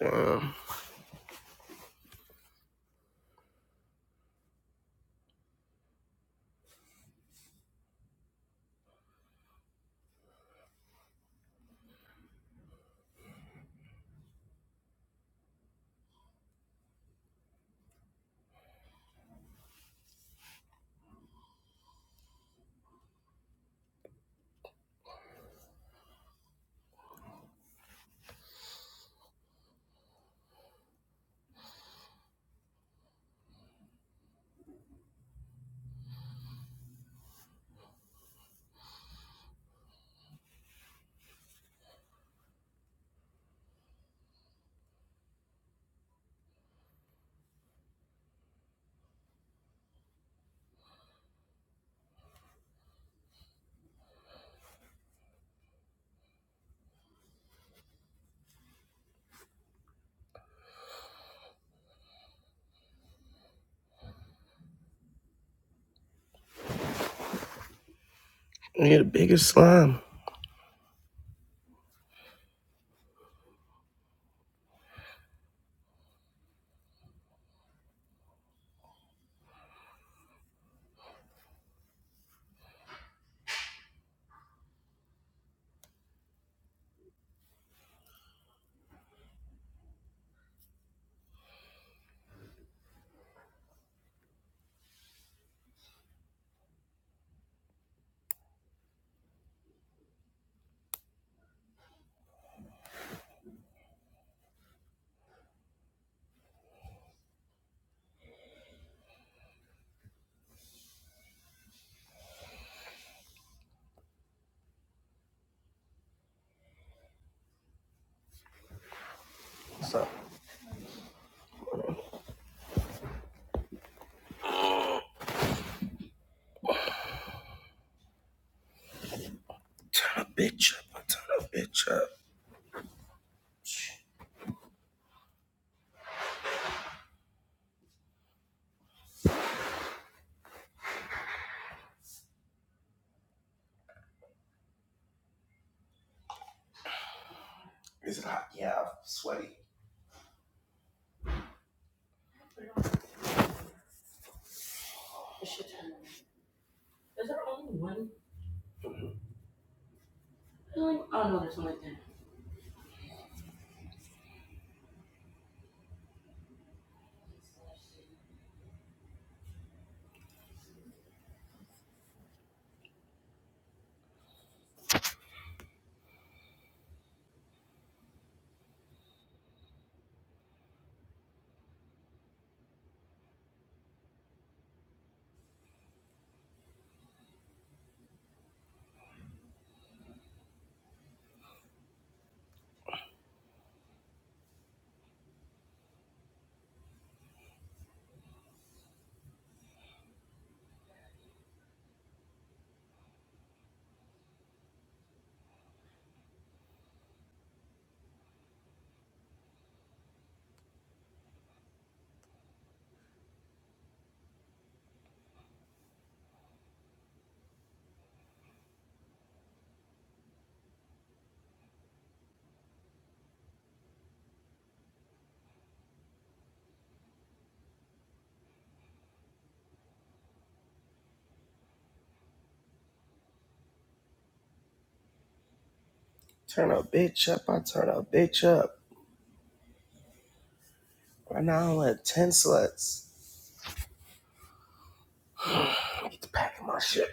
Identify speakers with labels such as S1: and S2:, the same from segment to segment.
S1: Wow. You're the biggest slime. What's up? Turn a bitch up. I turn a bitch up. Is it hot? Yeah, I'm sweaty. Turn a bitch up. I turn a bitch up. Right now I'm at 10 sluts. I need to pack in my shit.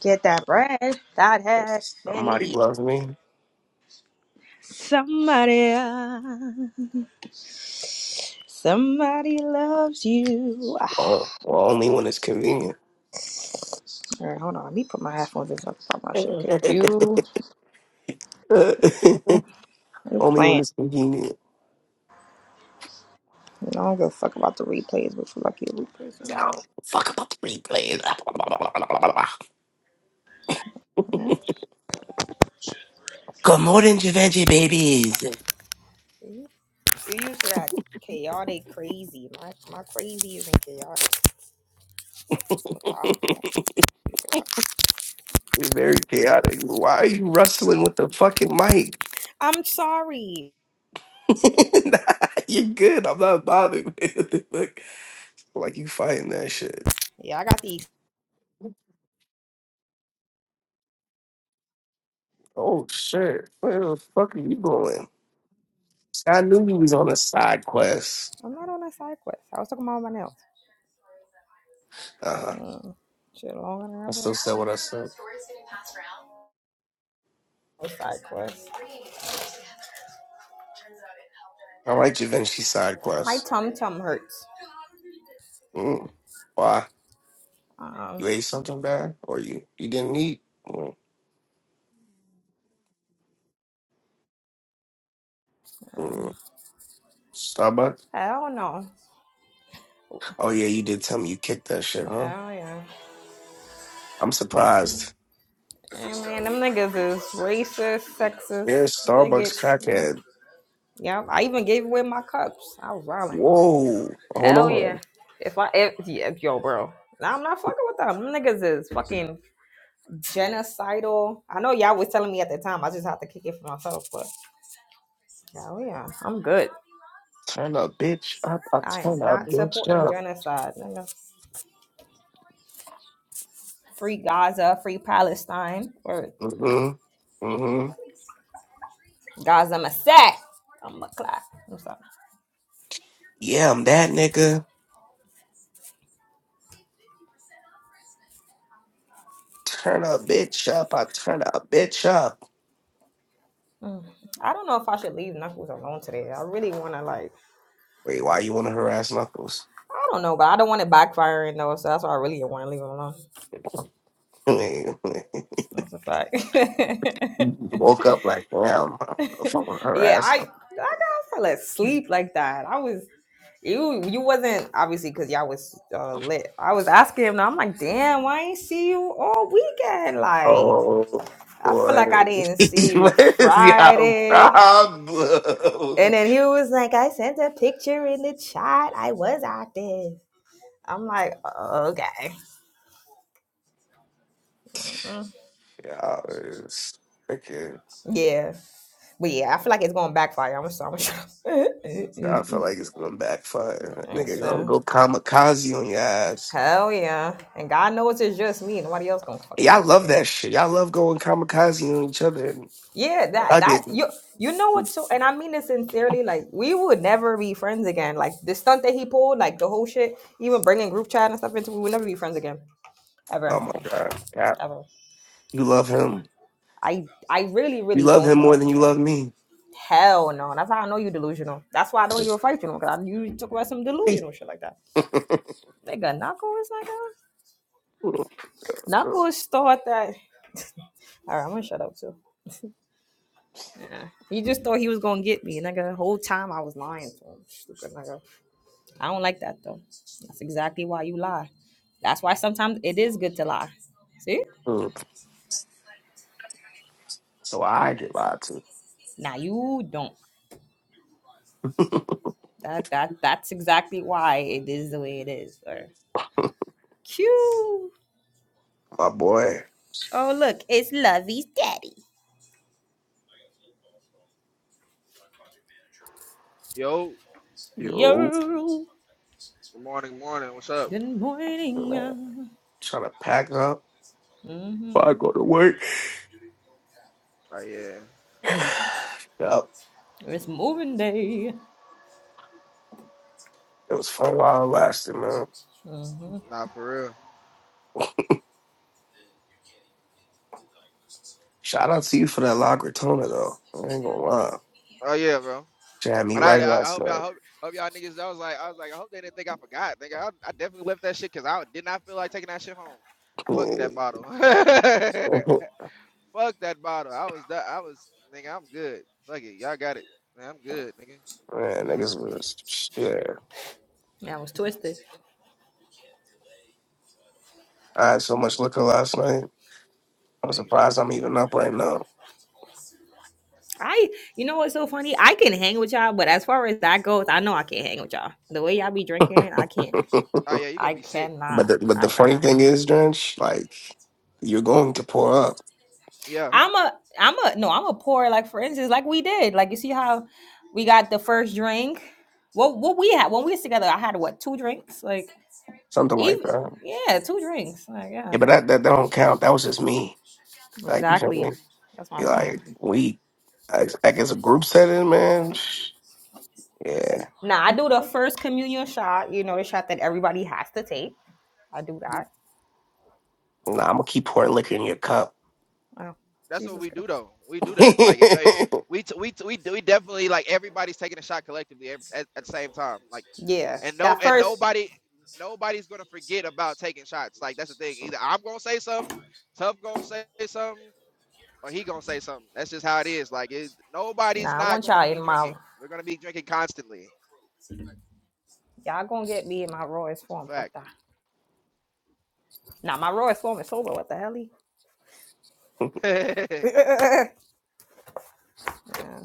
S2: Get that bread, that head, then
S1: Somebody
S2: leave.
S1: loves me.
S2: Somebody, else- somebody loves you. All
S1: Well, well, only when it's convenient.
S2: right, hold on. Let me put my headphones in so I can talk my shit.
S1: only
S2: Cause you, you
S1: when
S2: playing.
S1: it's convenient.
S2: You know, I don't give a fuck about the replays, but you lucky the replays is on.
S1: Now, fuck about the replays.
S2: Yeah.
S1: Good morning, Givenchy babies.
S2: You used to that chaotic crazy. My my crazy isn't chaotic. It's methodical.
S1: You're very chaotic. Why are you rustling with the fucking mic?
S2: I'm sorry.
S1: You're good. I'm not bothered. Man. What the fuck? Like you fighting that shit.
S2: Yeah, I got these.
S1: Oh shit. Where the fuck are you going? I knew you was on a side quest.
S2: I'm not on a side quest. I was talking about my nails.
S1: Uh huh.
S2: Mm. Shit, Long and
S1: I
S2: Roberts.
S1: still said
S2: Now I
S1: what I
S2: hear about
S1: said.
S2: stories getting passed around. Or side quest.
S1: I like Da Vinci side
S2: My
S1: quests.
S2: tum tum hurts.
S1: Mm. Why? You
S2: Um,
S1: ate something bad, or you you didn't eat? Mm. Mm.
S2: um,
S1: Starbucks.
S2: hell no.
S1: Oh yeah, you did tell me you kicked that shit, huh?
S2: Hell yeah.
S1: I'm surprised.
S2: And man, them niggas is racist, sexist,
S1: Yeah, Starbucks
S2: bigots. Man.
S1: crackhead.
S2: Yep. I even gave away my cups. I was violent.
S1: Whoa. Hold
S2: Hell
S1: on.
S2: yeah. If I if, yeah, yo, bro. Nah, I'm not fucking with them. Them niggas is fucking Genocidal. I know y'all was telling me at the time. I just have to kick it for myself, but hell yeah, I'm good.
S1: Turn a bitch up. I
S2: I
S1: turn
S2: am
S1: a
S2: not
S1: bitch
S2: supporting
S1: up.
S2: genocide. nigga. Free Gaza, free Palestine, or
S1: Mm-hmm. Mm-hmm.
S2: Gaza Massac. I'm a clap. I'm sorry.
S1: Yeah, I'm that nigga. Turn a bitch up. I turn a bitch up.
S2: Mm. I don't know if I should leave Knuckles alone today. I really want to like,
S1: Wait, why you want to harass Knuckles?
S2: I don't know, but I don't want it backfiring though, so that's why I really want to leave him alone.
S1: you
S2: That's a fact.
S1: woke up like, damn, I don't know if I want to
S2: yeah,
S1: harass
S2: I
S1: him.
S2: I never fell asleep like that. I was You you wasn't obviously because y'all was uh, lit. I was asking him. I'm like, damn, why I ain't see you all weekend? Like,
S1: Oh,
S2: I feel like
S1: boy.
S2: I didn't see you
S1: Where's y'all
S2: Friday. And
S1: problem?
S2: then he was like, I sent a picture in the chat. I was active. I'm like, "Oh, okay, Mm,
S1: Y'all is freaking.
S2: yeah, but yeah, I feel like it's going to backfire. I'm sorry. I'm sorry.
S1: I feel like it's going to backfire.
S2: Thanks,
S1: Nigga, gonna
S2: though.
S1: go kamikaze on your ass.
S2: Hell yeah, and God knows it's just me. Nobody else gonna fucking
S1: Y'all love
S2: stand
S1: that
S2: up.
S1: shit. Y'all love going kamikaze on each other. And
S2: Yeah,
S1: I
S2: that that
S1: didn't.
S2: you you know what's so and I mean it sincerely. Like we would never be friends again. Like the stunt that he pulled, like the whole shit, even bringing group chat and stuff into, it, we would never be friends again,
S1: Oh
S2: ever,
S1: my god. God.
S2: ever.
S1: You love him.
S2: I I really
S1: You
S2: really
S1: love
S2: don't
S1: him more
S2: though.
S1: than you love me.
S2: Hell no. That's how I know you delusional. That's why I don't even fight you no because I knew you talk about some delusional shit like that. Nigga, Knuckle is like a Knuckles thought that. All right, I'm gonna shut up too. Yeah. He just thought he was gonna get me, nigga. The whole time I was lying to him. Stupid nigga. I don't like that though. That's exactly why you lie. That's why sometimes it is good to lie. See?
S1: so I get lied to.
S2: Now you don't. That that that's exactly why it is the way it is. Or cute.
S1: My boy.
S2: Oh look, it's Lovey's daddy.
S3: Yo,
S1: Yo.
S2: Yo.
S3: good morning, morning. What's up?
S2: Good morning.
S1: Trying to pack up.
S2: Mm-hmm.
S1: before I go to work.
S3: Oh yeah,
S1: Yup,
S2: It's moving day.
S1: It was fun while it lasted, man.
S2: Mm-hmm.
S3: nah, for real.
S1: Shout out to you for that La Gratona, though. I ain't gonna lie.
S3: Oh yeah, bro.
S1: She had me
S3: And I,
S1: right
S3: I I
S1: last
S3: hope y'all
S1: night.
S3: hope hope y'all niggas. I was like I was like I hope they didn't think I forgot. Nigga, I, I definitely left that shit because I did not feel like taking that shit home. Fuck that
S1: man,
S3: bottle. Fuck that bottle. I was that I was nigga. I'm good. Fuck it. Y'all got it. Man, I'm good, nigga.
S1: niggas was, yeah.
S2: Mm-hmm. That was twisted.
S1: I had so much liquor last night. I'm
S3: Nigga.
S1: surprised I'm even up right now.
S2: I, you know what's so funny? I can hang with y'all, but as far as that goes, I know I can't hang with y'all. The way y'all be drinking, I can't.
S3: Oh yeah, you gonna
S2: I
S3: be sick.
S1: But
S2: cannot.
S1: the, but
S2: I
S1: the
S3: Mhm.
S1: funny
S2: cannot.
S1: thing is, Drench, like you're going to pour up
S3: Yeah.
S2: I'm a. I'm a. No, I'm a pour. Like for instance, like we did. Like you see how we got the first drink. What what we had when we was together? I had what two drinks? Like
S1: something like
S2: even
S1: that.
S2: yeah, two drinks. Like
S1: Yeah,
S2: yeah,
S1: but that that, that don't count. That was just me. Like you feel
S2: exactly.
S1: me?
S2: That's my
S1: You're
S2: point.
S1: like we, I, I guess a group setting, man. Shh, Yeah,
S2: Now I do the first communion shot. You know the shot that everybody has to take. I do that.
S1: nah, I'm gonna keep pouring liquor in your cup.
S2: Oh,
S3: That's what
S2: Jesus
S3: we do
S2: Christ.
S3: though. We do that. Like if, if we t- we t- we do- we definitely like everybody's taking a shot collectively ev- at, at the same time. Like
S2: Yeah,
S3: and no
S2: that
S3: and
S2: first.
S3: nobody nobody's gonna forget about taking shots. Like that's the thing. Either I'm gonna say something, Tough gonna say something, or he gonna say something. That's just how it is. Like it, nobody's
S2: Nah, I
S3: not
S2: want
S3: going to
S2: y'all
S3: be
S2: in my.
S3: drinking. We're gonna be drinking constantly.
S2: Y'all gonna get me in my rawest
S3: It's
S2: form.
S3: a
S2: Fuck
S3: fact.
S2: that. Now my Roy Storm is sober. What the hell? He?
S1: you,
S3: yeah,
S2: Yeah.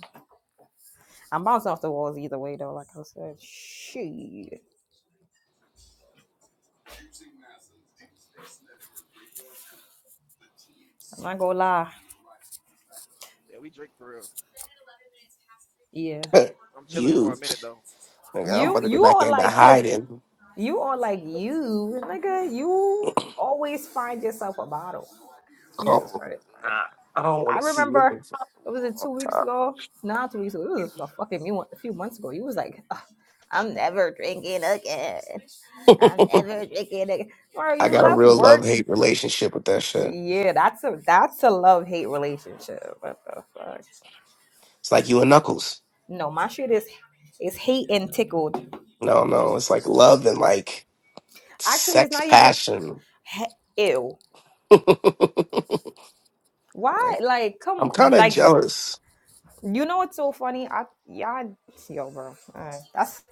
S2: I'm bouncing off the walls either way though. Like I said, shit. I'm not gonna lie.
S3: we drink for real.
S2: Yeah.
S3: I'm chilling for a minute though. I
S1: nigga, I'm
S3: drank
S2: You
S1: about to
S3: too
S1: get
S3: much
S2: you
S3: this
S1: back
S2: are
S1: into
S3: weekend.
S2: like
S1: hiding.
S2: you are like you nigga. You always find yourself a bottle. Jesus
S1: Oh,
S2: Christ.
S1: nah, I don't want
S2: I
S1: to see you. I'm
S2: remember it was it two weeks
S1: tired.
S2: ago. Not two weeks ago. It was a fucking few a few months ago. You was like, "Ugh, I'm never drinking again. I'm ever taking it. Or
S1: I
S2: you
S1: got a
S2: left
S1: real love
S2: work.
S1: hate relationship with that shit.
S2: Yeah, that's a that's a love hate relationship. What the fuck?
S1: It's like you and Knuckles.
S2: No, my shit is is hate and tickled.
S1: No, no, it's like love and like
S2: Actually, it's
S1: sex
S2: not even
S1: passion.
S2: he- ew.
S1: like
S2: Why? Like, come,
S1: I'm kind of
S2: like
S1: jealous.
S2: you know what's so funny? I y'all, yo, bro. Alright, That's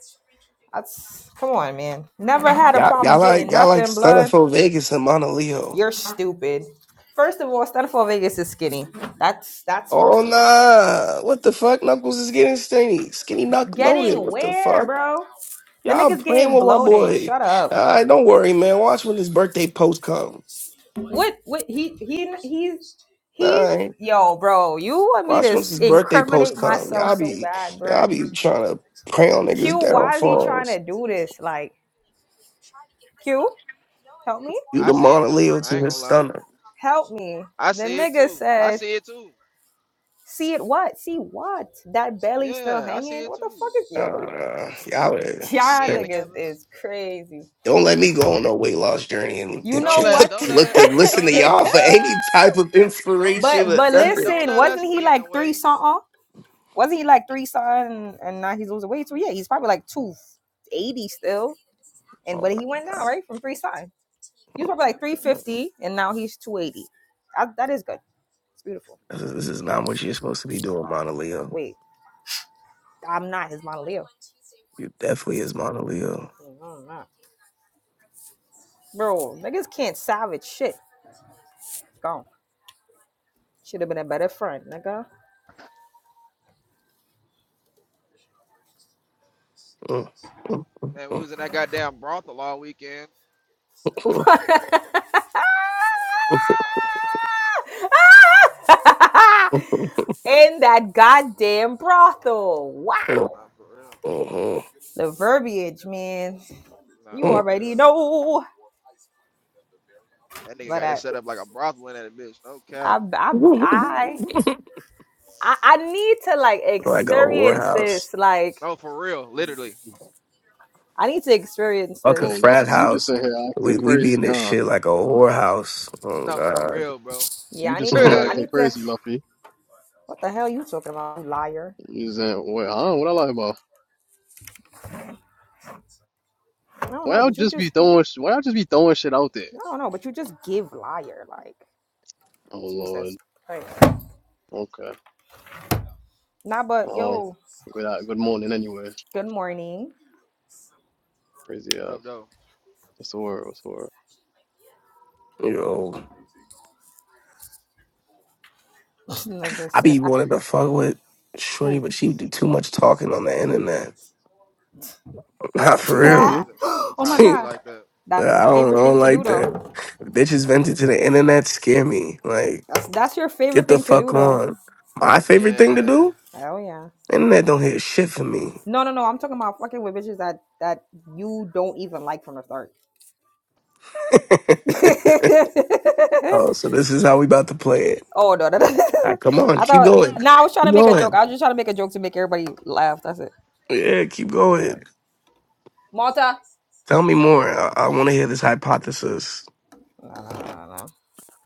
S2: that's come on, man. Never had a
S1: Y'all,
S2: problem
S1: y'all like
S2: getting
S1: y'all like
S2: nothing, blood.
S1: Stunnerful Vegas and Mauna Leo.
S2: You're stupid. First of all, Stanford Vegas is skinny. That's that's first
S1: Oh
S2: of all.
S1: nah, what the fuck? Knuckles is getting skinny, skinny knuck loaded.
S2: Getting
S1: What the
S2: where,
S1: fuck?
S2: bro? The
S1: Y'all
S2: nigga's
S1: playing
S2: getting
S1: with my
S2: bloated.
S1: boy.
S2: Shut up.
S1: All right, don't worry, man. Watch when his birthday post come.
S2: What? What? He he he's he's
S1: All right,
S2: yo, bro. You want me to
S1: watch once
S2: s-
S1: his birthday post
S2: incriminate
S1: come.
S2: myself
S1: Y'all
S2: so
S1: be
S2: bad,
S1: y'all
S2: bro?
S1: be trying to prey on niggas'
S2: Q, why is he trying to
S1: downfalls.
S2: do this? Like, Q, help me,
S1: You
S3: I
S1: the
S3: see it
S1: Mauna
S3: too.
S1: Leo
S3: I
S1: to
S3: ain't
S1: his
S3: gonna lie.
S1: stunner.
S2: help me.
S3: I
S2: The
S3: see it
S2: nigga
S3: too. I
S2: said,
S3: see it too.
S2: "See it? What? See what? That belly still
S3: Yeah, I
S2: hanging?
S3: see it
S2: What the
S3: too.
S2: fuck is yo,
S1: Um,
S2: bro?
S1: uh, y'all, are-
S2: Y'all
S3: Being
S2: niggas
S3: together.
S2: is crazy.
S1: don't let me go on no weight loss journey and,
S2: You
S1: and
S3: Don't
S2: know
S1: check,
S3: let
S2: what?
S1: look,
S3: don't let
S1: look
S3: it
S1: to listen to
S3: don't let
S1: y'all for any type of
S3: don't
S1: inspiration
S2: but
S1: or
S3: don't
S2: but
S3: let
S1: nothing.
S3: don't
S2: listen,
S3: let us
S2: wasn't he
S3: be in the
S2: like three
S3: way.
S2: something? Wasn't he like three son and now he's losing weight? So yeah, he's probably like two eighty still. And
S1: Oh
S2: but he went
S1: my
S2: down right from three son. He was probably like three
S1: god,
S2: fifty and now he's two eighty. That is good. It's beautiful.
S1: this is, this is not what you're supposed to be doing, Mauna Leo.
S2: Wait, I'm not his model Leo.
S1: You definitely is Mauna Leo.
S2: No, I'm not. Bro, niggas can't salvage shit. It's gone. Should have been a better friend, nigga.
S1: Mm, mm,
S3: Man, we was in that goddamn brothel all weekend.
S1: mm, mm,
S2: In that goddamn brothel.
S3: Nah,
S2: Wow.
S3: for real.
S1: mm,
S2: The verbiage, man.
S3: Nah,
S2: You
S1: mm,
S3: for
S2: already
S3: real.
S2: know.
S3: That nigga
S2: But
S3: got it
S2: I,
S3: set up like a brothel in that bitch. No
S2: I,
S3: cap.
S2: I, I,
S1: mm, mm.
S2: I I need to like
S1: like a
S2: experience
S1: whorehouse,
S2: this. Like,
S3: No, for real. Literally.
S2: I need to experience
S1: fuck a
S2: this.
S4: Oh,
S1: frat
S4: Luffy, you just
S1: house.
S4: in here acting
S1: We we be
S4: crazy,
S1: in this
S4: huh?
S1: shit like a whorehouse.
S3: No, for
S1: Oh
S3: real, bro.
S2: Yeah,
S4: You
S2: I
S4: just
S2: need
S4: in here
S1: god,
S2: to. I
S3: what
S4: acting
S2: need to.
S4: crazy, Luffy.
S2: What the hell you talking about, you liar?
S4: You saying, what, huh? What I lie about?
S2: I don't
S4: Why
S2: know,
S4: y'all
S2: but you
S4: just be
S2: just.
S4: throwing, sh- why y'all just be throwing shit out there?
S2: I don't know, but you just give liar. Like,
S4: Oh, Lord.
S2: Jesus. Christ.
S4: Okay.
S2: Nah, but
S4: Um,
S2: yo,
S4: good, uh, good morning anyway.
S2: good morning.
S4: Crazy
S3: up,
S4: ass.
S3: though?
S4: What's the word? What's the word?
S1: yo.
S2: Like I
S1: I
S2: said,
S1: be
S2: I,
S1: wanting to fuck with Shorty,
S2: ooh.
S1: but she do too much talking on the internet. Not for
S4: Ooh,
S1: real.
S4: Luffy?
S3: Sometimes it
S2: oh my
S3: sometimes it be
S2: God,
S3: like that.
S1: I
S2: that
S1: don't, I
S2: favorite thing
S1: don't
S2: to do
S1: like that.
S2: though.
S1: Bitches vented to the internet scare me. Like,
S2: That's, that's your favorite
S1: get the
S2: thing to
S1: fuck
S2: do though.
S1: on. My favorite thing to
S3: Yeah.
S1: do?
S2: Oh yeah.
S1: Internet don't hit shit for me.
S2: No, no, no. I'm talking about fucking with bitches that that you don't even like from the start.
S1: oh, so this is how we about to play it.
S2: oh no, no, no.
S1: All right, come on,
S2: I
S1: keep
S2: thought.
S1: going.
S2: Nah, I was trying
S1: Keep
S2: to make a joke.
S1: going.
S2: I was just trying to make a joke to make everybody laugh. That's it.
S1: Yeah, keep
S2: Yeah.
S1: going.
S2: Malta.
S1: Tell me more. I, I want to hear this hypothesis.
S2: No, no, no, no. no.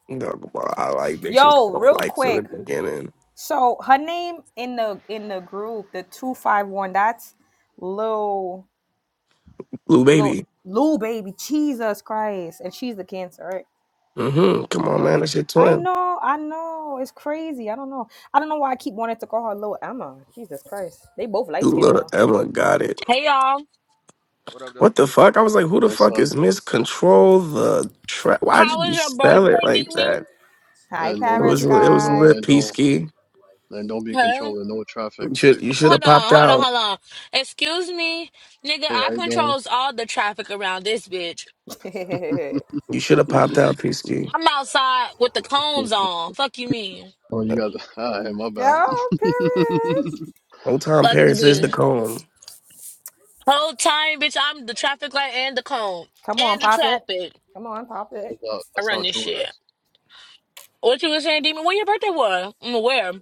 S1: No, I like bitches. that
S2: Yo,
S1: don't
S2: real
S1: like from the
S2: quick.
S1: beginning.
S2: So her name in the in the group, the two five one. That's Lil
S1: Blue
S2: Lil
S1: baby.
S2: Lil baby. Jesus Christ, and she's the cancer, right?
S1: Mm-hmm. Come on, man.
S2: Yeah.
S1: That's your
S2: I
S1: twin.
S2: know, I know. It's crazy. I don't know. I don't know why I keep wanting to call her little Emma. Jesus Christ. They both
S1: You
S2: light skinned
S1: little
S2: though.
S1: Emma got it.
S5: Hey y'all,
S3: What up, though?
S1: What the fuck? I was like, who the
S4: What's
S1: fuck
S4: up?
S1: is Miss Control the Trap? Why
S5: how
S1: did you
S5: was your
S1: spell it
S5: birthday,
S1: like
S5: demon?
S1: that?
S2: Hi,
S4: And
S1: It
S4: don't be,
S1: was
S2: Paris
S4: dri-
S1: it
S4: and
S1: was
S4: don't,
S2: guy.
S1: lit
S4: and don't,
S1: Peasky.
S4: and don't be
S5: Huh?
S4: controlling no traffic.
S1: You should you should
S5: Hold
S1: have popped
S5: on, hold on,
S1: out.
S5: hold on. Excuse me, nigga.
S4: Hey,
S5: I
S4: how you
S5: controls all the traffic around this bitch.
S2: Yo,
S1: You should have
S4: doing?
S1: popped out, Peasky.
S5: I'm outside with the cones on. Fuck you mean?
S4: Oh, you
S1: Uh,
S4: got the, ah, hey, my bad.
S2: Paris.
S1: Old Tom
S5: Fuck you
S1: Paris is the
S5: mean?
S1: cone.
S5: Whole time, bitch. I'm the traffic light and the cone
S2: Come on,
S5: and the
S2: pop it.
S5: traffic.
S2: Come on, pop it.
S4: That's how,
S5: I
S4: that's
S5: run
S4: how
S5: this
S4: true it
S5: shit.
S4: is.
S5: What you was saying, demon? When your birthday was? I'm aware.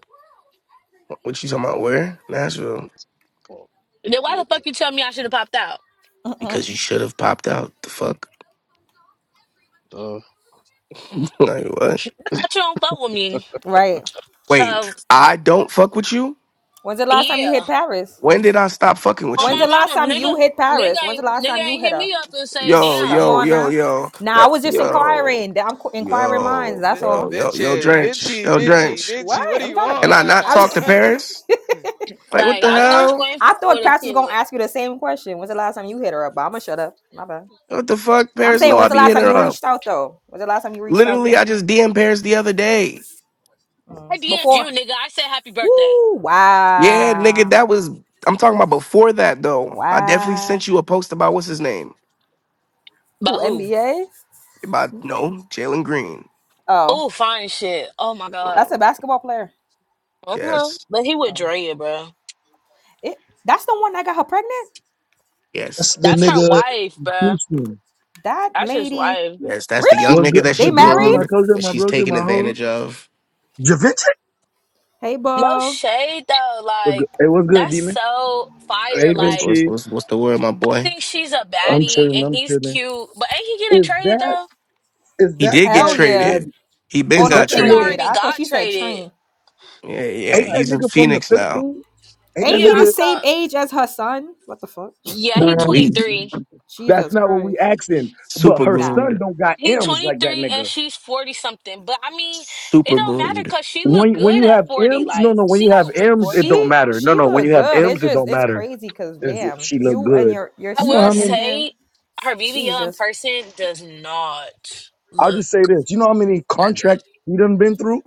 S1: What you talking about? Where? Nashville.
S4: It's called,
S5: Then why
S4: no.
S5: the fuck you tell me I should have popped out?
S2: Mm-mm.
S1: Because you should have popped out. The fuck?
S4: uh,
S1: like what?
S5: I thought you don't fuck with me.
S2: right.
S1: Wait,
S5: So
S1: I don't fuck with you?
S2: When's the last time you
S5: yeah.
S2: hit Paris?
S1: When did I stop fucking with
S5: On
S2: When's
S5: my
S2: the
S1: you?
S2: last
S5: mama,
S2: time
S5: nigga,
S2: you hit
S5: nigga
S2: Paris? When's the
S5: ain't
S2: last
S5: nigga
S2: time you
S5: ain't
S2: hit
S5: hit
S2: her?
S5: me up and say,
S2: Tss,
S1: Yo,
S5: damn,
S2: Come
S1: yo,
S2: on
S1: yo,
S2: now.
S1: yo.
S2: Now I
S1: That
S2: was just
S1: yo.
S2: inquiring. I'm qu- inquiring minds.
S1: Yo,
S3: Vin-
S2: That's all.
S1: yo, yo, yo,
S3: Vinci,
S1: Drench,
S3: Vinci,
S1: yo,
S3: Vinci,
S1: Drench.
S2: What?
S3: Vinci. What are
S2: I'm
S3: you
S2: trying to.
S1: Can
S3: on
S1: I
S3: right
S1: not talk
S3: now?
S1: to
S2: I.
S1: Paris? Like, what
S5: like
S1: the
S2: All
S5: I
S2: right.
S5: thought you
S1: hell?
S5: ain't
S2: I
S5: fuck
S2: thought
S5: with a
S2: Pastor was gonna
S5: kid.
S2: ask you the same question. When's the last time you hit her up? But I'm gonna shut up. My bad.
S1: What the fuck?
S2: I'm
S1: Paris,
S2: saying,
S1: no, I
S2: when's the
S1: be
S2: last
S1: hitting
S2: time
S1: her
S2: you
S1: up.
S2: reached out though? When's the last time you reached out
S1: Literally,
S2: though?
S1: I just DM Paris the other day.
S2: Mm.
S5: I DM'd you,
S2: Before.
S5: nigga. I said happy birthday.
S2: Woo!
S1: Yeah, nigga,
S2: Wow!
S1: that was. I'm talking about before that though. I definitely
S2: Wow!
S1: sent you a post about what's his name.
S5: But
S2: Who
S5: who?
S2: NBA?
S1: About no Jalen Green.
S2: Oh,
S5: Oh, fine shit. Oh my
S1: Uh,
S5: god.
S2: that's a basketball player.
S5: Uh-huh.
S1: Yes,
S5: But he with
S2: Oh,
S5: Drea, bro.
S2: it. That's the one that got her pregnant.
S6: That's
S1: yes,
S6: the
S5: That's her
S6: nigga.
S5: wife, bro.
S6: Houston.
S2: That
S5: That's his
S2: lady.
S5: wife.
S1: yes. That's the young
S2: Really?
S6: What
S1: nigga
S6: good?
S1: that
S2: They
S1: she
S6: Javinci,
S2: married?
S6: my
S1: groomed
S6: cousin,
S1: that
S6: my
S1: she's
S6: brother,
S1: taking
S6: my hoes.
S1: advantage of.
S6: Javinci?
S2: Hey,
S5: No
S2: Bo.
S5: shade though.
S6: What good?
S5: Like
S6: Hey, what's good,
S5: that's
S6: demon?
S5: so fire.
S6: Hey,
S1: What's
S5: Like
S1: what's
S6: Vinci.
S1: what's, what's the word, my
S5: I
S1: boy?
S5: think she's a
S6: I'm
S5: baddie
S6: chilling.
S5: and
S6: I'm
S5: he's
S6: chilling.
S5: cute. But ain't he getting
S6: Is
S5: traded
S6: that?
S5: though?
S6: Is
S1: He
S6: that
S1: did get
S2: Hell
S6: that
S2: yeah.
S1: traded.
S6: that?
S1: He
S2: Oh
S1: been
S6: Is
S2: no,
S6: that
S1: got
S6: that
S5: He
S6: little?
S1: traded.
S2: traded.
S5: already
S2: I thought
S5: got
S2: she said
S5: traded.
S2: train.
S1: Yeah, yeah.
S6: Ain't
S5: Okay.
S6: that
S1: He's in
S6: nigga from the
S1: Phoenix now.
S6: Philippines? Ain't
S2: Ain't
S6: that
S5: Yeah,
S2: he
S5: I
S2: the
S6: nigga?
S2: same
S5: thought.
S2: age as her son? What the fuck?
S5: Yeah, he
S1: Weak.
S5: 23.
S6: That's
S2: Jesus
S6: not what we
S2: Christ.
S6: asking. But
S1: Super
S6: her
S2: Nah.
S6: son
S1: groomed.
S6: don't got
S5: He
S6: M's like that
S5: 23 and
S6: nigga.
S5: she's 40 something. But I mean, it
S1: Super
S5: don't matter
S1: groomed.
S5: because she look
S6: When when
S5: good
S6: you
S5: at
S6: have
S5: 40.
S6: M's, no,
S5: Like,
S6: no. When
S5: she
S6: you have
S5: don't look
S6: M's, it
S5: 40.
S6: don't
S2: She
S6: matter. No,
S2: she
S6: no. When
S2: look
S6: you have
S2: good. It's
S6: M's, it
S2: just
S6: don't
S2: it's
S6: matter.
S2: crazy because
S6: Is it,
S2: damn,
S6: she look
S2: you and
S6: good?
S2: your your
S5: I
S6: You know
S5: will
S6: how
S2: son
S6: many?
S2: and him,
S5: say her BBL in
S2: Jesus.
S5: person does not
S6: I'll
S5: look
S6: just say this. You know how many
S5: that
S6: contracts
S5: good.
S6: he done been through?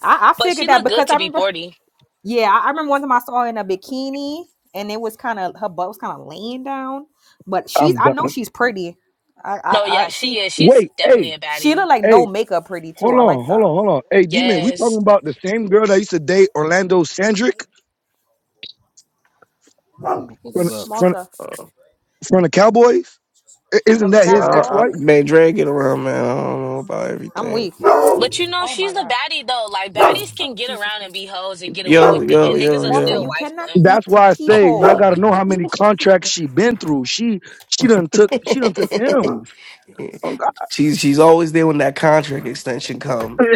S2: I, I
S5: But she
S2: figured that
S5: look good
S2: because I
S5: to be
S2: remember
S5: 40.
S2: yeah, I I remember one time I saw her in a bikini and it was kind of her butt was kind of laying down. But she's
S6: I'm
S2: I know
S6: done.
S2: she's pretty. I I,
S5: No, yeah,
S2: I
S5: she
S2: she
S5: is. She's
S6: Wait, hey,
S5: definitely a
S2: she look
S5: baddie.
S2: like no
S6: hey,
S2: makeup pretty too.
S6: hold
S2: I like
S6: on, hold
S2: that.
S6: on, hold on. Hey, D-Man, we talking
S5: Yes.
S6: about the same girl that used to date Orlando Sandrick
S4: Who the fuck is
S6: from
S4: that?
S6: from
S2: Malta
S1: Uh,
S6: from the Cowboys? I- Isn't
S2: from the
S6: that
S1: I,
S6: his
S1: I,
S6: ex-wife?
S2: cowboy.
S1: man, drag it around, man. I don't know about
S2: I'm
S1: everything.
S2: weak.
S5: But you know,
S2: Oh my
S5: she's the
S2: god.
S5: baddie though. Like baddies can
S2: Oh
S5: get
S2: Jesus
S5: around and
S2: Christ.
S5: be hoes and get away
S1: Yo,
S5: with it.
S1: yo,
S5: And niggas
S1: yo,
S5: will
S2: Malta,
S5: still
S2: you
S1: yo.
S5: wife
S2: cannot
S5: them.
S2: eat
S6: That's why I say y'all
S2: people.
S6: gotta know how many contracts she been through. She she done took she done took M's. Oh, God.
S1: She's she's always there when that contract extension comes.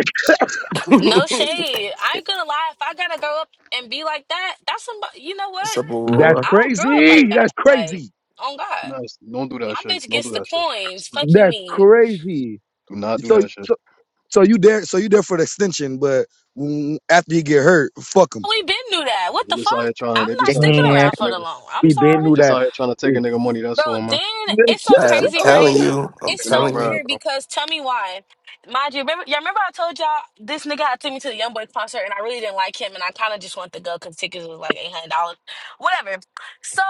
S5: No
S1: What's
S5: shade. I ain't gonna lie. If I gotta grow up and be like that, that's some. You know what?
S1: up,
S5: I'll
S6: That's
S1: Aurora?
S5: I'll grow up like
S6: crazy. That's
S5: that. Like
S6: crazy.
S5: on God,
S4: No, don't do that
S5: my
S4: shit.
S5: bitch
S4: Don't do
S5: gets the
S4: that shit.
S5: coins. Fuck you
S6: That's
S5: mean?
S6: crazy.
S4: Do not do
S6: So
S4: that shit.
S6: so So you there? So you there for the extension? But when, after you get hurt, fuck him.
S5: We been knew that. What
S4: They
S5: the
S4: just
S5: fuck?
S4: out here trying to.
S5: I'm
S4: They
S5: not
S4: just out here
S5: sticking
S4: trying to
S6: Damn,
S4: take
S5: around
S4: a
S5: for the
S4: nigga.
S5: long. I'm
S6: we been
S5: sorry.
S6: knew
S4: Just
S6: that.
S4: out here trying to take a
S6: It's-
S4: nigga money.
S5: Bro,
S4: That's all, man.
S5: then it's so
S1: I'm
S5: crazy, right?
S1: telling you, I'm
S4: Take
S5: It's
S4: a nigga
S5: so
S1: telling you.
S4: bribe,
S5: weird
S4: bro.
S5: because tell me why. Mind you, remember, y'all remember I told y'all this nigga had took me to the YoungBoy concert and I really didn't like him and I kind of just wanted to go because tickets was like $800, whatever. So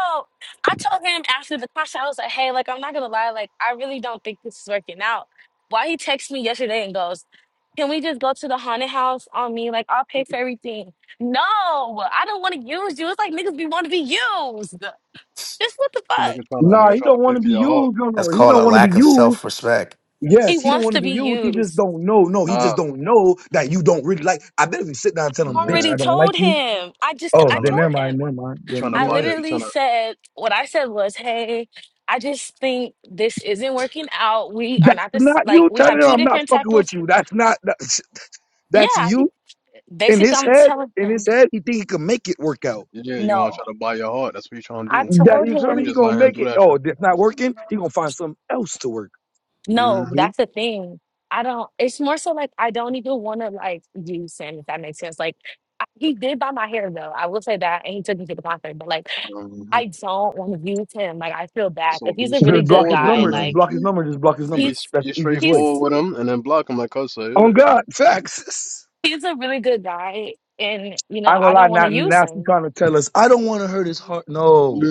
S5: I told him after the concert, I was like, hey, like, I'm not going to lie, like, I really don't think this is working out. Why he texts me yesterday and goes, can we just go to the haunted house on me? Like, I'll pay for everything. No, I don't want to use you. It's like niggas be want to be used. Just what the
S4: A
S5: fuck?
S4: nigga trying to.
S6: nah,
S4: Nigga
S6: he
S4: trying to
S6: don't
S4: pay
S6: want to
S4: for
S6: be
S4: your heart.
S6: used. No,
S1: That's
S6: no, he
S1: called
S6: don't
S1: a
S6: want to be
S1: lack of
S6: used.
S1: self respect.
S5: He
S6: Yes, he don't
S5: wants
S6: want to
S5: to
S6: be
S5: be
S6: used. He just
S5: used.
S6: don't know. No, he
S4: Nah.
S6: just don't know that you don't really like. I bet if you sit down and tell
S4: Mm,
S6: him, "Bitch,
S5: Already
S6: I
S4: Yeah.
S6: don't like
S5: told
S6: you."
S5: him. I just,
S4: He
S6: Oh,
S5: I
S4: trying
S6: then
S4: to.
S5: told
S6: never
S5: him.
S6: mind, never mind,
S4: He trying
S6: then
S4: to
S5: I
S6: never
S4: buy
S6: mind.
S4: your. He
S5: literally
S4: trying to.
S5: said, what I said was, hey, I just think this isn't working out. We are
S6: That's
S5: not this,
S6: not
S5: like,
S6: you
S5: we have
S6: telling him
S5: two
S6: I'm not
S5: different
S6: fucking
S5: type of,
S6: with you. That's not. That's,
S5: yeah.
S6: that's
S5: I-
S6: you in
S5: Basically,
S6: his
S5: I'm
S6: head.
S5: telling
S6: In his
S5: him,
S6: head, he think he can make it work out.
S4: Yeah. You want to
S5: no.
S4: try to buy your heart? That's what you trying to
S5: I
S4: do. And you
S6: That
S5: told
S6: you
S4: bitch.
S6: feel
S4: You
S6: me?
S5: him,
S6: He
S4: just
S6: gonna
S4: let him
S6: make
S4: do
S6: it.
S4: that shit.
S6: Oh, that's not working. He gonna find something else to work.
S5: no,
S4: Mm-hmm.
S5: that's the thing. I don't, it's more so like, I don't even want to, like, use him, if that makes sense. Like, I- he did buy my hair, though. I will say that. And he took me to the concert, but like,
S4: hmm
S5: I don't want to use him. Like I feel bad.
S4: So
S5: If he's
S4: be
S5: a really
S6: Just
S5: good
S6: block
S4: straightforward
S6: his
S4: with
S5: guy,
S4: him,
S6: number. Just
S4: then.
S5: like
S6: block his
S4: Be
S6: number. Just block his
S4: be
S6: number.
S5: he's
S6: That's
S4: be
S6: the easiest way.
S4: straightforward
S5: he's
S4: with him, and then block him like I said.
S6: On God, facts.
S5: he's a really good guy and you
S6: I
S5: know,
S6: ain't gonna
S5: I
S6: lie.
S5: don't want
S6: Now,
S5: to use
S6: now she
S5: him.
S6: trying to tell us. I don't want to hurt his heart. No,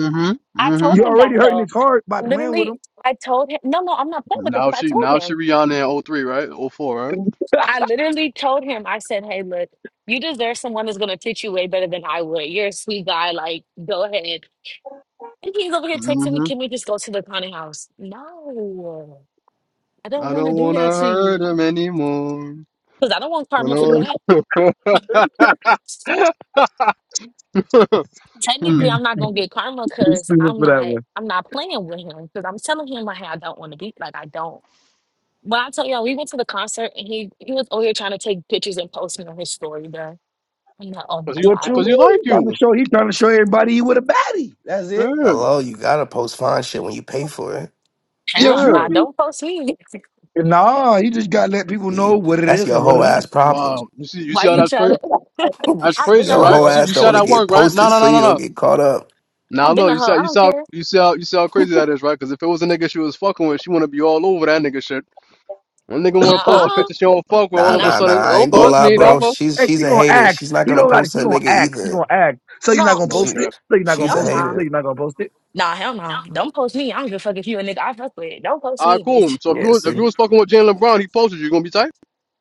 S5: I told
S6: you're
S5: him
S6: already
S5: that
S6: hurting
S5: though.
S6: his heart by playing with
S5: Literally,
S6: him.
S5: I told him no no, I'm not playing with him
S4: Now
S5: because I
S4: she
S5: told
S4: now she
S5: him.
S4: Rihanna in O three, right? O four, right?
S5: I literally told him, I said, Hey, look, you deserve someone that's gonna treat you way better than I would. You're a sweet guy, like go ahead. And he's over here texting me,
S4: hmm
S5: can we just go to the county house? No, I don't
S4: I
S5: want to
S4: don't
S5: do
S4: wanna
S5: that to
S4: hurt
S5: you
S4: him anymore.
S5: because I don't want
S4: I
S5: karma from
S4: don't.
S5: that.
S4: Hmm.
S6: okay,
S5: Technically, I'm not gonna get karma
S6: just
S5: because
S6: stupid
S5: I'm
S6: for that
S5: not
S6: one.
S5: I'm not playing with him because I'm telling him like hey, I don't want to be like I don't. But I tell y'all, we went to the concert and he he was over here trying to take pictures and post me on his story, bro. I'm like, oh my
S4: Cause you,
S6: What
S5: god,
S6: you mean?
S4: cause you
S5: well,
S4: like
S6: He trying to
S4: you.
S6: show? He trying to show everybody he with a baddie. That's it.
S4: Yeah,
S1: Hello, you gotta post fine shit when you pay for it.
S6: You
S5: hell
S4: yeah.
S6: feel
S5: nah,
S6: me?
S5: don't post me.
S6: Nah, he just gotta let people
S1: See,
S6: know what it
S1: that's
S6: is
S1: your
S6: and what
S1: whole
S6: it
S1: ass problem.
S4: Wow. You see, you see
S5: Why
S4: how
S5: you
S4: that's
S5: try
S4: crazy.
S5: to?
S4: That's
S5: I've been a
S4: crazy,
S1: Your
S4: right? You
S1: whole
S5: hoe.
S4: see,
S1: ass
S4: you see
S1: don't
S4: how
S1: want to
S4: that
S1: get
S4: work, right? No,
S1: posted
S4: no,
S1: so
S4: no, no,
S1: you don't
S4: no.
S1: get caught up.
S4: Now
S5: I've been
S4: look,
S5: a
S4: you see,
S5: hoe.
S4: how-
S5: I
S4: you see
S5: don't
S4: how,
S5: care.
S4: you see how, you see how crazy that is, right? Cause if it was a nigga she was fucking with, she wanna be all over that nigga shit. One nigga wanna
S6: ain't.
S4: post a
S5: Nah,
S4: picture she don't fuck with, all
S1: Nah,
S4: of a
S5: nah,
S1: nah, nah.
S4: sudden,
S1: I
S4: don't
S1: ain't gonna
S6: What?
S4: post
S1: lie,
S4: me,
S6: Yeah.
S4: don't
S1: bro.
S4: post.
S1: She's
S6: Hey,
S1: she's
S6: she
S1: a
S6: gonna
S1: hater.
S6: ask.
S1: She's not
S6: He
S1: gonna
S6: don't got.
S1: post
S6: He
S1: her
S6: gonna
S1: nigga
S6: ask. He
S1: either.
S6: gonna ask. So you're not
S5: no,
S6: gonna
S4: No,
S6: post
S1: She
S6: it. So you're not gonna
S1: she's
S5: hell
S1: a
S6: post it.
S5: nah,
S6: So
S1: hater.
S6: you're not gonna post it.
S5: nah, hell nah. Don't post me. I don't give a fuck if you a nigga I fuck with. Don't post
S4: All right,
S5: me,
S4: cool.
S5: bitch.
S4: So if you
S1: Yeah,
S4: was if
S1: see.
S4: you was fucking with Jaylen Brown, he posted you. You gonna be tight?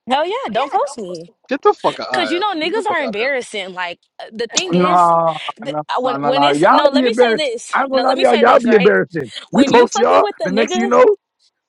S5: Hell yeah, don't post me.
S4: Get the fuck out. Of
S5: Cause you
S4: here.
S5: know
S4: Get the
S5: niggas
S4: fuck
S5: are
S4: out of here.
S5: embarrassing. Like uh, the thing is,
S6: Nah,
S5: th-
S6: nah,
S5: I- when
S6: nah, nah,
S5: when
S6: nah.
S5: it's
S6: Y'all
S5: no,
S6: be
S5: let me say
S6: embarrassed.
S5: this.
S6: I'm
S5: No,
S6: gonna lie
S5: let
S6: to
S5: me
S6: y'all.
S5: say
S6: Y'all
S5: this.
S6: be
S5: Right,
S6: embarrassing. We
S5: when you
S6: post
S5: fucking
S6: y'all.
S5: with the
S6: The next you
S5: niggas,
S6: know,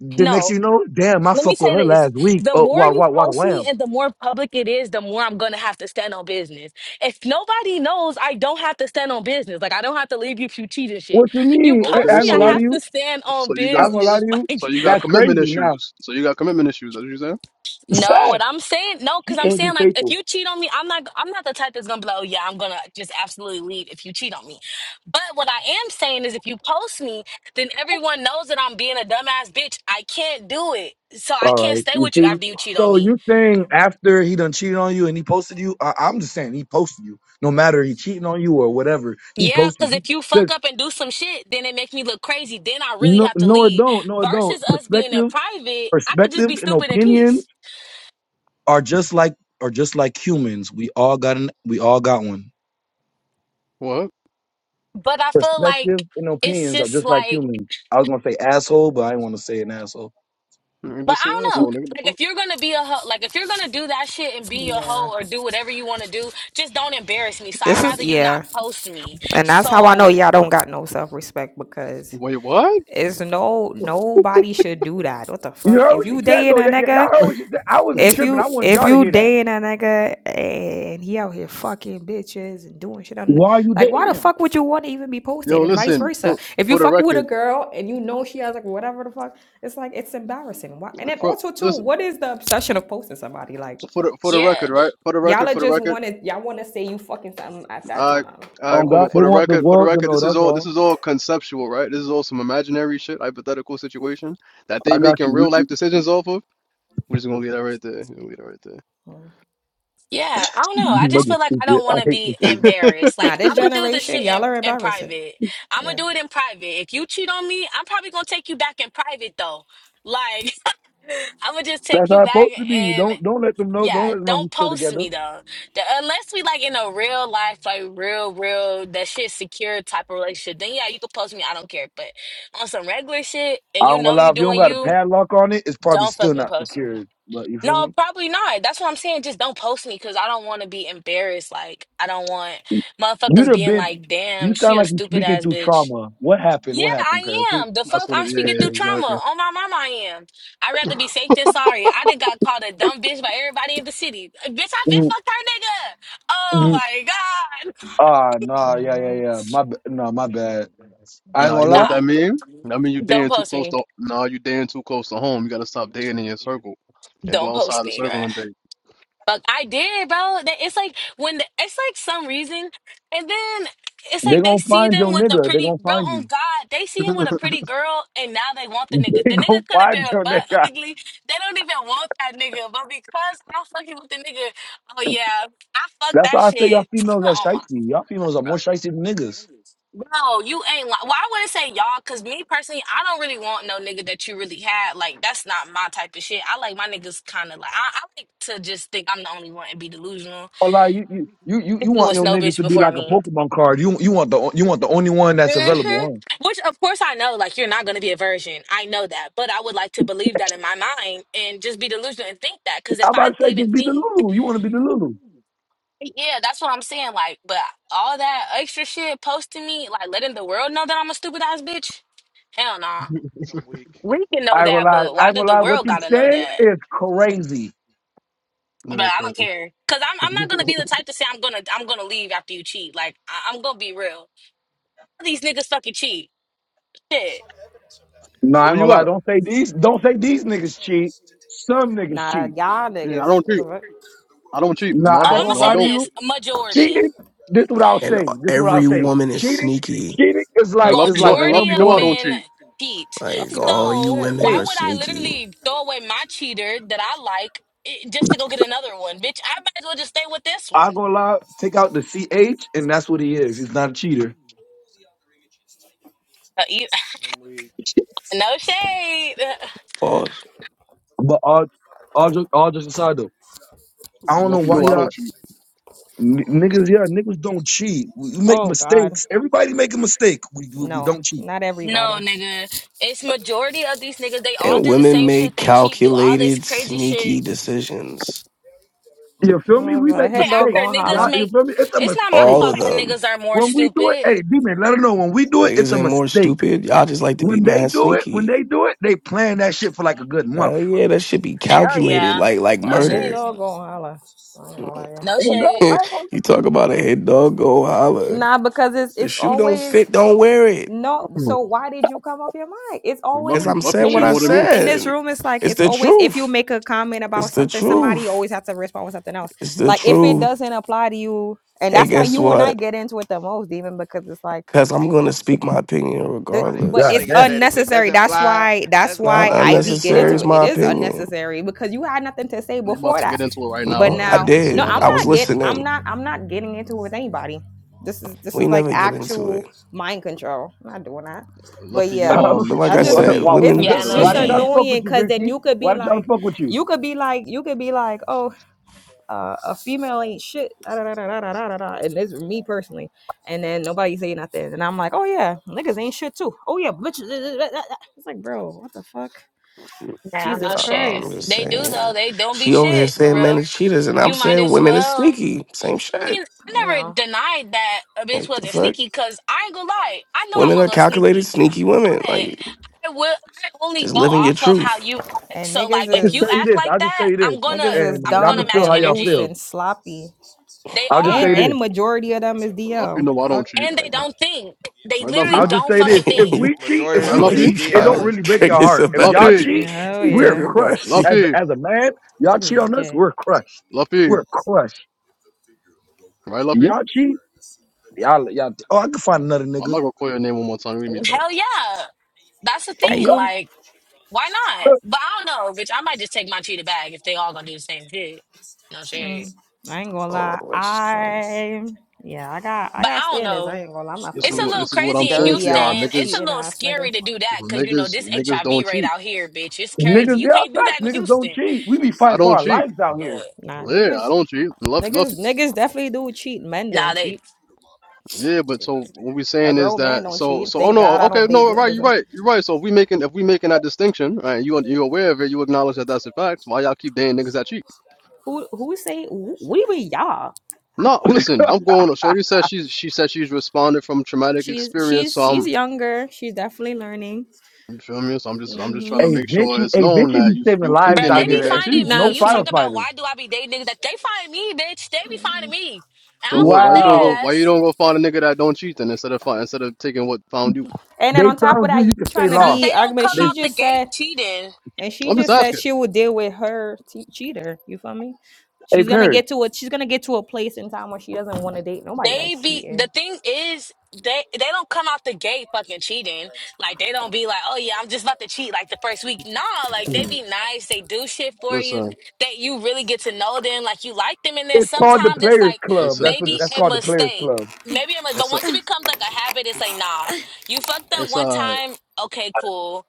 S6: the next
S5: no,
S6: you know, damn, I
S5: let me
S6: fucked with
S5: say
S6: her
S5: this.
S6: last week.
S5: The
S6: Oh,
S5: more
S6: what,
S5: you
S6: what, what a
S5: post me
S6: wham.
S5: and the more public it is, the more I'm gonna have to stand on business. If nobody knows, I don't have to stand on business. Like I don't have to leave you if you cheat and shit.
S6: What you
S5: You
S6: mean? I,
S4: Okay,
S6: I
S5: post
S6: ain't
S5: me,
S6: gonna
S5: I
S6: lie
S4: so
S6: to
S5: have
S6: you.
S5: to stand on
S4: so you
S6: I
S4: got
S6: ain't gonna lie
S5: business.
S6: to you.
S5: Like
S4: so you got
S6: That's
S4: commitment
S6: crazy. Now,
S4: issues. So you got commitment issues. That's what you saying?
S5: No,
S6: fact.
S5: what I'm saying, no,
S6: He
S5: because I'm
S6: can't be
S5: saying like
S6: faithful.
S5: if you cheat on me, I'm not I'm not the type that's gonna be like, oh yeah, I'm gonna just absolutely leave if you cheat on me. But what I am saying is if you post me, then everyone knows that I'm being a dumbass bitch. I can't do it. So I
S6: All
S5: can't
S6: right.
S5: stay
S6: You
S5: with you
S6: see?
S5: after you cheat on
S6: So
S5: me.
S6: you saying after he done cheated on you and he posted you? I, I'm just saying he posted you. No matter he cheating on you or whatever, he
S5: Yeah,
S6: posted
S5: because
S6: you.
S5: if you
S6: Look,
S5: fuck up and do some shit, then it makes me look crazy. Then I really
S6: No,
S5: have to
S6: no, it
S5: leave.
S6: don't. No, it don't.
S5: Versus us being in
S6: Perspectives,
S5: private, I could just
S6: perspectives,
S5: be
S6: and
S5: stupid in
S6: opinions
S5: peace.
S6: are just like are just like humans. We all got an, we all got one.
S4: What?
S5: But I feel
S6: Perspectives
S5: like
S6: and
S5: it's
S6: opinions are
S5: just
S6: just like
S5: like
S6: humans. I was gonna say asshole, but I didn't want to say an asshole.
S4: You
S5: But
S4: just say
S5: I don't know.
S6: You
S4: asshole, nigga. The
S5: Like
S4: fuck?
S5: if you're gonna be a hoe, like if you're gonna do that shit and be a
S2: Yeah.
S5: hoe or do whatever you want to do, just don't embarrass me. So I'd
S2: This is
S5: rather you not
S2: yeah,
S5: post me.
S2: and that's how I know
S5: So
S2: y'all don't got no self respect because
S4: Wait, what?
S2: it's no nobody should do that. What the fuck?
S6: heard
S2: If
S6: what she
S2: you
S6: said though.
S2: dating
S6: Y-
S2: a
S6: y- y'all
S2: nigga,
S6: heard what she said. I wasn't
S2: if
S6: tripping.
S2: you
S6: I wanted
S2: if
S6: y'all to
S2: you
S6: hear that.
S2: dating a nigga and he out here fucking bitches and doing shit on
S6: Why are you
S2: like why
S6: dating
S2: the
S6: him?
S2: fuck would you want to even be
S4: Yo,
S2: posted and vice
S4: listen
S2: versa?
S4: for
S2: If you
S4: for the
S2: fucking with a
S4: record.
S2: girl and you know she has like whatever the fuck, it's like it's embarrassing. Why? And then
S4: For
S2: also too,
S4: listen
S2: what is the obsession of posting somebody? Like
S4: for the for the
S5: yeah,
S4: record, right? For the
S2: y'all
S4: record,
S2: are
S4: for the
S2: just
S4: record.
S2: wanted y'all want to say you fucking something at that
S4: All right.
S2: time.
S4: All
S2: That's
S4: right,
S6: On
S2: all
S4: cool.
S6: God,
S4: But
S2: that
S4: for
S6: they
S2: is.
S4: the
S6: want the
S4: record, for the
S6: world to
S4: record,
S6: know.
S4: this is
S6: That's
S4: all this
S6: all.
S4: is all conceptual, right? This is all some imaginary shit, hypothetical situation that
S6: I
S4: they
S6: got
S4: making
S6: you. We,
S4: real life
S6: we,
S4: decisions off of. We're just gonna leave that right there. We're gonna leave that right there.
S2: Hmm.
S5: yeah. I don't know.
S6: you
S5: I just
S6: mother
S5: feel like I
S6: stupid.
S5: don't
S6: I
S5: want to
S6: hate
S5: be
S6: this dude.
S4: That's
S5: embarrassed.
S2: Now
S5: Like
S2: this
S5: I'm gonna do the
S2: generation,
S5: shit
S2: y'all
S5: in
S2: are
S5: in
S2: embarrassing.
S5: private. I'm gonna
S2: Yeah.
S5: do it in private. If you cheat on me, I'm probably gonna take you back in private though. Like I'm gonna just
S6: That's
S5: take you
S6: how it's
S5: back
S6: supposed to be.
S5: and.
S6: Don't don't let them know. Don't
S5: Yeah,
S6: let them know we
S5: don't
S6: still
S5: post
S6: together.
S5: me though. The- unless we like in a real life, like real, real that shit secure type of relationship, then yeah, you can post me. I don't care. But on some regular shit,
S6: I
S5: and you
S6: don't gonna
S5: know
S6: lie.
S5: you
S6: If you don't
S5: doing
S6: got a
S5: you,
S6: padlock on it, it's probably
S5: don't
S6: still
S5: fucking
S6: not
S5: post me.
S6: secured. But you feel
S5: No,
S6: me?
S5: probably not. That's what I'm saying. Just don't post me because I don't want to be embarrassed. Like I don't want
S6: You'd
S5: motherfuckers
S6: have
S5: being
S6: been.
S5: like,
S6: You
S5: "Damn, she
S6: sound
S5: a
S6: like you're
S5: stupid
S6: speaking
S5: ass
S6: through
S5: bitch."
S6: trauma. What happened?
S5: Yeah,
S6: What happened, Paris?
S5: I
S6: Who-
S5: am. The fuck,
S4: what
S5: I'm
S4: it, yeah,
S5: speaking
S4: yeah,
S5: through trauma.
S4: exactly.
S5: On my mama, I am. I'd rather be safe than sorry. I done got called a dumb bitch by everybody in the city. Bitch, I been
S6: Mm,
S5: fucked her nigga. Oh
S6: mm,
S5: my god.
S6: Ah, nah, yeah, yeah,
S2: Uh-huh.
S6: yeah. My, b- nah, my bad. I
S5: Yeah,
S6: ain't
S4: Nah, you
S6: gonna
S4: know
S6: lie.
S4: what that
S5: nah,
S4: mean? I mean you
S5: don't
S4: dating too
S5: post
S4: close
S5: me.
S4: to, nah, you dating too close to home. You gotta stop dating in your circle and go
S5: Don't post
S4: outside the
S5: me,
S4: circle
S5: bruh.
S4: and date.
S5: Fuck, I did, bro. That- It's like when the, it's like some reason, and then it's
S6: They
S5: like they
S6: gonna
S5: see
S6: find
S5: them
S6: your
S5: with a
S6: nigga. They
S5: pretty
S6: gonna
S5: bro.
S6: find
S5: On
S6: you.
S5: God, they see him with a pretty girl, and now they want the nigga.
S6: They
S5: The
S6: gonna
S5: nigga could have
S6: find
S5: been a
S6: your
S5: butt
S6: nigga.
S5: ugly. They don't even want that nigga, but because I'm fucking with the nigga, oh yeah, I fuck
S6: That's
S5: that
S6: why I say y'all
S5: shit.
S6: females are
S5: Oh my.
S6: shiesty. Y'all females are
S5: bro,
S6: more shiesty than niggas.
S5: Bro, you ain't. li- Well, I wouldn't say y'all, cause me personally, I don't really want no nigga that you really had. Like that's not my type of shit. I like my niggas kind of like I, I like to just think I'm the only one and be delusional
S6: Oh, like you, you, you, you you
S5: sleeping
S6: want
S5: with
S6: your
S5: no
S6: niggas
S5: bitch
S6: to be
S5: before
S6: like a
S5: me.
S6: Pokemon card. You, you want the, you want the only one that's available.
S5: hmm
S6: Huh?
S5: Which, of course, I know, like, you're not going to be a virgin. I know that. But I would like to believe that in my mind and just be delusional and think that. Because if
S6: I'm
S5: I
S6: about to say
S5: even
S6: just be the
S5: think,
S6: Lulu. You want to be the Lulu.
S5: yeah, that's what I'm saying. Like, but all that extra shit posting me, like, letting the world know that I'm a stupid ass bitch, hell nah.
S4: Look
S3: I'm weak.
S5: We can know
S6: I ain't gonna
S5: that,
S6: lie.
S5: but
S6: I
S5: why
S6: ain't gonna
S5: did the
S6: lie. What
S5: world
S6: you
S5: got to know
S6: saying
S5: that?
S6: is crazy.
S4: at
S5: But
S4: this
S5: I don't
S4: person.
S5: care, cause I'm I'm not gonna be
S4: Yo,
S5: the type to say I'm gonna I'm gonna leave after you cheat. Like I, I'm gonna be real. These niggas fucking cheat. Shit.
S6: No, I ain't
S4: Where
S6: gonna
S4: you at?
S6: lie. Don't say these. Don't say these niggas cheat. Some niggas
S2: Nah,
S6: cheat.
S2: y'all
S4: Yeah,
S2: niggas.
S4: I don't
S2: What
S4: cheat.
S2: the fuck?
S4: I don't cheat.
S6: No,
S4: No, I
S5: Well,
S6: I ain't
S4: don't.
S5: I'm gonna
S6: gonna
S4: No,
S5: say
S4: I
S6: lie to
S4: don't.
S6: you.
S5: this: majority,
S6: Cheating. This is what I'll
S1: And
S6: say. This is what I'll
S1: every
S6: say.
S1: woman is
S6: Cheating.
S1: sneaky.
S6: Cheating is
S4: And
S6: like
S5: Well,
S6: is
S4: Luffy
S6: like
S4: know, and
S5: majority
S4: Luffy
S5: of
S4: know I
S6: M1.
S4: don't
S5: men
S4: cheat.
S5: cheat.
S1: Like
S2: Buffy don't know
S1: all you
S5: So
S2: shit.
S1: women
S5: why
S6: Hey.
S1: are
S5: would I
S1: sneaky.
S5: literally throw away my cheater that I like i- just to go get another one, bitch? I might as well just stay with this one.
S6: I go lie, take out the ch, and that's what he is. He's not a cheater.
S5: Uh, you-
S3: I'm weak.
S5: No shade.
S1: Pause.
S6: But all, all, just, all just aside though, I don't know
S4: Luffy
S6: why
S4: know I
S6: y'all
S4: don't cheat.
S6: n- niggas. Yeah, niggas don't cheat. We we make
S2: Oh God,
S6: mistakes. Everybody make a mistake. We, we we
S2: no,
S6: don't cheat.
S2: not
S5: No,
S2: everybody.
S5: nigga. It's majority of these niggas. They all
S1: And
S5: do the
S1: women
S5: same shit.
S1: make
S5: They cheat, do all this
S1: calculated,
S5: crazy
S1: sneaky
S5: shit.
S1: decisions.
S6: You feel me?
S2: Uh,
S6: We
S2: A
S6: make
S5: Okay,
S2: head dog
S5: after
S6: mistakes.
S2: gonna
S5: niggas
S6: Y'all,
S2: holler.
S6: you
S5: make.
S6: feel me? It's a
S5: It's not my
S6: mistake.
S1: All
S5: fault
S1: of
S5: that
S1: them.
S5: niggas are more
S6: When we do it,
S5: stupid.
S6: hey, D-Man, let them know. When we do it, it's
S1: Niggas
S6: a
S1: ain't more
S6: mistake.
S1: stupid. Y'all just like to be
S6: When they
S1: mad
S6: do it, when
S1: sneaky.
S6: they do it, they plan that shit for like a good month.
S1: Hell yeah, that should be
S5: Hell
S1: calculated,
S5: yeah.
S1: like like
S5: No
S2: A head
S1: murder.
S5: shade.
S2: dog gonna holler. I ain't gonna lie to
S5: No
S6: Oh, God,
S5: shade.
S6: I don't
S1: you talk about a head dog go
S2: you.
S1: holler.
S2: Nah, because it's
S1: The
S2: it's
S1: shoe don't
S2: always
S1: fit, don't wear it.
S2: No, so why did you come off your mic? It's
S4: Mhm.
S1: As
S2: always
S4: Luffy,
S1: I'm
S4: Luffy
S1: saying
S2: in
S1: what
S4: cheat
S1: I
S2: this
S4: more than me.
S2: room. In this
S1: said.
S2: room, it's like
S1: It's
S2: it's
S1: the
S2: always if you
S1: truth.
S2: make a comment
S1: It's
S2: about
S1: the
S2: something, somebody
S1: truth.
S2: always has to respond with something else.
S1: It's the
S2: Like if it
S1: truth.
S2: doesn't apply to you, and
S1: Hey,
S2: that's why
S1: guess
S2: you and I
S1: what?
S2: get into it the most, even because it's like.
S1: Cause I'm gonna speak my opinion
S2: The,
S3: My nigga,
S2: but
S3: my
S1: regardless.
S6: God
S2: it's
S3: nigga
S6: damn.
S3: said if it
S2: unnecessary.
S3: doesn't
S2: That's
S3: fly,
S2: why.
S3: if it
S2: That's
S3: doesn't
S1: Not
S2: why
S3: apply,
S2: I
S3: let it
S2: we get
S1: unnecessary
S2: into
S1: is
S3: fly.
S2: it. It
S1: my
S2: is
S1: opinion.
S2: unnecessary because you had nothing to say
S4: They about
S2: before
S4: to
S2: that.
S4: get into it right
S1: You
S4: now,
S2: But
S4: by
S1: know,
S4: the
S1: I
S4: way.
S2: now,
S4: Just so
S2: no,
S4: y'all
S1: did.
S2: I'm
S4: know.
S1: I was
S2: not get. I'm
S1: listening.
S2: not. I'm not getting into it with anybody. This is this
S1: We
S2: is like
S1: never get into it.
S2: actual mind control. I'm not doing that. But
S4: Luffy, you
S2: yeah,
S4: um,
S1: But
S4: you
S1: like
S4: cheat
S2: that's
S1: I
S4: more
S6: why,
S4: than
S2: just
S1: said,
S4: me.
S6: why,
S2: it's
S1: women
S4: Just
S5: Yeah,
S4: for the
S2: it's
S5: no
S6: why
S2: just
S4: record.
S6: did I
S5: shade.
S1: sneaky.
S6: fuck
S2: annoying
S6: with you,
S2: because then
S6: Vicky?
S2: you could
S6: Why
S2: be
S6: did I
S2: like,
S6: fuck with you?
S2: you could be like, you could be like, oh uh, a female ain't shit. Da, da, da, da, da, da, da, da. And this me personally. And then nobody say nothing. And I'm like, oh yeah, niggas ain't shit too. Oh yeah, bitches. It's like, bro, what the fuck?
S5: Nah,
S2: Jesus
S5: no
S1: Nah, I'm
S5: shit.
S2: Christ.
S1: just
S5: They do though.
S1: saying.
S5: They don't be
S1: She over here
S5: shit for
S1: saying men
S5: real.
S1: is cheaters, and I'm
S5: You might
S1: saying
S5: as
S1: women is
S5: well.
S1: sneaky. Same shit.
S5: I mean, I
S2: You
S5: never
S2: know.
S5: denied that a
S1: Like,
S5: bitch
S1: what the
S5: wasn't
S1: fuck?
S5: sneaky because I ain't gonna lie. I know I'm
S1: Women
S5: a
S1: are
S5: little
S1: calculated,
S2: Mm.
S5: sneaky,
S1: sneaky
S5: but
S1: women. Like,
S5: I will. I only
S1: just
S5: go
S1: living your
S5: off of how
S1: truth.
S5: you act.
S2: And
S5: So
S2: niggas
S5: like,
S6: I'll
S5: if
S6: just
S5: you
S6: tell
S2: is
S6: you
S5: act
S6: this.
S5: like
S6: I'll just tell
S5: that,
S6: you this,
S5: I'm gonna
S2: niggas is
S6: and
S5: I'm
S6: y'all can
S5: gonna
S2: dumb
S6: feel
S5: match
S6: how
S2: and
S6: y'all
S2: loose
S6: feel.
S5: energy.
S2: and sloppy.
S5: They
S6: I'll just
S2: And
S6: say
S5: are,
S6: this.
S2: and majority of them is
S4: Luffy
S2: DL.
S4: know I
S2: Fuck.
S4: don't
S2: What
S4: cheat.
S2: I'm
S5: and they
S2: talking about.
S5: don't think. They
S4: Right,
S1: I
S5: literally
S4: Luffy?
S6: I'll
S3: Nah,
S6: just
S3: I'm
S5: don't
S6: say this.
S5: fucking
S3: weak.
S6: If
S5: think.
S6: we cheat, if
S3: Majority
S4: Right,
S6: we
S1: feel
S3: of them
S1: like
S4: Luffy?
S3: is
S1: you
S6: cheat,
S2: Mm.
S6: it
S1: trying
S6: don't
S3: DL
S1: to
S3: is
S6: really break your
S1: trigger
S3: crazy.
S6: heart. If
S1: somebody.
S6: y'all
S4: Luffy,
S6: cheat,
S2: Yeah, hell
S1: you
S6: we're
S1: talking
S2: yeah.
S1: about
S6: crushed
S1: she.
S6: as
S4: Luffy,
S6: as a man. Y'all
S2: Niggas
S6: cheat
S2: is
S6: on us,
S2: gay.
S6: we're crushed.
S4: Luffy,
S6: We're crushed.
S4: right, Luffy?
S6: Y'all cheat, y'all y'all. Oh, I can find another
S4: I'm not
S6: nigga.
S4: gonna call your name one more time. We meet type.
S5: Hell yeah, that's the
S6: Oh
S2: Are
S5: thing.
S6: God,
S2: you?
S5: Like. Why not?
S6: look,
S5: But I don't know, bitch. I might just take my cheetah bag if they all gonna do the same shit. No shade.
S2: Mm, I ain't gonna
S1: Oh,
S2: lie.
S1: Alexis, wrong?
S2: I yeah, I got I
S5: But
S2: got
S5: I don't
S2: standards. I
S5: know.
S2: ain't gonna lie. I'm not
S4: This
S5: It's
S2: fucking
S4: is
S5: a
S2: with
S4: what
S2: you,
S5: little
S4: this is what I'm
S5: crazy in
S4: saying
S2: dirty
S4: to
S5: Houston.
S4: y'all,
S2: ass,
S5: It's a
S4: niggas,
S2: cheating
S5: little
S2: ass
S5: scary
S2: niggas.
S5: to do that because you know
S4: niggas,
S5: this
S4: niggas don't
S5: HIV rate
S4: cheat.
S5: out here, bitch. It's crazy.
S6: niggas,
S5: You
S6: y'all
S5: can't do
S6: facts.
S5: that in
S6: Niggas don't
S5: Houston.
S6: cheat. We be
S4: I
S6: fighting for
S4: don't
S6: our
S4: cheat.
S6: lives out here.
S5: Lord,
S2: Nah,
S4: Yeah, I
S2: niggas,
S4: don't cheat. Luffy, Luffy.
S2: niggas, niggas definitely do cheat. Men don't
S5: nah, they
S2: cheat.
S4: Yeah, but so what we
S2: A
S4: saying is
S2: grown man
S4: that
S2: don't
S4: so
S2: cheat.
S4: so oh
S2: Thank
S4: no
S2: God I
S4: okay
S2: don't date
S4: no right you're
S2: niggas.
S4: right you're right so if we making if we making that distinction right you you aware of it you acknowledge that that's a fact why y'all keep dating niggas that cheat
S2: Who who say wh- what even y'all?
S4: no listen I'm going shorty says she's she said she's responded from traumatic
S2: She's
S4: experience so
S2: she's
S4: I'm
S2: she's younger. She's definitely learning.
S4: You feel me? So I'm just I'm just
S2: Mm-hmm.
S4: trying to
S6: A
S4: make sure
S6: Vinci,
S4: it's
S6: a
S4: known
S6: Vinci
S4: that
S6: be
S4: you
S6: saving
S4: you
S5: bro,
S6: lives
S4: picking
S6: out
S5: they
S4: niggas
S5: be
S6: here,
S4: that
S6: and
S4: cheat.
S6: she's
S5: finding
S2: Now
S6: no
S5: me. You talk
S2: she.
S5: about
S6: firefighter.
S5: why do I be dating niggas? That they find me, bitch. They be
S2: mm-hmm.
S5: finding me. I
S4: So
S5: don't
S4: what? Why
S5: find
S4: you
S5: they
S4: don't go?
S6: Wow,
S4: Why you
S5: ass
S4: don't go find a nigga that don't cheat then instead of find, instead of taking what found you?
S2: And then
S6: they
S2: on top of
S6: found you.
S2: that, you
S6: You can stay
S2: trying to
S5: because
S6: lost.
S2: be
S5: they don't
S2: argument.
S5: come
S6: They
S2: She
S5: out the
S2: just said
S5: gate cheating.
S2: And she
S4: I'm just
S2: just said
S4: asking.
S2: she will deal with her te- cheater. You feel me?
S6: Hey,
S2: She's gonna
S6: parents!
S2: get to a she's gonna get to a place in time where she doesn't want to date nobody
S5: They
S2: that's
S5: be
S2: cheating.
S5: the thing is they they don't come out the gate fucking cheating. Like they don't be like, oh yeah, I'm just about to cheat like the first week. Nah, like they
S4: Mhm.
S5: be nice. They do shit for you
S4: Listen,
S5: that you really get to know them. Like you like them, and then
S6: it's called the
S5: sometimes it's
S6: Players
S5: like
S6: Club.
S4: it's a
S6: That's what
S5: maybe
S6: that's
S4: it's
S5: a
S6: called the Players
S5: mistake.
S6: Club.
S5: Maybe a mi- but
S4: it's a
S5: once it becomes like a habit, it's like nah, you fucked up
S4: it's
S5: one
S4: a
S5: time. Okay, cool.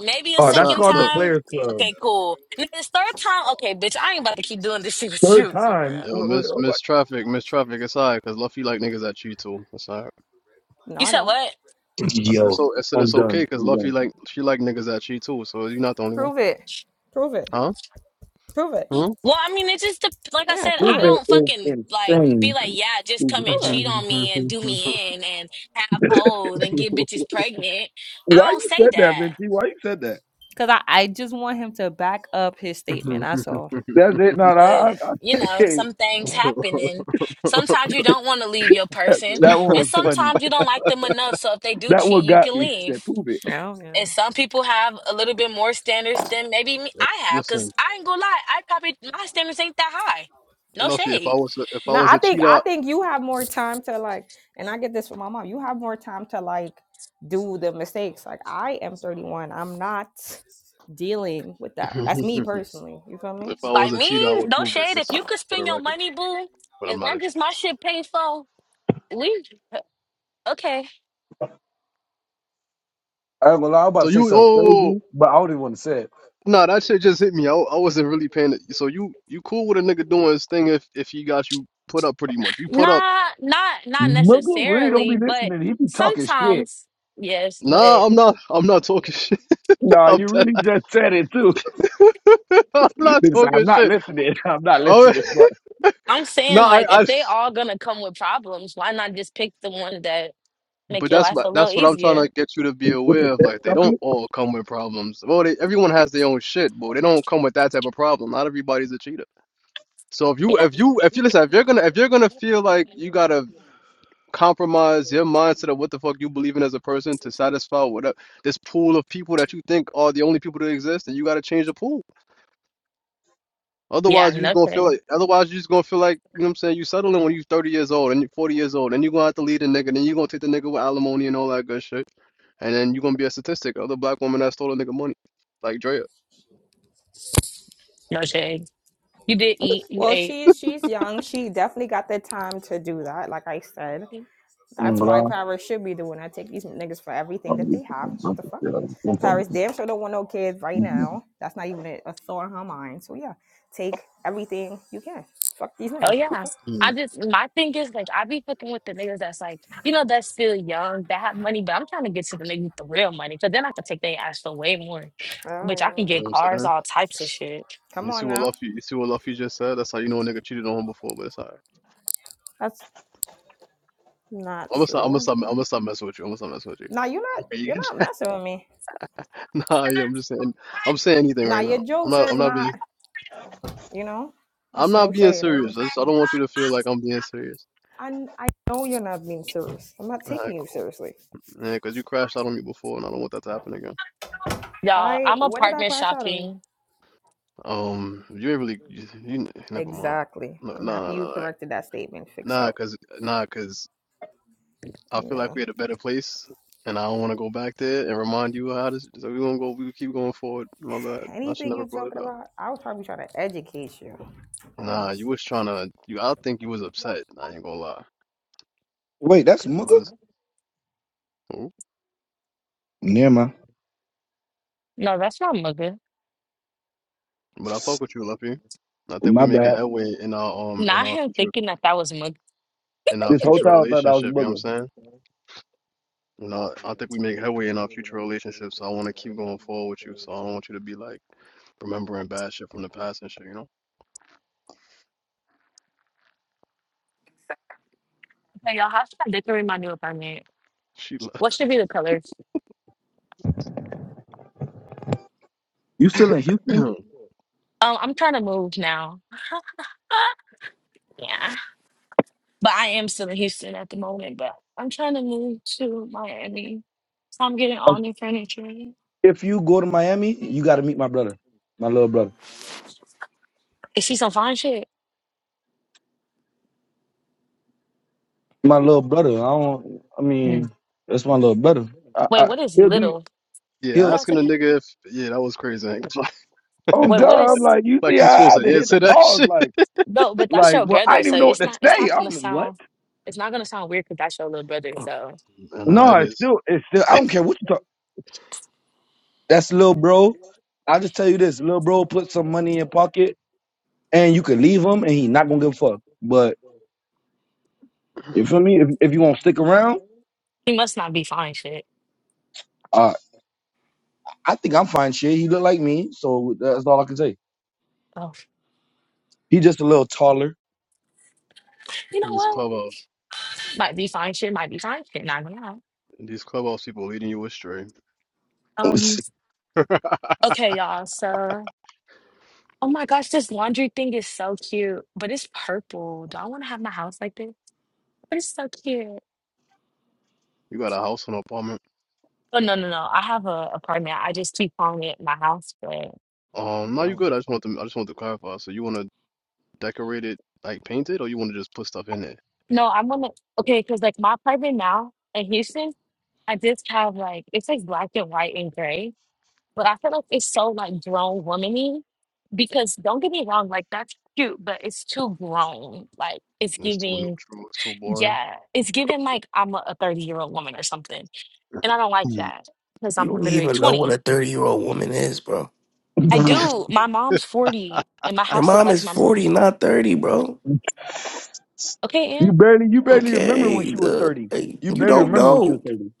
S5: Maybe a
S6: Oh,
S4: it's
S6: that's
S4: a
S5: second
S6: called the
S4: look.
S5: time.
S6: Players Club.
S5: Okay, cool. And then this third time, okay, bitch, I ain't about to keep doing this shit with
S6: Third
S5: you. for real.
S6: time.
S4: Yo,
S6: Wait, wait,
S4: miss
S6: oh, what?
S4: miss traffic, miss traffic. It's alright, cause Luffy like niggas that cheat too. It's alright.
S2: No,
S5: You
S2: I
S5: said
S2: don't.
S5: what?
S4: I said it's
S6: Yo,
S4: so I said
S6: I'm
S4: it's okay,
S6: done.
S4: cause
S6: I'm
S4: Luffy
S6: done.
S4: like she like niggas that cheat too. So you're not the only one,
S2: Prove it. Prove it.
S4: huh?
S2: Prove it.
S5: Well, I mean, it just dep- like I
S2: Yeah,
S5: said,
S2: prove
S5: I
S2: it.
S6: Ruben
S5: don't
S6: is
S5: fucking like be
S6: insane.
S5: like, yeah, just come and
S2: Prove it.
S5: cheat on me and do me in and have
S6: Why
S5: hoes and get bitches pregnant. I don't
S6: you
S5: say
S6: said that,
S5: that,
S6: Vinci? Why you said that?
S2: Cause I, I just want him to back up his statement. That's all.
S6: That's it. No, no, I, I,
S5: but you know,
S6: hey,
S5: some things
S2: Mm.
S5: happen, and
S4: Huh?
S5: sometimes you don't want to leave your
S6: that,
S5: person,
S6: that one
S5: and
S6: was funny.
S5: sometimes you don't like them enough. So if they do
S6: That
S5: cheat,
S6: one
S5: you
S6: got
S5: can
S6: me. She
S5: leave.
S6: said, prove it.
S2: Yeah. Oh yeah.
S5: And some people have a little bit more standards than maybe me, I have, because
S4: Listen,
S5: I ain't gonna lie, I probably my standards ain't that high. No
S4: Luffy, if I
S5: shade.
S4: was a, if I
S2: No,
S4: was
S2: I
S4: a
S2: think
S4: cheater,
S2: I
S4: out,
S2: think you have more time to like, and I get this from my mom. You have more time to like do the mistakes. Like I am 31. I'm not dealing with that. That's me
S4: if
S2: personally. You feel me?
S4: I was
S5: Like
S4: a cheater, I
S5: me,
S4: would
S5: no
S4: prove it.
S5: shade. If
S4: Just
S5: you could
S4: for the
S5: spend your
S4: record,
S5: money, boo,
S4: but I'm
S5: as
S4: not a
S5: long as
S4: cheater.
S5: my
S4: So,
S5: shit paid for, we okay.
S6: I ain't gonna lie, I was about
S4: so
S6: to say
S4: you, oh,
S6: something
S4: oh, oh, oh,
S6: crazy, but I don't even want to say it.
S4: nah, that shit just hit me. I, I wasn't really paying. It. So you, you cool with a nigga doing his thing if if he got you put up pretty much. you put up,
S5: Nah, not not
S6: Muggle really don't
S5: necessarily,
S6: be
S5: but
S6: listening. He be talking shit.
S5: sometimes yes. But
S4: nah, I'm not. I'm not talking shit.
S6: Nah,
S4: I'm,
S6: you really
S4: t-
S6: just said it too.
S4: I'm not
S6: Nigga said, I'm
S4: talking
S6: not
S4: shit.
S6: listening. I'm not
S4: All right.
S6: listening. But
S5: I'm
S4: No,
S5: saying
S4: I,
S5: like if
S4: I.
S5: they all gonna come with problems, why not just pick the one that make
S4: But
S5: your
S4: that's
S5: life
S4: my
S5: a little
S4: that's what I'm trying
S5: easier?
S4: to get you to be
S6: With the
S4: aware of.
S6: tech
S4: Like they don't
S6: company?
S4: all come with problems. Well, they, everyone has their own shit, but they don't come with that type of problem. Not everybody's a cheater. So if you
S5: Yeah,
S4: if you if you listen, if you're gonna if you're gonna feel like you gotta compromise your mindset of what the fuck you believe in as a person to satisfy whatever this pool of people that you think are the only people that exist, then you gotta change the pool.
S5: yeah,
S4: Otherwise, you're just
S5: no
S4: gonna feel
S5: shade,
S4: like. Otherwise, you're just gonna feel like you know what I'm saying. You settling when you're 30 years old and you're 40 years old, and you're gonna have to lead a nigga. Then you're gonna take the nigga with alimony and all that good shit, and then you're gonna be a statistic. Other black woman that stole a nigga money, like Drea.
S5: no shade. You did eat, you
S2: Well,
S5: ate.
S2: she's she's young. She definitely got the time to do that. Like I said, that's why
S6: Blah.
S2: Paris should be doing. I take these niggas for everything that they have. What the fuck? Paris damn sure don't want no kids right now. That's not even a, a thought in her mind. So yeah, take everything you can. Fuck these
S5: Oh
S2: niggas.
S5: yeah.
S4: Hmm. You
S5: I
S4: know
S5: just my thing is like I be fucking with the niggas that's like, you know, that's still young, that have money, but I'm trying to get to the niggas with the real money. Cause then I can take their ass for way more. But I
S2: Fuck.
S5: can get
S4: what I'm
S5: cars,
S4: saying?
S5: all types of shit.
S2: Come
S4: You see
S2: on
S4: what
S2: now.
S4: Luffy, you see what Luffy just said? That's how you know a nigga cheated on him before, but it's alright.
S2: That's not
S4: I'm gonna stop, I'm gonna
S2: true.
S4: stop, I'm
S2: Yeah.
S4: gonna stop messing with you. I'm gonna stop messing with
S2: Now you're not you're
S4: you.
S2: not messing with me.
S4: Nah, yeah, I'm just saying, I'm saying anything
S2: Now
S4: right
S2: your
S4: now. I'm
S2: jokes
S4: not, I'm
S2: is
S4: not being,
S2: not, you know,
S4: I'm
S2: it's no
S4: not being
S2: shade. I
S4: serious.
S2: just
S4: I just, I don't want you to feel like I'm being serious.
S2: I I know you're not being serious. I'm not
S4: Alright,
S2: taking you
S4: cool.
S2: seriously.
S4: Yeah, because you crashed out on me before, and I don't want that to happen again.
S5: Y'all,
S2: I
S5: I'm
S2: when did I
S5: apartment
S2: crash out on you?
S5: shopping.
S4: Um, you ain't really, you, you never mind.
S2: Exactly.
S4: No,
S2: I'm
S4: nah, nah,
S2: happy
S4: nah,
S2: you
S4: nah,
S2: corrected that statement. Fix
S4: nah,
S2: up.
S4: cause, nah, 'cause I feel
S2: Yeah.
S4: like we had a better place, and I don't want to go back there and remind you how this. So we gonna go, we keep going forward. My bad. I should
S2: Anything
S4: never
S2: you're
S4: brought it
S2: talking
S4: up.
S2: about, I was probably trying to educate you.
S4: Nah,
S2: Um,
S4: you was trying to, you. I think you was upset. I ain't gonna lie,
S6: Wait, that's
S4: cause you
S6: Mooga?
S4: was. Oh,
S6: Never mind.
S5: No, that's not mugga.
S4: but I fuck with you, Luffy. I think we
S6: My
S4: making
S6: bad.
S4: headway in our um in
S5: Not
S4: our
S5: him
S4: future
S5: thinking that that was mugga.
S4: in our
S6: This whole
S4: future
S6: time I thought I was
S4: relationship. You know what I'm
S6: Mooga.
S4: saying? You know, I think we make headway in our future relationship, so I want to keep going forward with you. So I don't want you to be like remembering bad shit from the past and shit, you know?
S5: Okay, y'all, how should I decorate my new apartment?
S4: She, li-
S5: What should be the colors?
S6: You still in Houston?
S5: Um, I'm trying to move now. yeah. But I am still in Houston at the moment, but I'm trying to move to Miami. So I'm getting all new furniture.
S6: If you go to Miami, you got to meet my brother, my little brother.
S5: Is she some fine shit?
S6: My little brother. I don't. I
S5: Mm.
S6: mean, that's my little brother. I,
S5: Wait,
S6: I,
S5: what is
S6: he'll do.
S5: little?
S4: yeah,
S6: He'll.
S5: No, it's
S4: asking a
S5: okay.
S4: nigga if, yeah, that was crazy. Ain't it?
S6: Oh
S5: Wait,
S6: God!
S5: what
S6: I'm
S5: is
S6: like, you
S4: Like, like
S6: see,
S4: you
S6: I, I
S4: supposed
S6: had to
S4: to
S6: hit the
S4: answer that
S6: pause.
S4: shit.
S6: Like,
S5: no, but that's
S6: like,
S5: your
S6: well, I
S5: brother,
S6: didn't
S5: so
S6: even know what
S5: it's
S6: to
S5: not it's
S6: say.
S5: not gonna
S6: I'm what?
S5: sound it's not gonna sound weird because that's your little brother, so
S4: And uh,
S6: No,
S4: it
S6: it's
S4: is.
S6: still, it's still. I don't care what you talk. That's little bro. I'll just tell you this: little bro put some money in your pocket, and you can leave him, and he not gonna give a fuck. But you feel me? If, if you gonna stick around,
S5: he must not be fine shit.
S6: uh, I think I'm fine. Shit, he look like me, so that's all I can say.
S5: Oh.
S6: He just a little taller.
S5: You know
S3: I'm
S4: These
S3: weak.
S5: what?
S4: clubhouse,
S5: Might be fine shit, might be fine shit, not gonna lie.
S4: these clubhouse people leading you astray.
S5: Um, okay, y'all, so Oh my gosh, this laundry thing is so cute, but it's purple. Do I want to have my house like this? But it's so cute.
S4: You got a house and apartment.
S5: Oh no, no, no. I have a apartment. I just keep calling it my house, but
S4: Um, no, you
S5: yeah.
S4: good. I just want to, I just want to clarify. So you want to decorate it, like paint it, or you want to just put stuff in it?
S5: No, I'm gonna okay, because like my apartment now in Houston, I just have like it's like black and white and gray, but I feel like it's so like grown womany because don't get me wrong, like that's cute, but it's too grown. Like it's
S4: It's too
S5: giving,
S4: neutral. It's too boring.
S5: yeah, it's giving like I'm a 30 year old woman or something. And I don't like that because
S1: You
S5: I'm
S1: don't
S5: literally
S1: even know what
S5: 20.
S1: a 30 year old woman is, bro.
S5: I
S6: you
S5: do. My mom's 40 and my
S1: Your
S5: house look
S1: mom
S5: like
S1: is
S5: my mom.
S1: 40, not 30, bro.
S5: Okay, Ann?
S6: barely, you barely remember when
S1: Okay.
S6: she was
S1: The,
S6: thirty.
S1: hey,
S6: You
S1: you
S6: barely
S1: don't
S6: remember when she was
S1: know.
S6: thirty.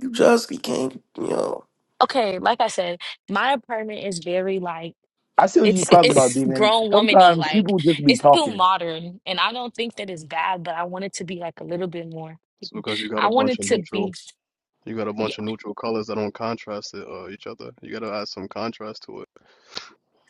S1: You just became, you know,
S5: Okay, like I said, my apartment is very like
S6: I see what you
S5: it's
S6: talking about,
S5: it's
S6: Demon.
S5: grown womany,
S6: Sometimes
S5: like
S6: people just be
S5: it's still
S6: talking.
S5: modern. And I don't think that it's bad, but I want it to be like a little bit more.
S4: It's because you got
S5: I
S4: a
S5: want
S4: bunch
S5: it
S4: of
S5: to
S4: neutral.
S5: be
S4: You got a
S5: yeah,
S4: bunch of neutral colors that don't contrast it, uh, each other. You gotta add some contrast to it.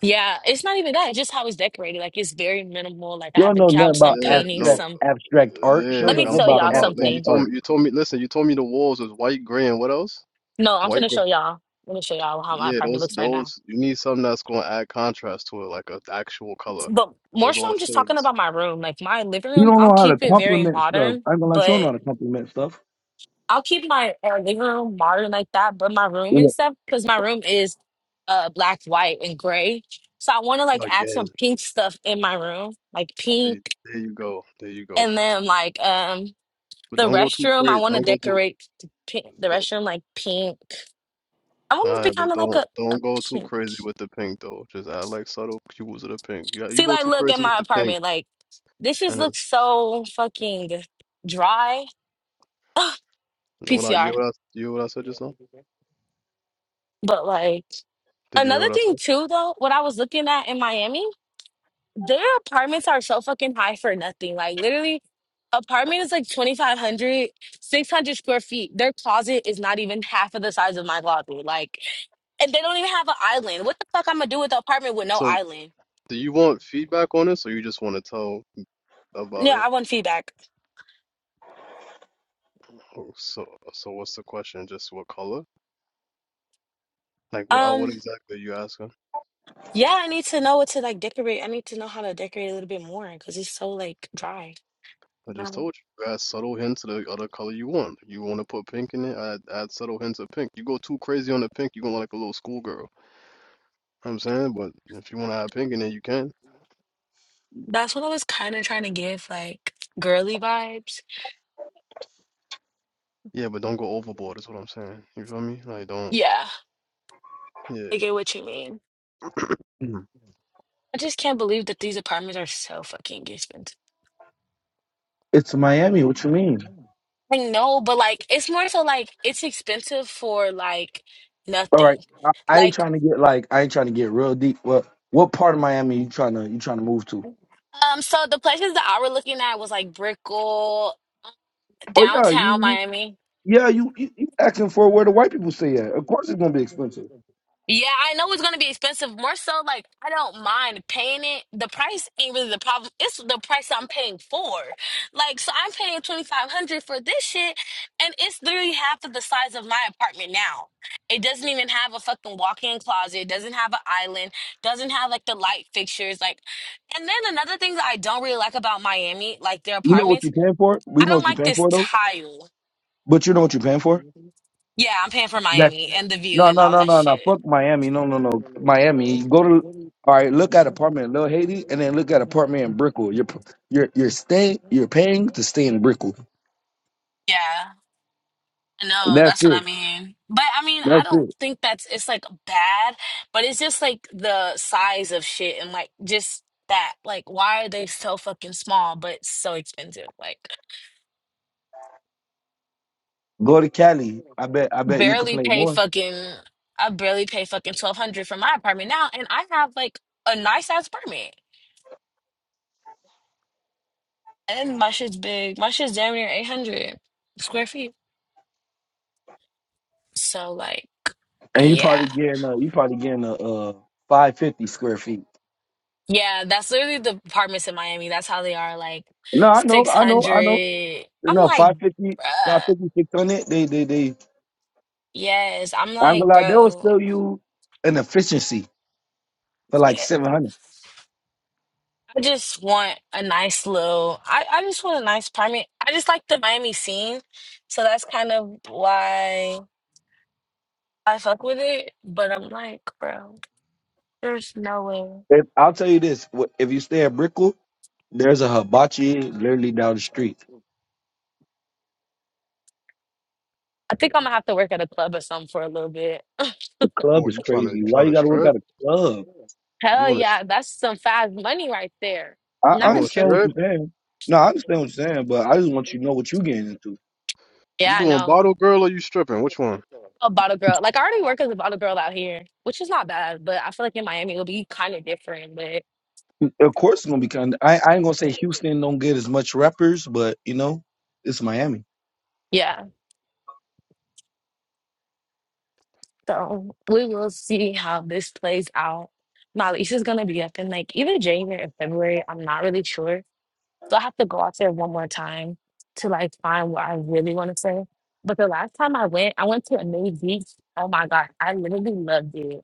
S5: yeah, it's not even that, it's just how it's decorated. Like it's very minimal. Like I
S6: You don't
S5: have a
S6: know nothing
S5: couch,
S6: about
S5: some
S4: Yeah,
S5: paintings,
S6: abstract
S4: no,
S5: some
S6: abstract art.
S4: yeah.
S6: Show
S5: let
S4: like,
S6: them
S5: me
S6: nothing
S4: I'm
S5: tell
S6: about
S4: talking
S5: y'all
S4: about like
S6: abstract
S4: you
S5: something.
S4: told
S6: art.
S4: me. You told me. Listen, you told me the walls was white, gray, and what else?
S5: No, I'm
S4: White,
S5: gonna
S4: gray.
S5: show y'all. Let me show y'all how my
S4: Yeah,
S5: apartment
S4: those,
S5: looks right now.
S4: those. You need something that's gonna add contrast to it, like a actual color.
S5: But more
S4: Those
S5: so,
S4: all
S5: I'm just talking
S4: shades.
S5: about my room. Like my living
S6: You
S5: room,
S6: don't
S5: I'll
S6: know how to
S5: keep it very
S6: compliment stuff.
S5: modern,
S6: I'm gonna let you know
S5: but
S6: how to compliment stuff.
S5: I'll keep my uh, living room modern like that. But my room
S6: Yeah,
S5: and stuff, because my room is uh black, white, and gray. So I want to like add some
S4: Again,
S5: pink stuff in my room, like
S4: there,
S5: pink,
S4: there you go. There you go.
S5: and then like um
S4: But
S5: the
S4: don't go too
S5: restroom. I
S4: crazy.
S5: want to
S4: Don't go too.
S5: decorate the, pink, the restroom like pink. I want it to be
S4: Alright,
S5: kind
S4: but
S5: of like
S4: don't
S5: a
S4: don't
S5: a
S4: go too
S5: pink.
S4: crazy with the pink though. Just add like subtle cues of the pink. You got, you
S5: See,
S4: go
S5: like
S4: too
S5: look at
S4: crazy with
S5: my
S4: the pink,
S5: apartment. Like this just
S4: and
S5: looks
S4: it's
S5: so fucking dry.
S4: What I you hear
S5: PCR.
S4: what I you hear what I said just now?
S5: But like
S4: Did you hear
S5: another
S4: what I said?
S5: thing too though, what I was looking at in Miami, their apartments are so fucking high for nothing. Like literally apartment is like 2500, 600 square feet their closet is not even half of the size of my closet like and they don't even have an island what the fuck i'm gonna do with the apartment with no
S4: So
S5: island
S4: do you want feedback on this, or you just want to tell about
S5: yeah
S4: it?
S5: i want feedback
S4: Oh, so so what's the question? Just what color? Like what uh, what
S5: um
S4: exactly are you asking?
S5: yeah i need to know what to like decorate i need to know how to decorate a little bit more because it's so like dry
S4: I
S5: you
S4: just told you. add subtle hints of the other color you want. You want to put pink in it? Add add subtle hints of pink. You go too crazy on the pink, you're gonna look like a little schoolgirl. You know what I'm saying, but if you want to add pink in it, you can.
S5: that's what i was kind of trying to give like girly vibes
S4: Yeah, but don't go overboard. Is what I'm saying. You feel me? Like don't.
S5: Yeah,
S4: Yeah.
S5: I get what you mean.
S4: Mhm.
S5: I just can't believe that these apartments are so fucking expensive.
S6: It's Miami. What you mean?
S5: I know, but like, it's more so like it's expensive for like
S6: All right.
S5: nothing.
S6: I, I ain't
S5: Like,
S6: trying to get like I ain't trying to get real deep. What what part of Miami you trying to you trying to move to?
S5: um, so the places that I were looking at was like Brickell, um,
S6: Oh yeah,
S5: downtown
S6: you
S5: Miami.
S6: yeah you, you, you asking for where the white people stay at. Of course it's gonna be expensive.
S5: Yeah, I know it's gonna be expensive. More so, like I don't mind paying it. The price ain't really the problem. It's the price I'm paying for. Like, so I'm paying twenty five hundred for this shit, and it's literally half of the size of my apartment now. It doesn't even have a fucking walk in closet. It doesn't have an island. Doesn't have like the light fixtures. Like, and then another thing that I don't really like about Miami, like their
S6: You know what
S5: apartments,
S6: you're paying for. We
S5: I
S6: know
S5: don't
S6: what you're
S5: like
S6: paying
S5: this
S6: for though.
S5: tile.
S6: But you know what you're paying for.
S5: Yeah, I'm paying for Miami and the
S6: No,
S5: view and
S6: no,
S5: all
S6: no,
S5: that
S6: no, no.
S5: shit.
S6: Fuck Miami. No, no, no. Miami. Go to all right. Look at apartment in Little Haiti, and then look at apartment in Brickell. You're you're you're staying. You're paying to stay in Brickell.
S5: Yeah. No,
S6: That's
S5: that's what I
S6: it.
S5: mean. But I mean, I
S6: That's it.
S5: don't think that's it's like bad, but it's just like the size of shit and like just that. Like, why are they so fucking small but so expensive? Like,
S6: Go to Cali. I bet. I bet you could
S5: barely
S6: play
S5: pay
S6: more,
S5: fucking. I barely pay fucking twelve hundred for my apartment now, and I have like a nice ass apartment, and my shit's big. My shit's damn near eight hundred square feet. So like,
S6: and you probably
S5: yeah.
S6: getting a you probably getting a uh five fifty square feet.
S5: Yeah, that's literally the apartments in Miami. That's how they are, like
S6: No, I know. I know. I know.
S5: 600. I'm
S6: No,
S5: like,
S6: five fifty, five
S5: bruh,
S6: fifty six hundred. They they they.
S5: yes. I'm
S6: I'm gonna
S5: like,
S6: lie. They'll sell
S5: bro,
S6: you an efficiency for like
S5: yeah.
S6: 700.
S5: I just want a nice little, I, I just want a nice apartment. I just like the Miami scene. So that's kind of why I fuck with it. But I'm like, bro, there's no way.
S6: If, I'll tell you this: wh- if you stay at Brickell, there's a hibachi literally down the street.
S5: I think I'm gonna have to work at a club or something for a little bit.
S6: The club
S4: Oh,
S6: is
S4: you trying to you
S6: crazy. Why
S4: trying
S6: you
S4: to
S6: got to work
S4: strip?
S6: at a club?
S4: You
S5: Hell
S4: want to
S5: yeah, that's some fast money right there.
S6: I,
S4: you
S6: I
S5: Not a
S4: gonna
S5: strip
S6: understand what
S4: strip?
S5: club.
S6: you're saying. No, I understand what you're saying, but I just want you to know what you're getting into.
S4: You
S5: Yeah, I
S4: doing
S5: know.
S4: bottle girl or you stripping? Which one?
S5: a bottle girl. Like I already work as a bottle girl out here, which is not bad, but I feel like in Miami it'll be kind of different. But
S6: Of course, it's gonna be kind. I, I ain't gonna say Houston don't get as much rappers, but you know, it's Miami.
S5: yeah, so we will see how this plays out. My lease is gonna be up in like either January or February. I'm not really sure, so I have to go out there one more time to like find what I really want to say. But the last time I went, I went to a new beach. Oh my god, I literally loved it.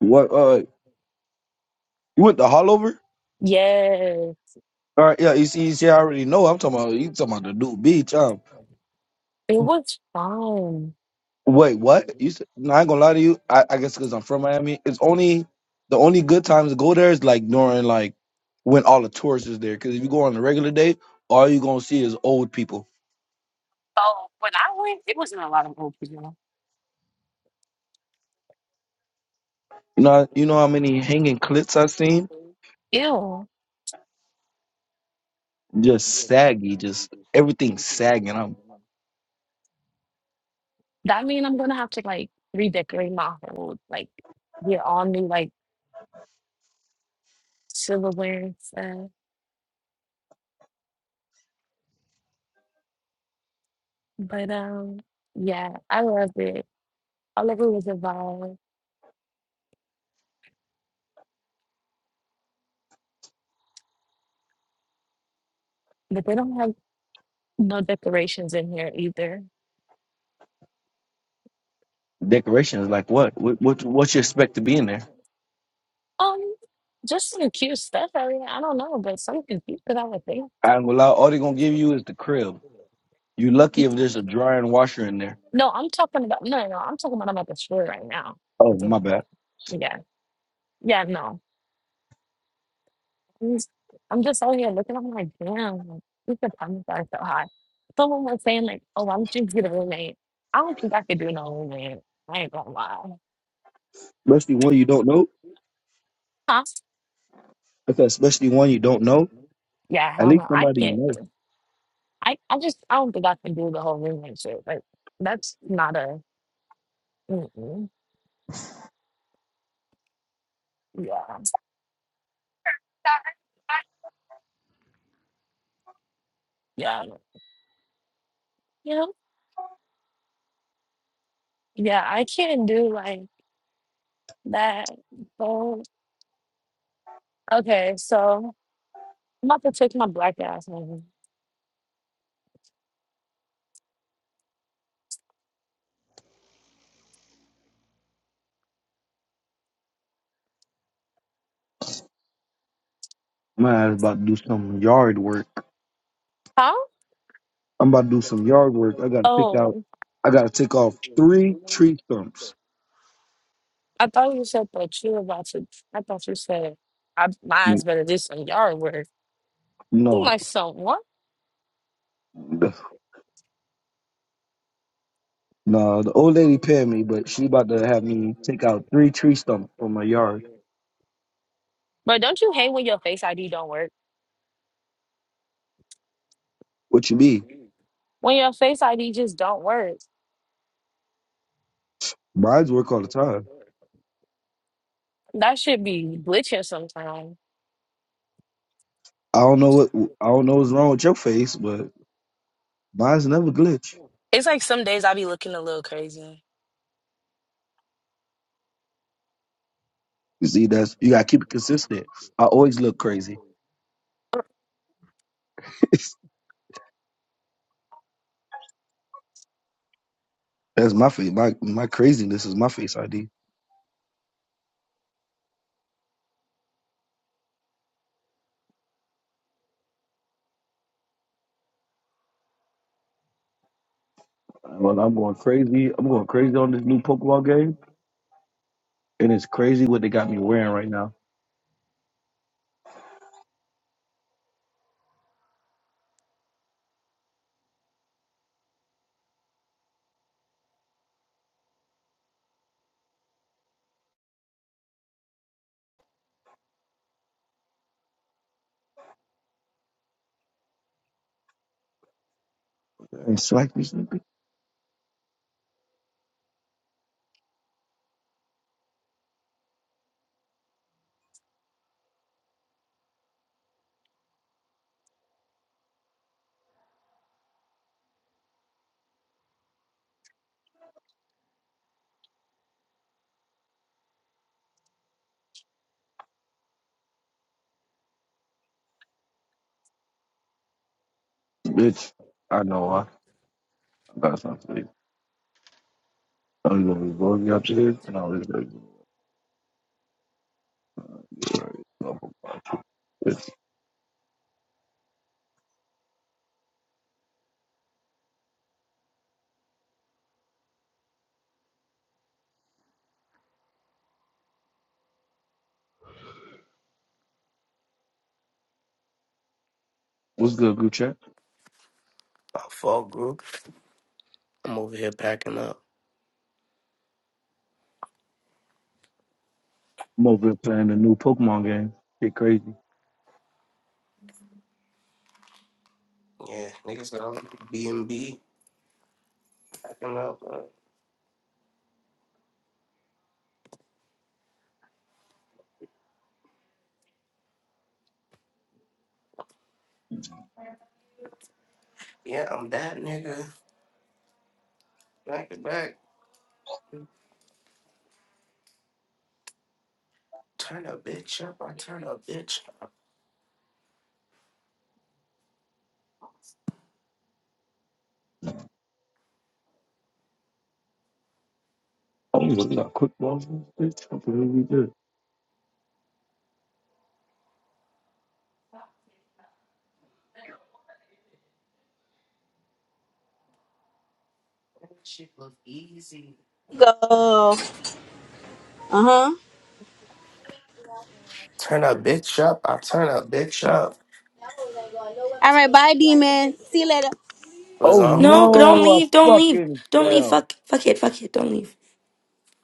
S6: What? Uh, you went to Hollover?
S5: Yes,
S6: All right, yeah. You see, you see, I already know. I'm talking about you. Talking about the dude beach. huh?
S5: it was fun.
S6: Wait, what? You said, no, I ain't gonna lie to you. I, I guess because I'm from Miami, it's only the only good times to go there is like during like when all the tourists is there. Because if you go on a regular day, all you gonna see is old people.
S5: Oh, when I went, it wasn't a lot of old people.
S6: You know, you know how many hanging clits i seen?
S5: Ew.
S6: Just saggy, just everything sagging. I'm
S5: That mean I'm gonna have to like redecorate my whole like get all new like silverware and stuff. But um yeah, I love it. All of it was a vibe. But they don't have no decorations in here either.
S6: decorations like what? What what what you expect to be in there?
S5: Um just some cute stuff. I mean, I don't know, but something cute that I would think.
S6: I ain't gonna lie. All they gonna give you is the crib. You lucky if there's a dryer and washer in there.
S5: No, I'm talking about no, no, I'm talking about I'm at the store right now.
S6: Oh
S5: With the
S6: my
S5: store.
S6: bad.
S5: Yeah. Yeah, no. I'm just I'm just out here looking. I'm like, damn, like, these apartments are so high. Someone was saying like, oh, why don't you get a roommate? I don't think I could do no roommate. I ain't gonna lie.
S6: Especially one you don't know.
S5: Huh?
S6: Okay, especially one you don't know.
S5: Yeah,
S6: At
S5: hell
S6: least
S5: no, I
S6: somebody you
S5: can't
S6: know.
S5: do. I I just I don't think I can do the whole roommate shit. Like that's not a mm-mm. yeah yeah you know yeah I can't do like that. So okay, so I'm about to take my black ass home.
S6: Man, I'm about to do some yard work.
S5: Huh?
S6: I'm about to do some yard work. I gotta pick out.
S5: Oh.
S6: I gotta take off three tree stumps.
S5: I thought you said that you were about to. I thought you said I, my eyes
S6: N-
S5: better this than your work. I'm
S6: No,
S5: like someone,
S6: no. The old lady paid me, but she about to have me take out three tree stumps from my yard.
S5: but don't you hate when your face ID don't work?
S6: What you mean?
S5: When your face ID just don't work,
S6: Mine's work all the time.
S5: that should be glitching sometimes.
S6: I don't know what I don't know what's wrong with your face, but mine's never glitch.
S5: It's like some days I be looking a little crazy.
S6: You see, that's you gotta keep it consistent. I always look crazy. that's my face. My my craziness is my face ID. Well, I'm going crazy. I'm going crazy on this new Pokemon game, and it's crazy what they got me wearing right now. It's like me, sleepy. bitch. I know I. I got something. I'm gonna be going to blow me up to this, and I was like, all right, bitch. "What's good, good chat?
S1: my fault, group. I'm over here packing up.
S6: I'm over here playing the new Pokemon game. Get crazy.
S1: Yeah, niggas, I'm B&B packing up. bro. Yeah, I'm that nigga. Back to back. Turn a bitch up. I turn a bitch up.
S6: Oh, look at quick balls, in this bitch. I'm gonna be good.
S1: That shit was easy.
S7: go. Uh huh.
S1: Turn a bitch up. I turn a bitch up.
S7: All right, bye, demon. See you later.
S1: Was
S6: Oh
S1: on.
S8: No, don't
S6: no, I
S8: leave. Don't leave.
S6: fucking
S8: Don't leave.
S6: fell.
S8: Fuck. Fuck it. Fuck it. Don't leave.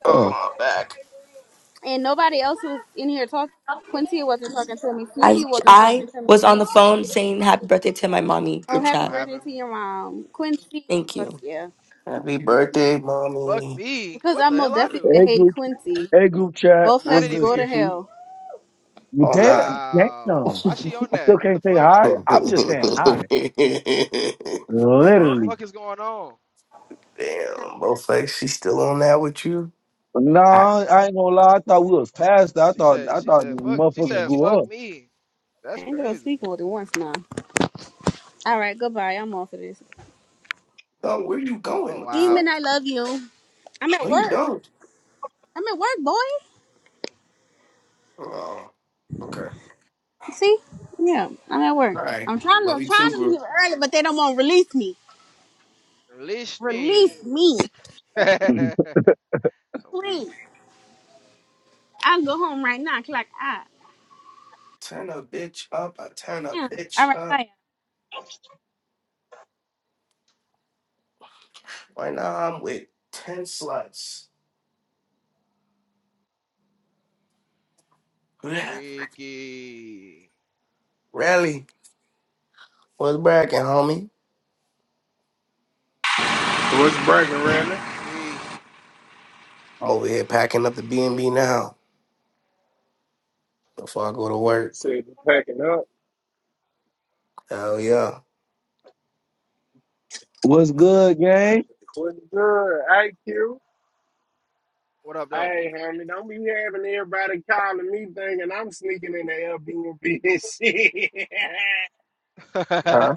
S1: Oh
S6: Fuck.
S1: my back.
S7: And nobody else was in here talking. Quincy wasn't talking to me.
S8: I
S7: Cece wasn't
S8: I
S7: talking to
S8: was
S7: me.
S8: on the phone saying happy birthday to my mommy
S7: Oh,
S8: group
S7: happy
S3: What
S8: chat.
S7: birthday
S3: happened?
S7: to your mom, Quincy.
S8: Thank
S7: Fuck
S8: you.
S7: yeah.
S1: Happy birthday,
S3: Fuck
S1: mommy.
S3: me.
S7: Because
S3: What
S7: I
S3: the
S7: most
S3: hell I
S7: definitely
S3: do?
S7: said,
S6: Hey,
S7: "Hey,
S6: group,
S7: Quincy,
S6: hey, group chat.
S3: I
S6: What's
S3: didn't
S7: Bowflex,
S6: good,
S3: even
S7: go to
S3: hear
S6: CP?
S3: you.
S7: hell."
S6: Well,
S1: Oh nah.
S6: Damn,
S3: Wow.
S6: damn.
S3: Why she on
S6: I
S3: that?
S6: still
S3: What
S6: can't
S3: the
S6: say
S3: fuck?
S6: hi.
S1: Damn,
S6: I'm just saying hi.
S3: What the
S6: Literally.
S3: fuck is going on?
S1: Bowflex, she still on that with you?
S6: No, I ain't gonna lie. I thought we was past that. I
S3: She
S6: thought
S3: said
S6: I
S3: she
S6: thought
S3: said fuck she
S6: motherfuckers
S3: said
S6: grew
S3: fuck
S6: up.
S3: me.
S7: I
S3: That's
S7: ain't gonna
S3: crazy.
S7: speak more than once now. All right, goodbye. I'm off of this.
S1: No, where you going?
S3: Oh
S1: What the
S7: Demon,
S3: wow.
S7: I
S1: fuck?
S7: love you. I'm at
S1: No, you
S7: work.
S1: don't.
S7: I'm at work, boy.
S1: Oh, okay.
S7: See? Yeah, I'm at work.
S1: All right.
S7: I'm trying to
S1: Love you too,
S7: trying to
S1: group.
S7: leave early, but they don't want to release me.
S3: Release me.
S7: Release me.
S3: I'm weak.
S7: Please. I'll go home right now. Clock out.
S1: Turn a bitch up. I turn a
S7: Yeah. All
S1: bitch
S7: right.
S1: up.
S7: Bye.
S1: Right now I'm with 10 sluts.
S3: Freaky.
S1: Rally, what's bragging, homie?
S9: What's breaking, Randy?
S3: Creek.
S1: I'm over here packing up the B and B now before I go to
S9: You
S1: work.
S9: said you're packing up.
S1: Hell yeah.
S6: What's good, gang?
S9: What's good, IQ?
S3: What up though?
S9: Hey, homie, don't be having everybody calling me thinking I'm sneaking in the Airbnb and shit.
S1: Huh?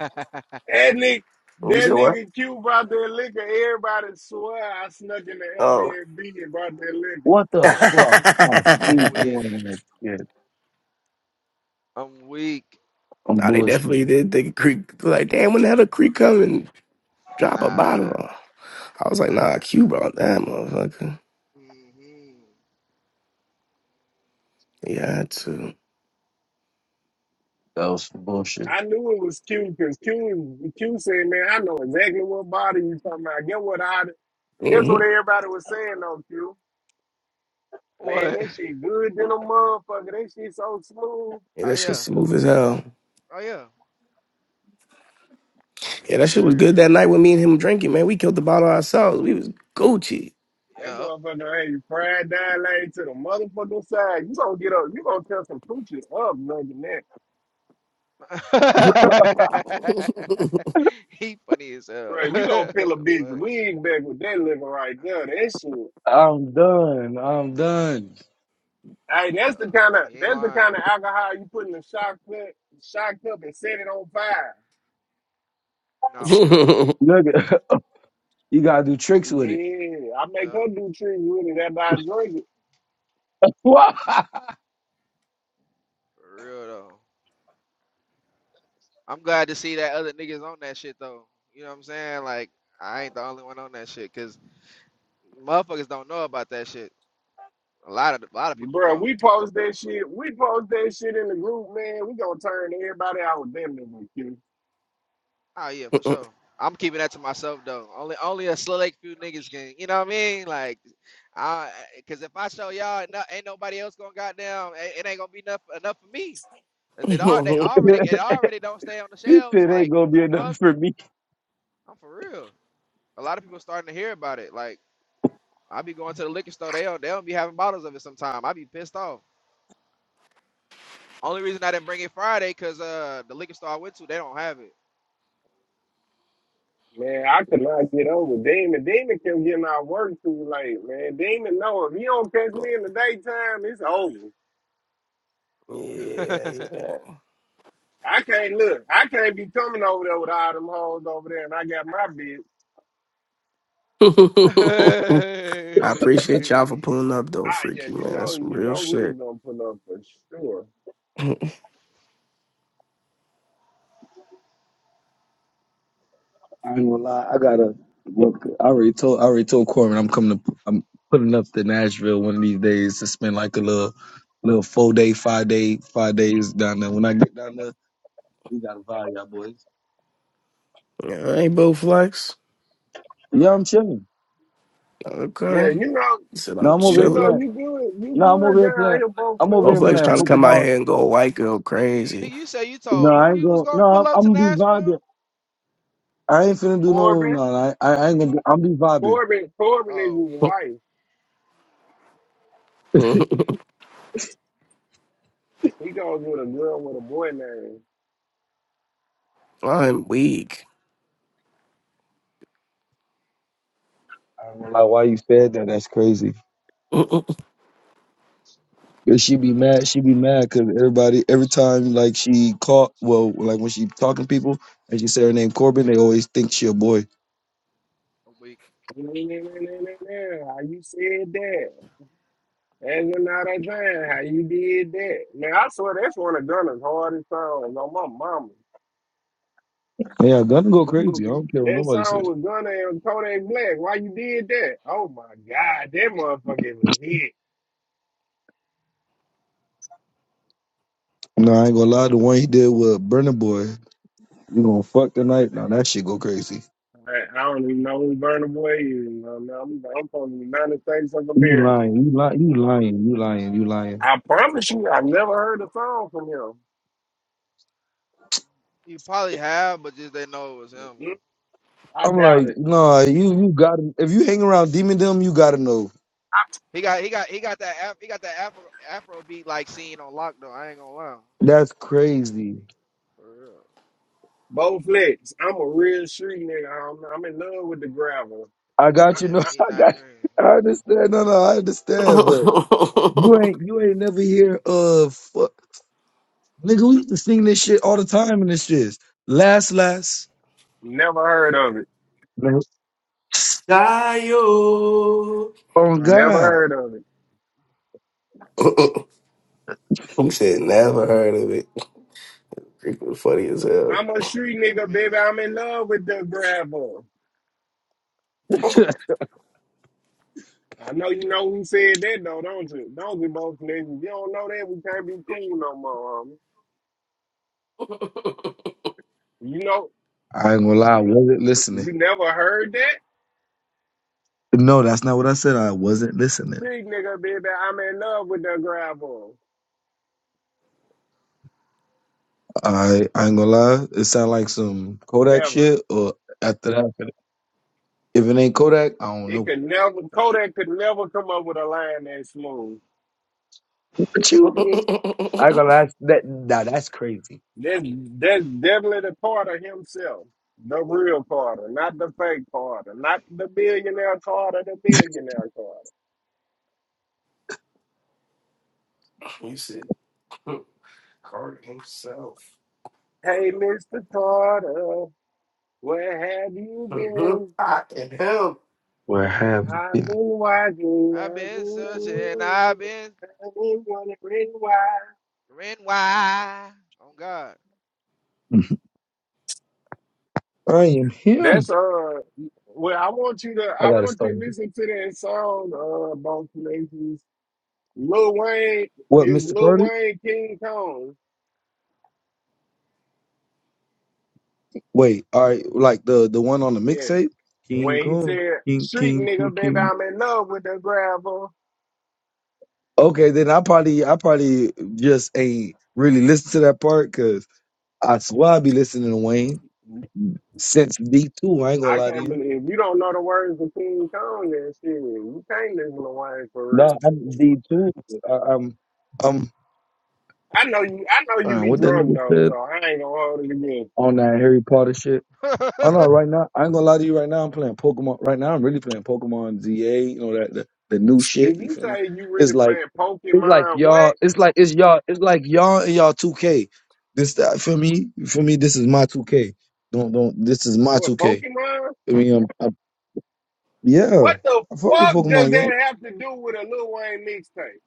S9: that nigga,
S1: You
S9: that
S1: said what?
S9: nigga Q brought that liquor. Everybody swear I snuck in the
S1: Oh.
S9: Airbnb and brought that liquor.
S6: What the
S1: nah,
S6: fuck? I'm keep doing
S3: weak.
S6: that shit.
S3: I'm weak.
S6: I'm
S1: they definitely
S6: bullshitting.
S1: did think Creek like, damn, when the hell did Creek come and drop a
S3: Nah,
S1: bottle? on? I was like,
S3: nah.
S1: nah, Q brought that motherfucker.
S3: hmm
S1: Yeah, I had to.
S6: That was some bullshit.
S9: I knew it was Q because Q, Q said, man, I know exactly what body you talking about. Get what I, guess what
S1: Mhm.
S9: everybody was saying though, Q? Man,
S3: What?
S9: that shit good than a motherfucker. That shit so smooth.
S1: Yeah,
S3: Oh
S1: that shit
S3: yeah.
S1: smooth as hell.
S3: Oh yeah.
S1: Yeah,
S3: Yes,
S1: that shit was
S3: sir.
S1: good that night with me and him drinking, man. We killed the bottle ourselves. We was Gucci.
S9: That
S3: Yep.
S9: motherfucker ain't fried down lane to the motherfucking side. You gonna get up, you gonna tell some pooches up, nothing that.
S3: he funny as
S9: Bro,
S3: hell.
S9: you gonna
S3: what
S9: peel a
S3: the
S9: bitch
S3: fuck?
S9: wig back with that liver right there. That shit.
S6: I'm done. I'm done.
S9: Hey, that's the
S3: Yeah.
S9: kind of
S3: He ain't
S9: that's the
S3: lying
S9: kind of
S3: though.
S9: alcohol you put in a shock cup, shock cup and set it on fire.
S3: Nah, for real.
S6: Look, you gotta do tricks with it.
S9: Yeah, I make
S3: Yeah,
S9: her do tricks with it after I drink
S3: for real though. I'm glad to see that other niggas on that shit though. You know what I'm saying? Like, I ain't the only one on that shit, cause motherfuckers don't know about that shit. A lot of a lot of
S9: it.
S3: people
S9: Bro,
S3: don't.
S9: we post that shit. We post that shit in the group, man. We gonna turn everybody out with them.
S3: Oh yeah, for sure. I'm keeping that to myself though. Only only a select few niggas can. You know what I mean? Like, I because if I show y'all, no, ain't nobody else gonna goddamn. It, it ain't gonna be enough enough for me. Cause it all they
S1: yeah,
S3: already it already don't stay on the
S6: he
S3: shelves.
S6: said ain't
S3: Like, what
S6: gonna
S3: the
S6: be enough
S3: fuck?
S6: for me.
S3: I'm for real. A lot of people starting to hear about it. Like, I be going to the liquor store. They don't they don't be having bottles of it sometime. I be pissed off. Only reason I didn't bring it Friday, cause uh the liquor store I went to, they don't have it.
S9: Man, I could not get over Damon. Damon kept getting our work too late, man. Damon, no, if he don't catch me in the daytime, it's over.
S1: yeah.
S9: I can't look. I can't be coming over there with all them hoes over there, and I got my bitch.
S1: I appreciate y'all for pulling up though,
S9: Ah, yeah,
S1: freaky
S9: you
S1: man.
S9: know,
S1: That's some
S9: you
S1: real
S9: know, we was
S1: shit.
S9: gonna pull up for sure.
S6: I ain't gonna lie. I gotta work. I already told. I already told Corbin I'm coming to. I'm putting up to Nashville one of these days to spend like a little, little four day, five day, five days down there. When I get down there, we gotta vibe, y'all boys.
S1: Yeah, hey, Bo Flex.
S6: Yeah,
S3: right.
S6: I'm chilling.
S9: Yeah,
S1: Okay.
S9: you know,
S1: He said
S6: No,
S1: I'm
S6: I'm over
S9: you
S6: here
S9: know,
S1: chilling.
S6: playing.
S9: you good, you
S6: No, I'm over
S9: good
S6: here
S9: down
S6: playing.
S9: here, both
S6: I'm over
S9: man.
S1: Bo
S6: here
S1: Flex
S6: playing
S1: trying to come out
S6: Pokemon.
S1: here and go white girl
S3: Nigga, you, you,
S1: crazy.
S3: nigga, you say you
S6: No,
S3: told
S6: I
S3: who
S6: ain't
S3: you was
S6: going.
S3: gonna
S6: No,
S3: pull
S6: I'm,
S3: up to
S6: I'm gonna be
S3: Nashville?
S6: vibing. I ain't finna do no.
S9: Corbin,
S6: No, I, I ain't gonna. Be, I'm be vibing.
S9: Corbin, Corbin is his
S3: Oh,
S9: wife. He goes with a girl with a boy name.
S1: I'm weak.
S6: I ain't gonna lie. Why you said that? That's crazy. Cause she be mad. She be mad because everybody, every time like she caught, well, like when she talking to people and she say her name Corbin, they always think she a boy.
S3: I'm weak.
S9: How you said that? And you know that thing, how you did that. Man, I swear that's one of Gunna's hardest songs on my mama.
S6: And Yeah, gonna go crazy. I don't care what
S9: That
S6: nobody
S9: song
S6: says.
S9: with Gunna and Kodak Black. Why you did that? Oh my God, that motherfucker is a hit.
S6: No, I ain't gonna lie. The one he did with Burner Boy, you gonna fuck tonight? Now that shit go crazy.
S9: I, I don't even know who Burna Boy is. You know, I'm, I'm from the United States of
S6: You
S9: America.
S6: lying? You lying? You lying? You lying? You lying?
S9: I promise you, I've never heard a song from him.
S3: You probably have, but just they know it was him.
S9: Mhm. I
S6: I'm
S9: doubt
S6: like,
S9: it.
S6: nah. You you got to if you hang around Demon Dem, you gotta know.
S3: He got he got he got that Af- he got that Afro Afro beat like scene on lock though. I ain't gonna lie.
S6: That's crazy.
S3: For real.
S9: Bo Flex, I'm a real street nigga. I'm, I'm in love with the gravel.
S6: I got you.
S3: Yeah,
S6: No,
S9: I, I
S3: he
S6: I got.
S3: Nigerian.
S6: I understand. No, no, I understand. but. You ain't you ain't never hear of fuck, nigga. We used to sing this shit all the time in this shit. Last last
S9: never heard of it.
S6: man.
S1: Dio.
S6: Oh
S3: Right.
S9: Never
S6: God,
S9: heard of it.
S1: He said never heard of it? Freaking funny as hell.
S9: I'm a street
S3: On
S9: nigga,
S3: me.
S9: baby. I'm in love with the gravel.
S6: I ain't
S9: I know you know who said that though, don't you? Don't you both niggas? You don't know that we can't be cool no more, homie. You know,
S6: gonna lie. I wasn't
S9: you
S6: listening.
S9: never heard that?
S6: No, that's not what I said. I wasn't listening.
S9: Street nigga, baby. I'm in love with the gravel.
S6: I I ain't gonna lie. It sound like some Kodak
S9: Never.
S6: shit. Or after that, if it ain't Kodak, I don't
S9: It
S6: know.
S9: could never. Kodak could never come up with a line that smooth.
S6: What you mean? I ain't gonna lie. That nah, that's crazy.
S9: That's that's definitely the part of himself. The real Carter, not the fake Carter, not the billionaire Carter, the billionaire part.
S1: He said Carter himself.
S9: Hey, Mr. Carter, where have you
S1: Mhm.
S9: been?
S1: I Fucking hell.
S6: Where have you
S9: I've been
S6: been?
S9: watching.
S3: I've
S9: I've
S3: been searching,
S9: been,
S3: I've been
S9: I've been wondering why.
S3: ran wide. On God.
S6: I am him.
S9: That's uh, well, I want you to,
S6: I
S9: I
S6: gotta
S9: want you
S6: start.
S9: to listen to that song, uh, both nations. Lil Wayne
S6: What,
S9: is
S6: Mister
S9: Lil
S6: Carter?
S9: Wayne King Kong.
S6: Wait, all right, like the the one on the
S9: Yes,
S6: mixtape, King
S9: when he
S6: Kong,
S9: said,
S6: King
S9: "Street
S6: King King
S9: nigga, baby,
S6: King.
S9: I'm in love with the gravel."
S6: Okay, then I probably I probably just ain't really listen to that part because I swear I be listening to Wayne since D two. I ain't gonna
S9: I
S6: lie to
S9: can't
S6: you.
S9: believe you don't know the words of King Kong and shit. You can't listen to Wayne for real.
S6: No, I'm D two. I'm I'm
S9: I know you. I know you
S6: uh,
S9: be
S6: what that
S9: drunk
S6: nigga
S9: though,
S6: said
S9: so I ain't gonna hold it against you.
S6: on that Harry Potter shit. I
S3: what
S6: know right now I ain't gonna lie to you. Right now I'm playing Pokemon. Right now I'm really playing Pokemon ZA. You know that the, the new shit.
S9: Did
S6: You
S9: you
S6: feel me?
S9: say you really
S6: It's like
S9: playing
S6: It's like
S9: Pokemon? What?
S6: y'all. It's like it's y'all. It's like y'all and y'all two K. This uh, for me. For me, this is my two K. Don't don't. This is my two
S9: What
S6: K.
S9: Pokemon?
S6: I mean, um, I, yeah.
S9: What the
S6: I fuck with
S9: fuck does
S6: Pokemon
S9: that
S6: game.
S9: have to do with a Lil Wayne mixtape?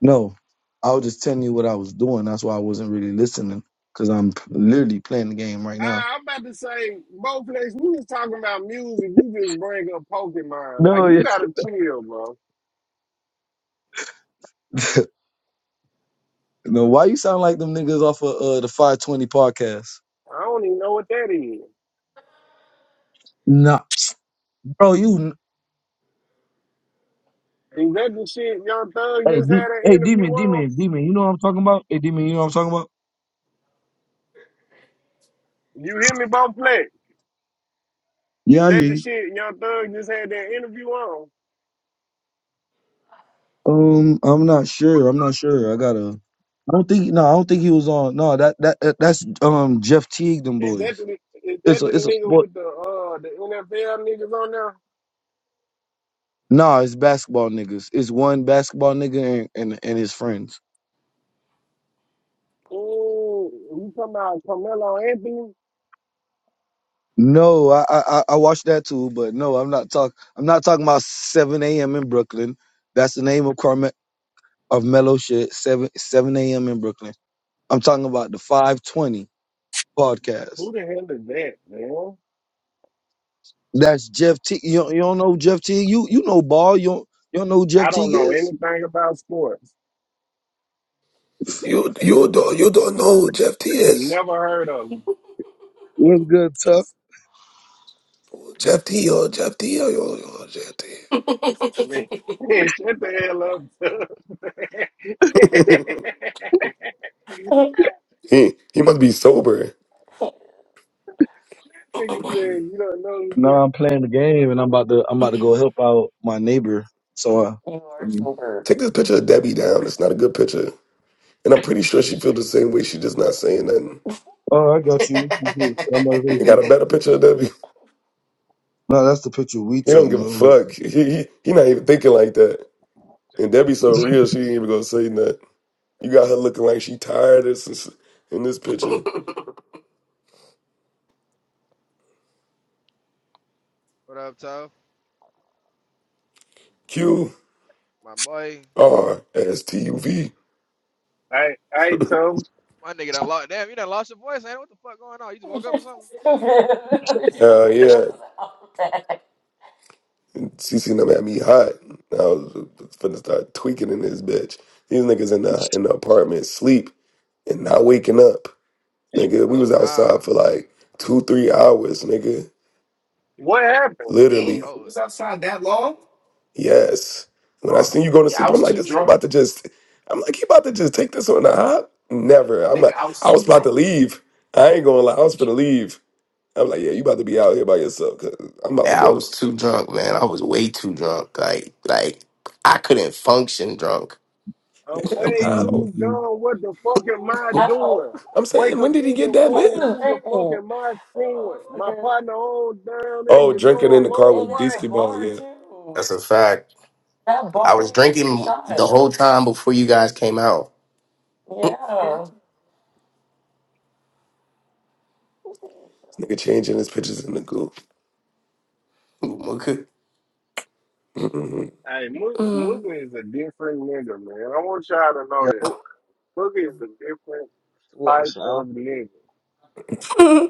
S6: No, I was just telling you what I was doing. That's why I wasn't really listening because I'm p- literally playing the game right
S9: Uh,
S6: now.
S9: I'm about to say, both places. We was talking about music. You just bring up Pokemon. Like
S6: No,
S9: you
S6: yeah.
S9: gotta chill, bro.
S6: No, why you sound like them niggas off of uh, the 520 podcast?
S9: I don't even know what that is.
S6: Nah, bro, you.
S9: Is that the shit Young Thug
S6: Hey,
S9: just
S6: D-
S9: had an
S6: hey,
S9: interview
S6: Demon,
S9: on?
S6: Demon, Demon. You know what I'm talking about? Hey, Demon, you know what I'm talking about?
S9: You hear me, both play? Is
S6: Yeah, I hear
S9: that the
S6: you.
S9: shit Young Thug just had that interview on?
S6: Um, I'm not sure. I'm not sure. I gotta. I don't think. No, I don't think he was on. No, that that that- that's um Jeff Teague. Them
S9: Is that
S6: boys.
S9: the, is that
S6: It's a
S9: the
S6: it's a
S9: nigga
S6: sport.
S9: with the uh the NFL niggas on there?
S6: Nah, it's basketball niggas. It's one basketball nigga and and, and his friends.
S9: Ooh, you talking about Carmelo Anthony?
S6: No, I, I I I watched that too, but no, I'm not talk. I'm not talking about 7 a.m. in Brooklyn. That's the name of Carme of Mellow shit. Seven 7 a.m. in Brooklyn. I'm talking about the 520 podcast.
S9: Who the hell is that, man?
S6: That's Jeff T. You, don't- you don't know Jeff T. You you know ball. You don't, you don't know who Jeff
S9: I
S6: T.
S9: don't know
S6: is.
S9: anything about sports.
S8: You you don't you don't know who Jeff T is.
S9: Never heard of him.
S6: What's good, tough?
S8: Who Jeff T or Jeff T or yo yo Jeff T.
S9: Man, man, shut the hell up.
S8: He he must be sober.
S9: Nigga said you don't know who.
S6: No, I'm playing the game, and I'm about to I'm about to go help out my neighbor. So, uh, I mean,
S8: Take this picture of Debbie down. It's not a good picture. And I'm pretty sure she feels the same way. She just not saying nothing.
S6: oh, I got you. I'm about to
S8: You
S6: face
S8: ain't got
S6: you.
S8: a better picture of Debbie.
S6: No, that's the picture we
S8: He
S6: took.
S8: don't
S6: You
S8: give a fuck.
S6: know.
S8: He he, he not even thinking like that. And Debbie's so real, she ain't even gonna say nothing. You got her looking like she tired as this- in this picture.
S3: up, tough?
S8: Q
S3: My boy.
S8: R S T U V.
S9: I I told him
S3: My nigga done lost damn, you done lost your voice, man. What the fuck going on? You just woke up or something?
S8: Hell yeah. And CC them had me hot. I was finna start tweaking in this bitch. These niggas in the in the apartment sleep and not waking up. Nigga, we
S3: Oh
S8: was outside
S3: nah.
S8: for like two, three hours, nigga.
S9: what happened.
S8: Literally.
S1: Damn, we
S3: Oh,
S1: was outside that long?
S8: Yes. When I
S1: Uh,
S8: seen you going to
S1: yeah,
S8: sleep,
S1: I
S8: I'm
S1: was
S8: like,
S1: too
S8: this nigga about
S1: drunk.
S8: to just, I'm like, he about to just take this on the hop. Never. I'm
S1: Nigga,
S8: like,
S1: I was
S8: I
S1: too
S8: was about to
S1: drunk.
S8: leave. I ain't gonna lie, I was finna leave. I'm like, yeah, you about to be out here by yourself, cause I'm about to
S1: Yeah, I
S8: go.
S1: was too drunk, man. I was way too drunk. Like, like I couldn't function drunk.
S9: I'm
S8: Damn,
S6: I
S9: way
S6: don't
S8: how?
S9: too
S6: know.
S9: gone. What the fuck am I
S8: How?
S9: doing?
S8: I'm
S9: Wake
S8: saying, when
S9: up
S8: did he
S9: in
S8: get
S9: the
S8: that lit?
S9: morning, who the fuck
S8: Mm-mm.
S9: am I screwing? My partner on down and
S8: oh,
S9: you
S8: drinking
S9: know
S8: in the
S9: I'm
S8: car with
S9: on
S8: And at Disky
S9: white.
S8: that Ball, bar, yeah. too.
S1: That's a fact.
S8: That
S1: I
S8: bar, you
S1: was
S8: was getting
S1: drinking the
S8: shots.
S1: whole time before you guys came out.
S8: Yeah. This nigga changing his pictures in the goo. Mm-mm.
S9: Hey, Mooga,
S8: Mm.
S9: Mooga is a different nigga, man. I want y'all to know
S10: Yo,
S9: that. Mooga is a different
S10: what
S9: type
S10: is now?
S9: of nigga.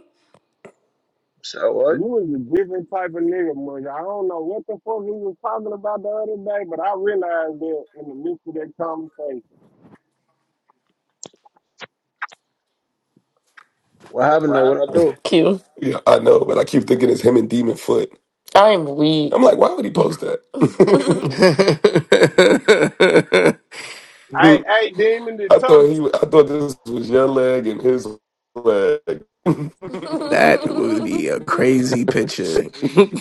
S10: So what?
S9: You is a different type of nigga, Mooga. I don't know what the fuck he was talking about the other day, but I realized that in the midst of that conversation.
S10: What happened though? What I do?
S8: Q. Yeah, I know, but I keep thinking it's him and Demon Foot. I'm weak. I'm like, why would he post that?
S1: that
S9: Hey, hey, Demon, the
S8: I
S9: talk.
S8: thought he, I thought this was your leg and his leg. it
S1: would be a crazy picture.
S3: I'm weak.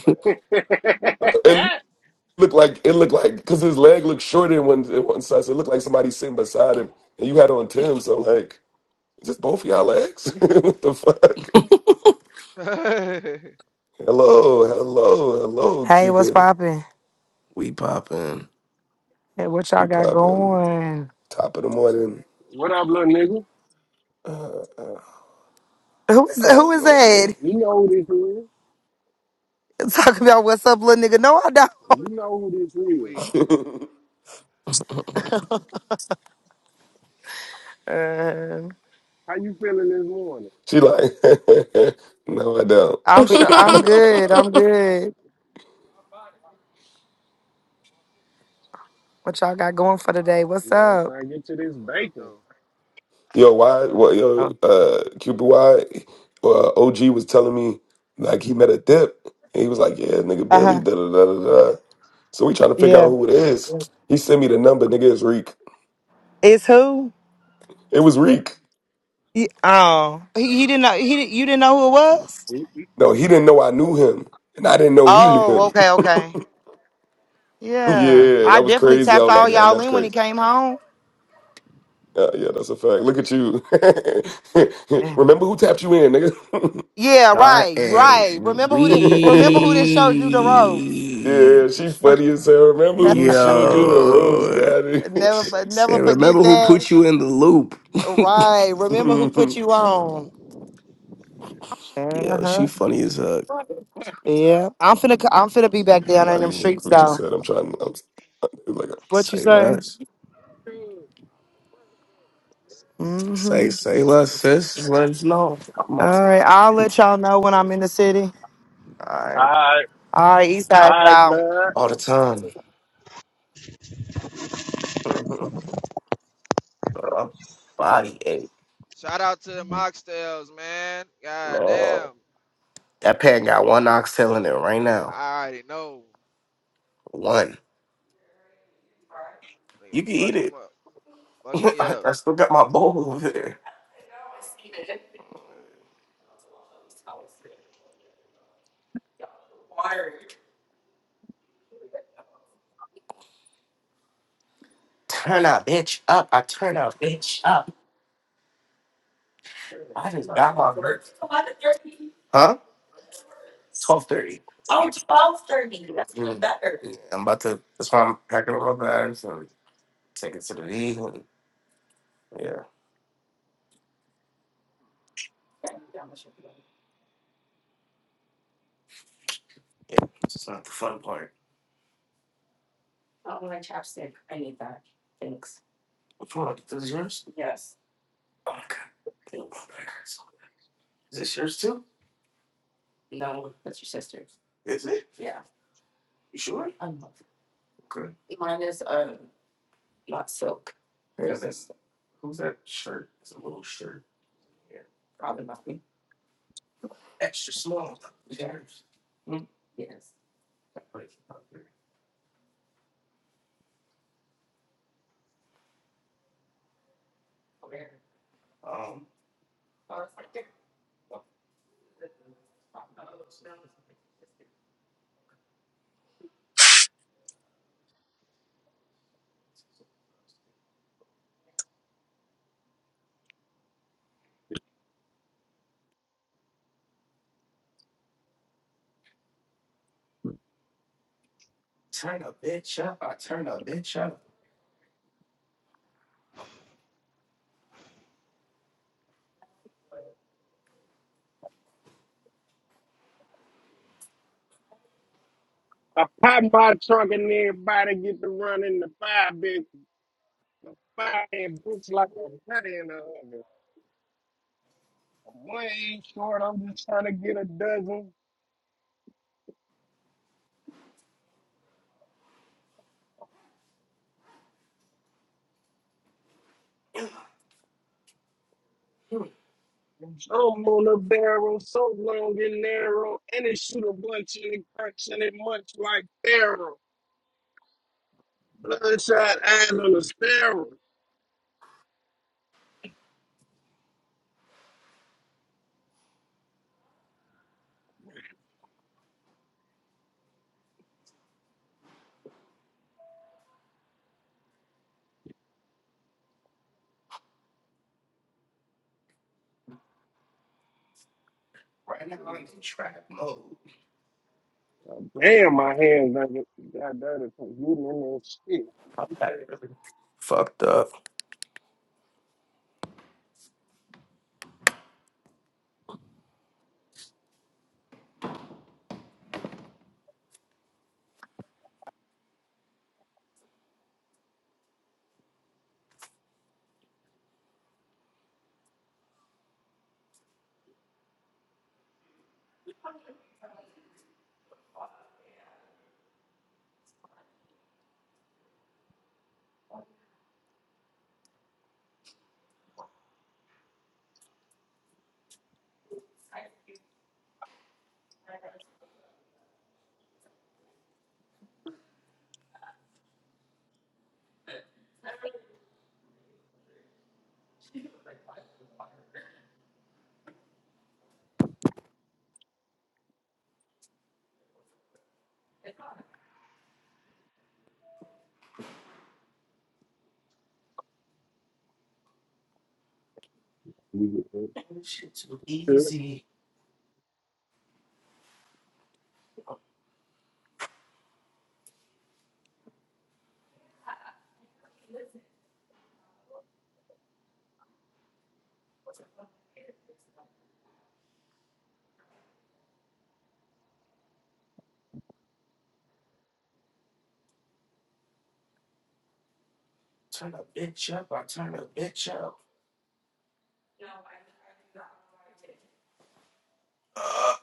S8: looked like it looked like because his leg looked shorter in one, in one side, so it looked like somebody sitting beside him, and you had on Tim. So I'm like, is this both of y'all legs? what the fuck?
S3: I'm
S8: Hello, hello, hello,
S11: Hey, what's
S8: Cupid.
S11: poppin'?
S1: we poppin'.
S11: Hey, what
S8: We
S11: y'all got
S8: popping.
S11: going?
S8: Top of the morning.
S9: what up, little nigga?
S8: Uh, uh,
S11: Who is
S8: oh,
S11: who is
S8: no, me.
S11: that?
S9: You know who this is.
S11: Talking about what's up, little nigga? No, I don't.
S9: You know who this is.
S3: weak.
S11: Uh,
S9: How you feeling this morning?
S8: she like, no, I don't.
S11: I'm sure I'm good. I'm good. What y'all got going for today? What's
S9: Man,
S11: up?
S9: trying to get to this
S3: What up,
S9: bacon.
S3: though?
S8: yo, why? What? Yo,
S11: Oh,
S8: uh, Cupid, why? Uh, OG was telling me like he met a dip, and he was like, yeah, nigga,
S11: uh
S8: Billy,
S11: huh.
S8: da da da da da. So we trying to figure out
S11: Yeah.
S8: who it is. He sent me the number, nigga. It's Reek.
S11: It's who?
S8: It was Reek.
S11: He, oh, he, he didn't know. He did you didn't know who it was?
S8: No, he didn't know I knew him, and I didn't know he knew
S11: Oh,
S8: him.
S11: okay, okay. Yeah,
S8: yeah,
S11: I
S8: that was
S11: definitely
S8: crazy. I
S11: tapped
S8: was
S11: all
S8: like, damn,
S11: y'all
S8: that's
S11: in when
S8: crazy.
S11: he came home.
S8: Uh, yeah, that's a fact. Look at you.
S11: Mm.
S8: Remember who tapped you in, nigga?
S11: Yeah,
S1: I
S11: right, right.
S1: am
S11: Remember who did? Remember who did showed you the ropes?
S1: weak.
S8: yeah, she funny as hell. Remember who showed you the ropes,
S1: Yo.
S8: got it.
S11: Never, never
S1: Say,
S11: forget
S1: remember who
S11: that.
S1: put you in the loop.
S11: Right. Remember who put you on. Uh
S1: Yo, she
S11: huh.
S1: funny as a
S11: Yeah. I'm finna, c- I'm finna be back down in
S8: Somebody
S11: them
S8: in your
S11: streets
S8: group just
S11: though.
S8: said, "I'm trying." I'm, like,
S11: What you
S1: Say
S11: say?
S1: less. Say,
S11: Mm-hmm.
S1: say less, sis. Just Let us know. I'm about to
S11: All right. I'll let y'all know when I'm in the city.
S1: die
S9: I,
S11: All right, East Side,
S9: I,
S11: y'all.
S9: uh,
S1: all the time. My body ache,
S3: Shout out to the Moxtails, man. God
S1: man.
S3: damn.
S1: That pan got one oxtail in it right now.
S3: I already know.
S1: One.
S3: Nigga,
S1: You can eat
S3: fucked
S1: it.
S3: them up. Fucked me
S1: I,
S3: up.
S1: I still got my bowl over there. Turn that bitch up. I turn that bitch. I just got my work. Huh? Twelve thirty. Better. Yeah, I'm about to. That's why I'm packing up my bags and taking to the V. And, yeah, yeah. It's just not the fun part. Which one? This is yours. Oh my god. Is this yours too? Is it? You sure? Okay. Yeah, that's, who's that shirt? It's a little shirt. Yeah. Extra small. Yours. Hmm. Um, turn a bitch up. I turn a bitch up.
S9: I pop my trunk and everybody get to run in the fire, big fire and books like a nut in the oven. I'm way short. I'm just trying to get a dozen. I'm on a barrel so long and narrow, and it shoot a bunch and it cracks and it much like barrel. Bloodshot eyes on a sparrow.
S1: Right now I'm in trap mode.
S9: Damn, my hands got, got dirty from you and that
S1: Fucked up.
S9: shit.
S1: too
S9: Good.
S1: easy. Turn a bitch up. I turn a bitch up. Uh,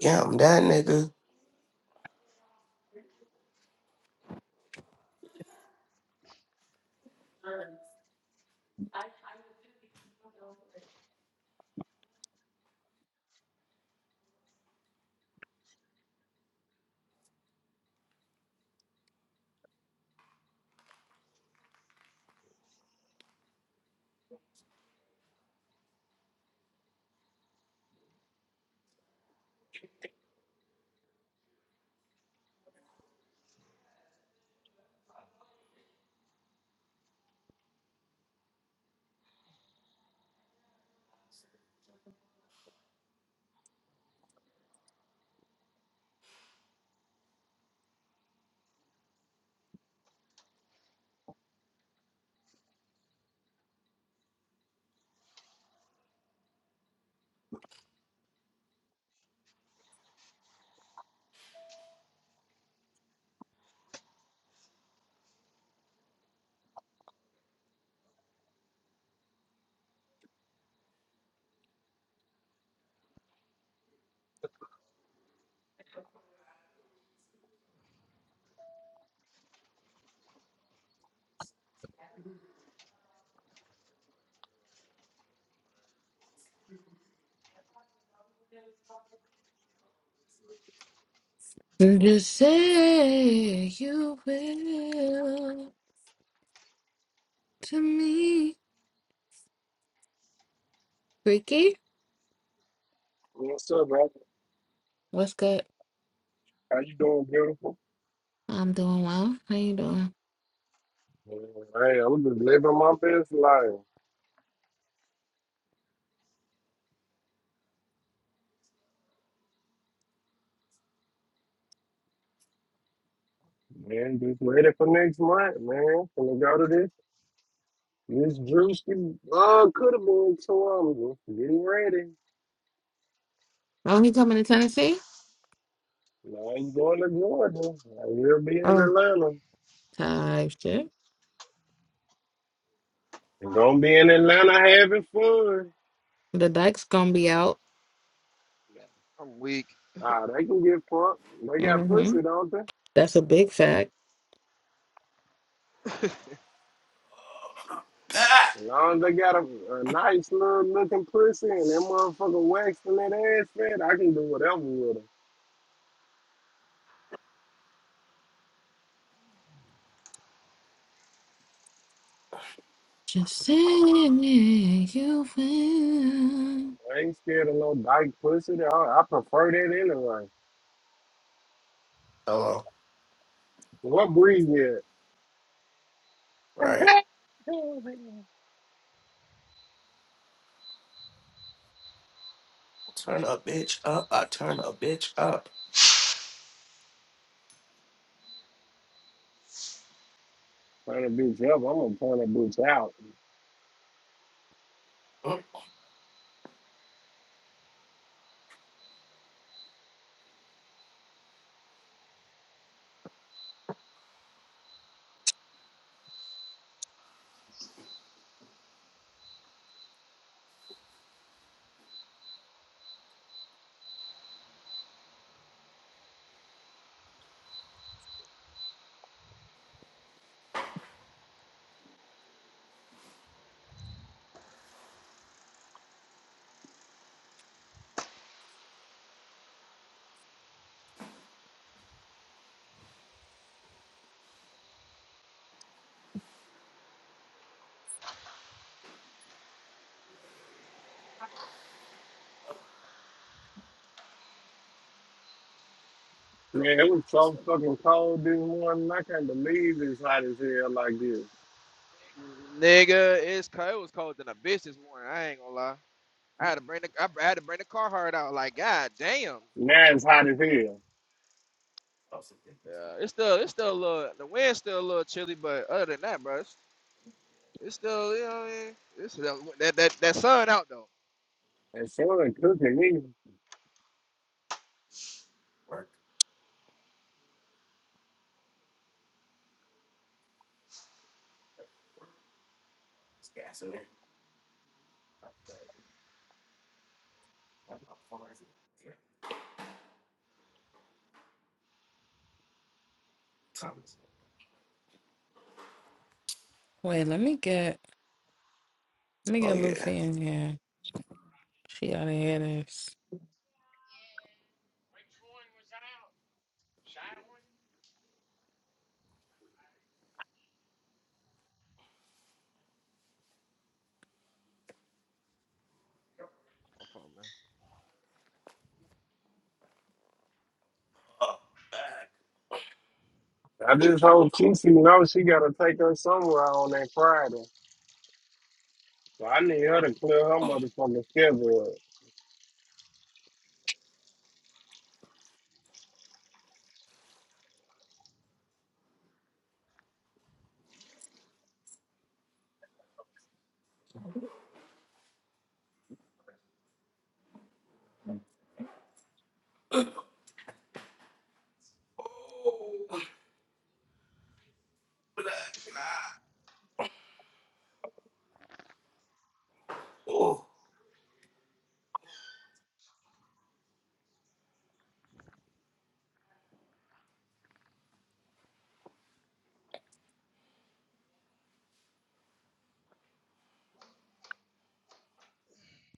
S1: yeah, I'm that nigga.
S12: You say you will to me. Ricky,
S9: What's up, bro?
S12: what's good?
S9: How you doing, beautiful?
S12: I'm doing well. How you doing?
S9: Hey, I'm just living my best life, man. Just ready for next month, man. Gonna go to this. This Drewski uh, could have been two hours. Getting ready.
S12: Oh, he coming to Tennessee?
S9: Now you going to Georgia. I will be in
S12: Oh,
S9: Atlanta.
S12: type shit.
S9: And gonna be in Atlanta having fun.
S12: The dike's gonna be out.
S3: I'm weak.
S9: Nah, they can get fucked. They got
S12: Mm-hmm.
S9: pussy, don't they?
S12: That's a big fact.
S1: Ah!
S9: As long as they got a, a nice little looking pussy and that motherfucker waxed and that ass fat, I can do whatever with it.
S12: Just say you will.
S9: I ain't scared of no dyke pussy. I, I prefer that anyway.
S1: Hello.
S9: What breed is
S1: Right.
S9: it?
S1: Turn a bitch up. I turn a bitch up.
S9: Turn a bitch up. I'm gonna turn a bitch out. Man, it was so fucking cold this morning. I can't believe it's hot as hell like this.
S3: Nigga, it's cold. It was colder than a bitch this morning. I ain't gonna lie. I had to bring the I had to bring the car hard out. Like, god damn.
S9: Now it's hot as hell.
S3: Yeah, it's still it's still a little the wind's still a little chilly, but other than that, bro, it's, it's still you know what I mean. It's that that, that sun out though.
S9: And she ain't cooking me.
S1: Work. It's gas in there. Thomas.
S12: Wait, let me get let me
S1: Oh
S12: get
S1: yeah.
S12: Luffy in here. She oughta hear this.
S1: Uh, back.
S9: I just hope Kiki, she knows she gotta take her somewhere on that Friday. So I need her to clear her motherfucking schedule. up.
S1: Oh, black. Ah. Oh.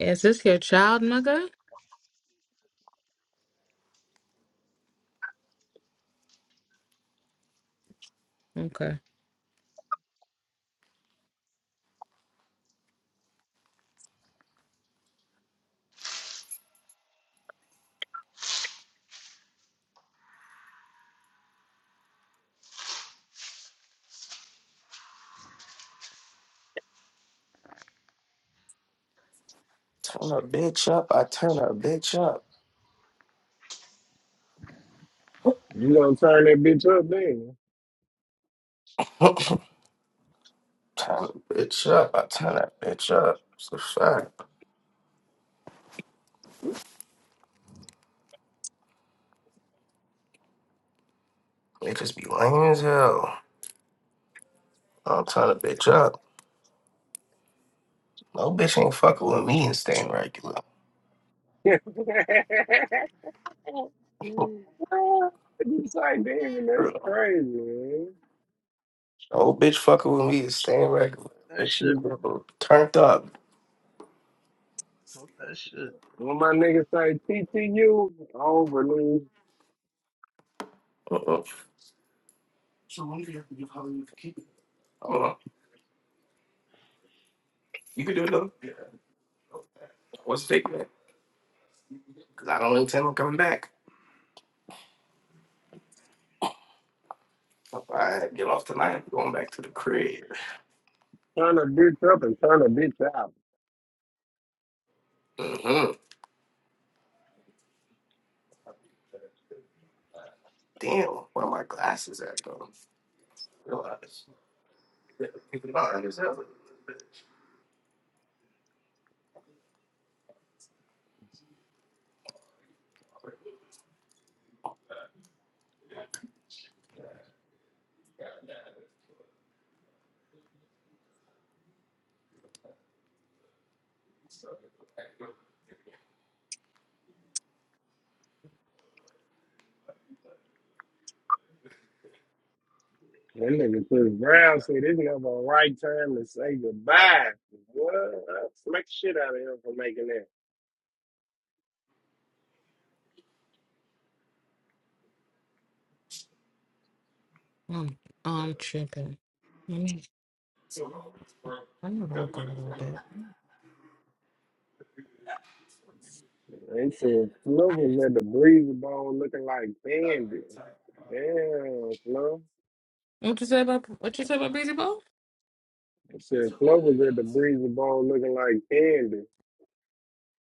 S12: Is this your child, mother? Okay.
S1: Turn a bitch up. I turn a bitch up.
S9: You gonna turn that bitch up then?
S1: turn a bitch up. I turn that bitch up. It's a fact. Bitches be lame as hell. I'm trying to bitch up. No bitch ain't fucking with me and staying regular.
S9: you say, damn, that's
S1: Real.
S9: crazy, man.
S1: No bitch fucking with me is staying regular.
S10: That
S1: Bitch, you
S10: shit,
S1: been turned up.
S10: bro. Fuck That shit.
S9: When my niggas say TTU, over me,
S1: Uh-uh. Uh-uh. You can do it though. What's the take, man? Because I don't intend on coming back. If I get off tonight, I'm going back to the crib.
S9: turn a bitch up and turn a bitch out.
S1: Mm-hmm. Damn, where are my glasses at, though? Realize. People not understand. So,
S9: That nigga to the ground said it's never a right time to say goodbye. What? I Smack the shit out of him for making that.
S12: Um, I'm tripping. I'm gonna work a little bit.
S9: They said Flo was at the breezy bone looking like Bandit. Damn, Flo.
S12: What you say about what you say about Breezy Ball?
S9: I said, Flo was at the breezy bone looking like candy.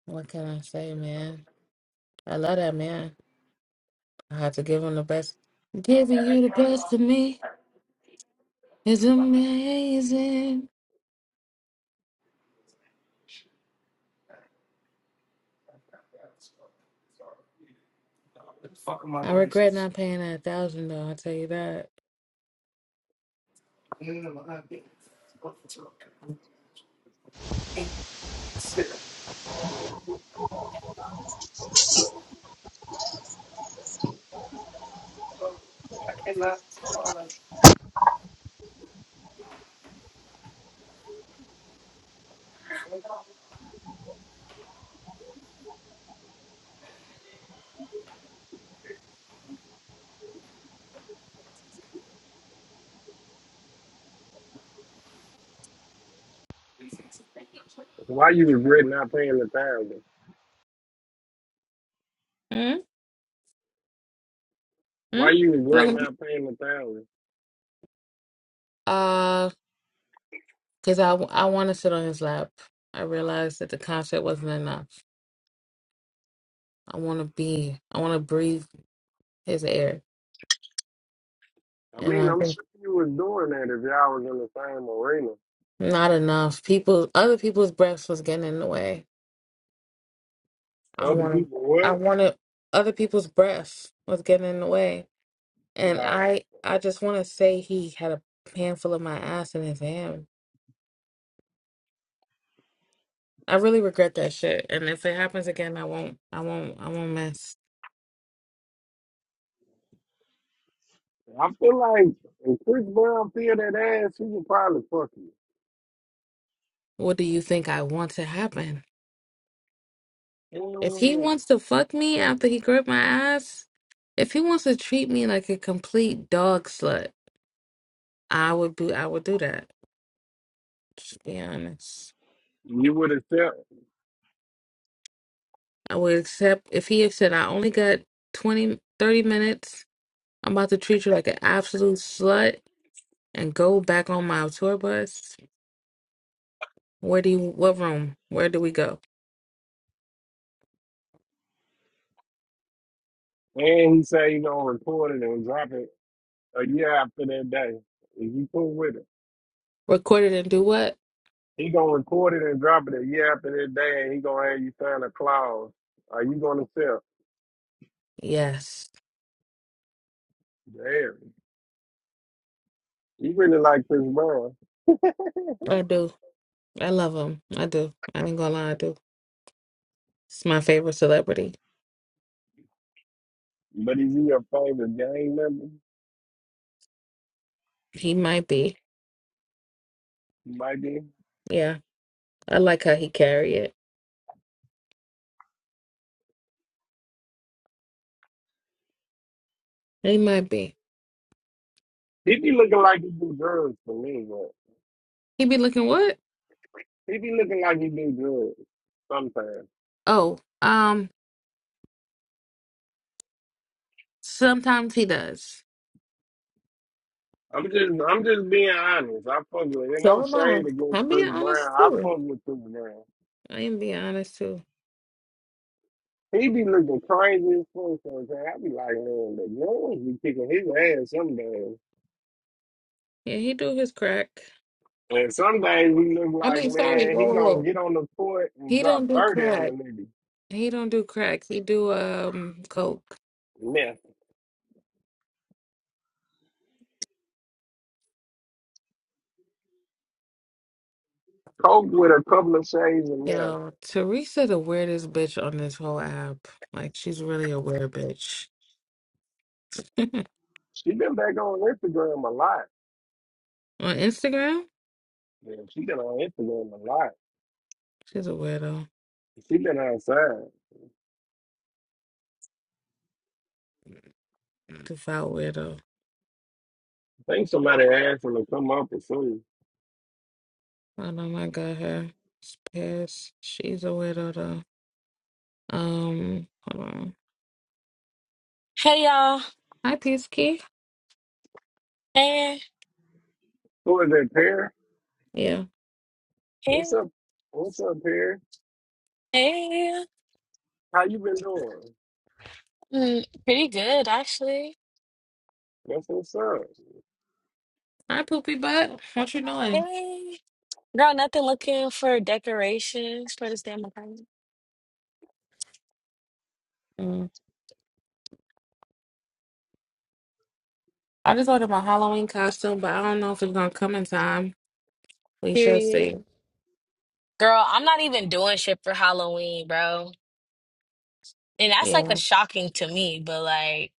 S12: What can I say, man? I love that man. I had to give him the best. Giving you the best of me is amazing.
S1: Where the fuck are my
S12: I regret
S1: glasses?
S12: not paying that thousand though. I'll tell you that.
S9: Why you regret not paying the thousand?
S12: Mm-hmm.
S9: Why you regret not paying the thousand?
S12: Uh, cause I I want to sit on his lap. I realized that the concert wasn't enough. I want to be. I want to breathe his air,
S9: I
S12: and
S9: mean,
S12: I
S9: I'm
S12: think
S9: sure you was doing that if y'all was in the same arena.
S12: not enough. People, other people's breaths was getting in the way. I
S9: Other
S12: want to.
S9: people
S12: I
S9: what?
S12: wanted other people's breath was getting in the way, and
S9: Nah,
S12: I I just want to say he had a handful of my ass in his hand. I really regret that shit, and if it happens again, I won't I won't I won't mess.
S9: I feel like if Chris Brown feel that ass, he would probably fuck you.
S12: What do you think I want to happen? If he
S9: And
S12: wants to fuck me after he gripped my ass, if he wants to treat me like a complete dog slut, I would be I would do that. Just be honest.
S9: You would accept.
S12: I would accept if he had said I only got 20, 30 minutes I'm about to treat you like an absolute slut and go back on my tour bus. Where do you, what room? Where do we go?
S9: And he say he gonna record it and drop it a year after that day. If you cool with it.
S12: Record it and do what?
S9: He gonna record it and drop it a year after that day, and he gonna have you sign a clause. Are you gonna sell?
S12: Yes,
S9: Damn, he really like Chris Brown,
S12: I do. I love him. I do. I ain't gonna lie, I do. He's my favorite celebrity.
S9: but is he your favorite gang member?
S12: He might be.
S9: He might be.
S12: Yeah, I like how he carry it. He might be.
S9: He be looking like he do drugs for me, but
S12: He be looking what?
S9: he be looking like he do drugs sometimes.
S12: Oh, um, sometimes he does.
S9: I'm just, I'm just being honest. I fuck with. There's no
S12: So am I.
S9: shade against
S12: I'm
S9: Chris
S12: being
S9: Brown.
S12: honest
S9: I
S12: too.
S9: fuck with Chris Brown.
S12: I am being honest too.
S9: He be looking crazy as fuck sometimes. I be like, man, the Lord be kicking his ass someday.
S12: Yeah, he do his crack.
S9: And some days we look
S12: I
S9: like,
S12: mean, sorry.
S9: man,
S12: Whoa,
S9: he
S12: whoa,
S9: gonna
S12: whoa.
S9: get on the court and
S12: He
S9: drop
S12: don't do
S9: 30 on
S12: crack.
S9: a nigga.
S12: He don't do crack. He do um coke.
S9: Meth. Coke with a couple of shades of meth.
S12: Yo, Teresa the weirdest bitch on this whole app. Like she's really a weird bitch. on
S9: She been back on Instagram a lot.
S12: Instagram,
S9: Yeah, she been on Instagram a lot.
S12: she's a weirdo.
S9: She been outside. I
S12: Devout weirdo.
S9: think somebody asked her to come up or something.
S12: I don't know I got her. It's pissed. She's a weirdo though. Um, hold on.
S5: Hey y'all,
S12: Hi Peace Key.
S5: hey,
S9: Who is that, Pear?
S12: Yeah.
S5: hey,
S9: What's up? What's up, Pear?
S5: hey,
S9: How you been doing?
S5: mm, pretty good actually.
S9: That's what's up.
S12: Hi Poopy Butt. What you doing?
S5: Hey, girl, nothing looking for decorations for this damn apartment.
S12: Mm. I just ordered my Halloween costume, but I don't know if it's gonna come in time. We shall see.
S5: Period. Girl, I'm not even doing shit for Halloween, bro. And that's
S12: Yeah.
S5: like a shocking to me, but like,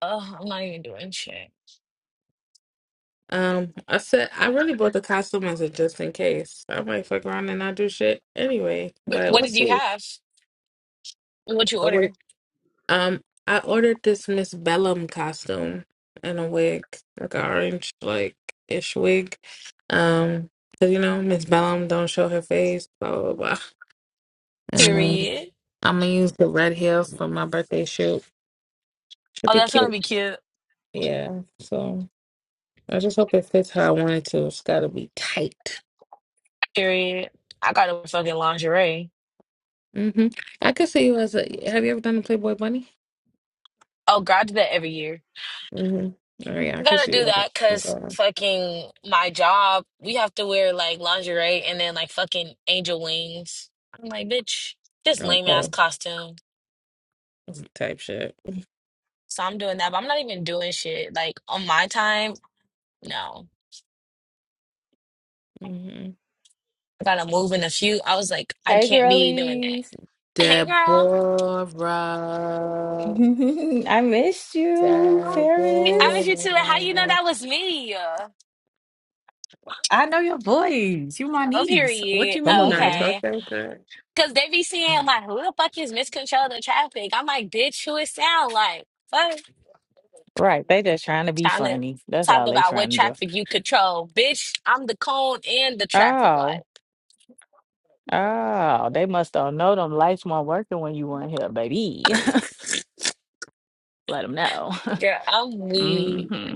S5: oh, I'm not even doing shit.
S12: Um, I said I really bought the costume as a just in case. I might fuck around and not do shit anyway,
S5: But
S12: but
S5: what
S12: we'll
S5: did you
S12: see.
S5: have? What you
S12: Oh, wait.
S5: order?
S12: Um, I ordered this Miss Bellum costume and a wig, like an orange like ish wig. Um, 'cause, you know Miss Bellum don't show her face, blah blah blah. And um,
S5: Period.
S12: I'm gonna use the red heels for my birthday shoot. Should
S5: Oh,
S12: be
S5: that's gonna
S12: cute.
S5: be cute.
S12: Yeah. So I just hope it fits how I want it to. It's gotta be tight.
S5: Period. I got a fucking lingerie.
S12: hmm I could see you as a. Have you ever done the Playboy Bunny?
S5: Oh, girl, I do that every year.
S12: hmm Oh yeah, I
S5: I'm
S12: could
S5: gonna
S12: see you.
S5: do
S12: as a-
S5: that because
S12: Okay.
S5: fucking my job, we have to wear like lingerie and then like fucking angel wings. I'm like, bitch, this lame ass
S12: Okay.
S5: costume.
S12: Type shit.
S5: So I'm doing that, but I'm not even doing shit. Like on my time, no.
S12: hmm
S5: I gotta move in a few. I was like, I
S13: Hey,
S5: can't be doing that.
S13: girlies.
S5: Hey girl.
S12: Deborah.
S13: I missed you,
S5: I miss
S13: Paris.
S5: you too. How you know
S12: Deborah.
S5: that was me?
S13: I know your voice. You my
S5: Oh,
S13: niece. What
S5: period.
S13: you
S12: Come on
S5: Oh,
S12: now,
S13: mean?
S12: talk
S5: okay.
S12: that shit.
S5: Cause they be saying like, who the fuck is miscontrol the traffic? I'm like, bitch, who it sound like? Fuck.
S13: Right. They just trying to be
S5: Trying to
S13: funny. That's
S5: talk
S13: all they
S5: about what
S13: trying to do.
S5: traffic you control. Bitch, I'm the cone and the traffic light.
S13: Oh, oh, they must all know them lights weren't working when you weren't here, baby. Let them know.
S5: Girl, I'm weak.
S13: hmm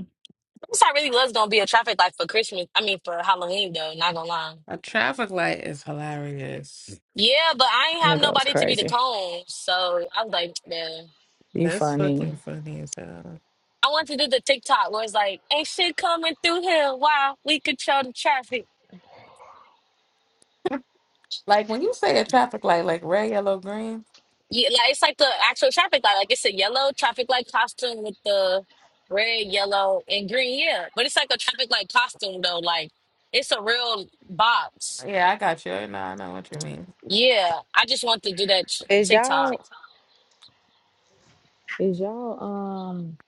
S5: This I really was gonna be a traffic light for Christmas. I mean for Halloween though, not gonna lie.
S12: A traffic light is hilarious.
S5: Yeah, but I ain't have
S13: That goes
S5: nobody to be the
S13: crazy.
S5: cone. So I was like, yeah.
S13: You
S12: That's
S13: funny.
S12: fucking funny as hell.
S5: I want to do the TikTok where it's like, ain't shit coming through here. Wow, we control the traffic.
S12: Like when you say a traffic light, like red, yellow, green.
S5: Yeah, like it's like the actual traffic light. Like it's a yellow traffic light costume with the red, yellow, and green. Yeah, but it's like a traffic light costume though. Like it's a real box.
S12: Yeah, I got you. No, I know what you mean.
S5: Yeah, I just want to do that tr-
S13: Is
S5: TikTok.
S13: y'all, is y'all, um,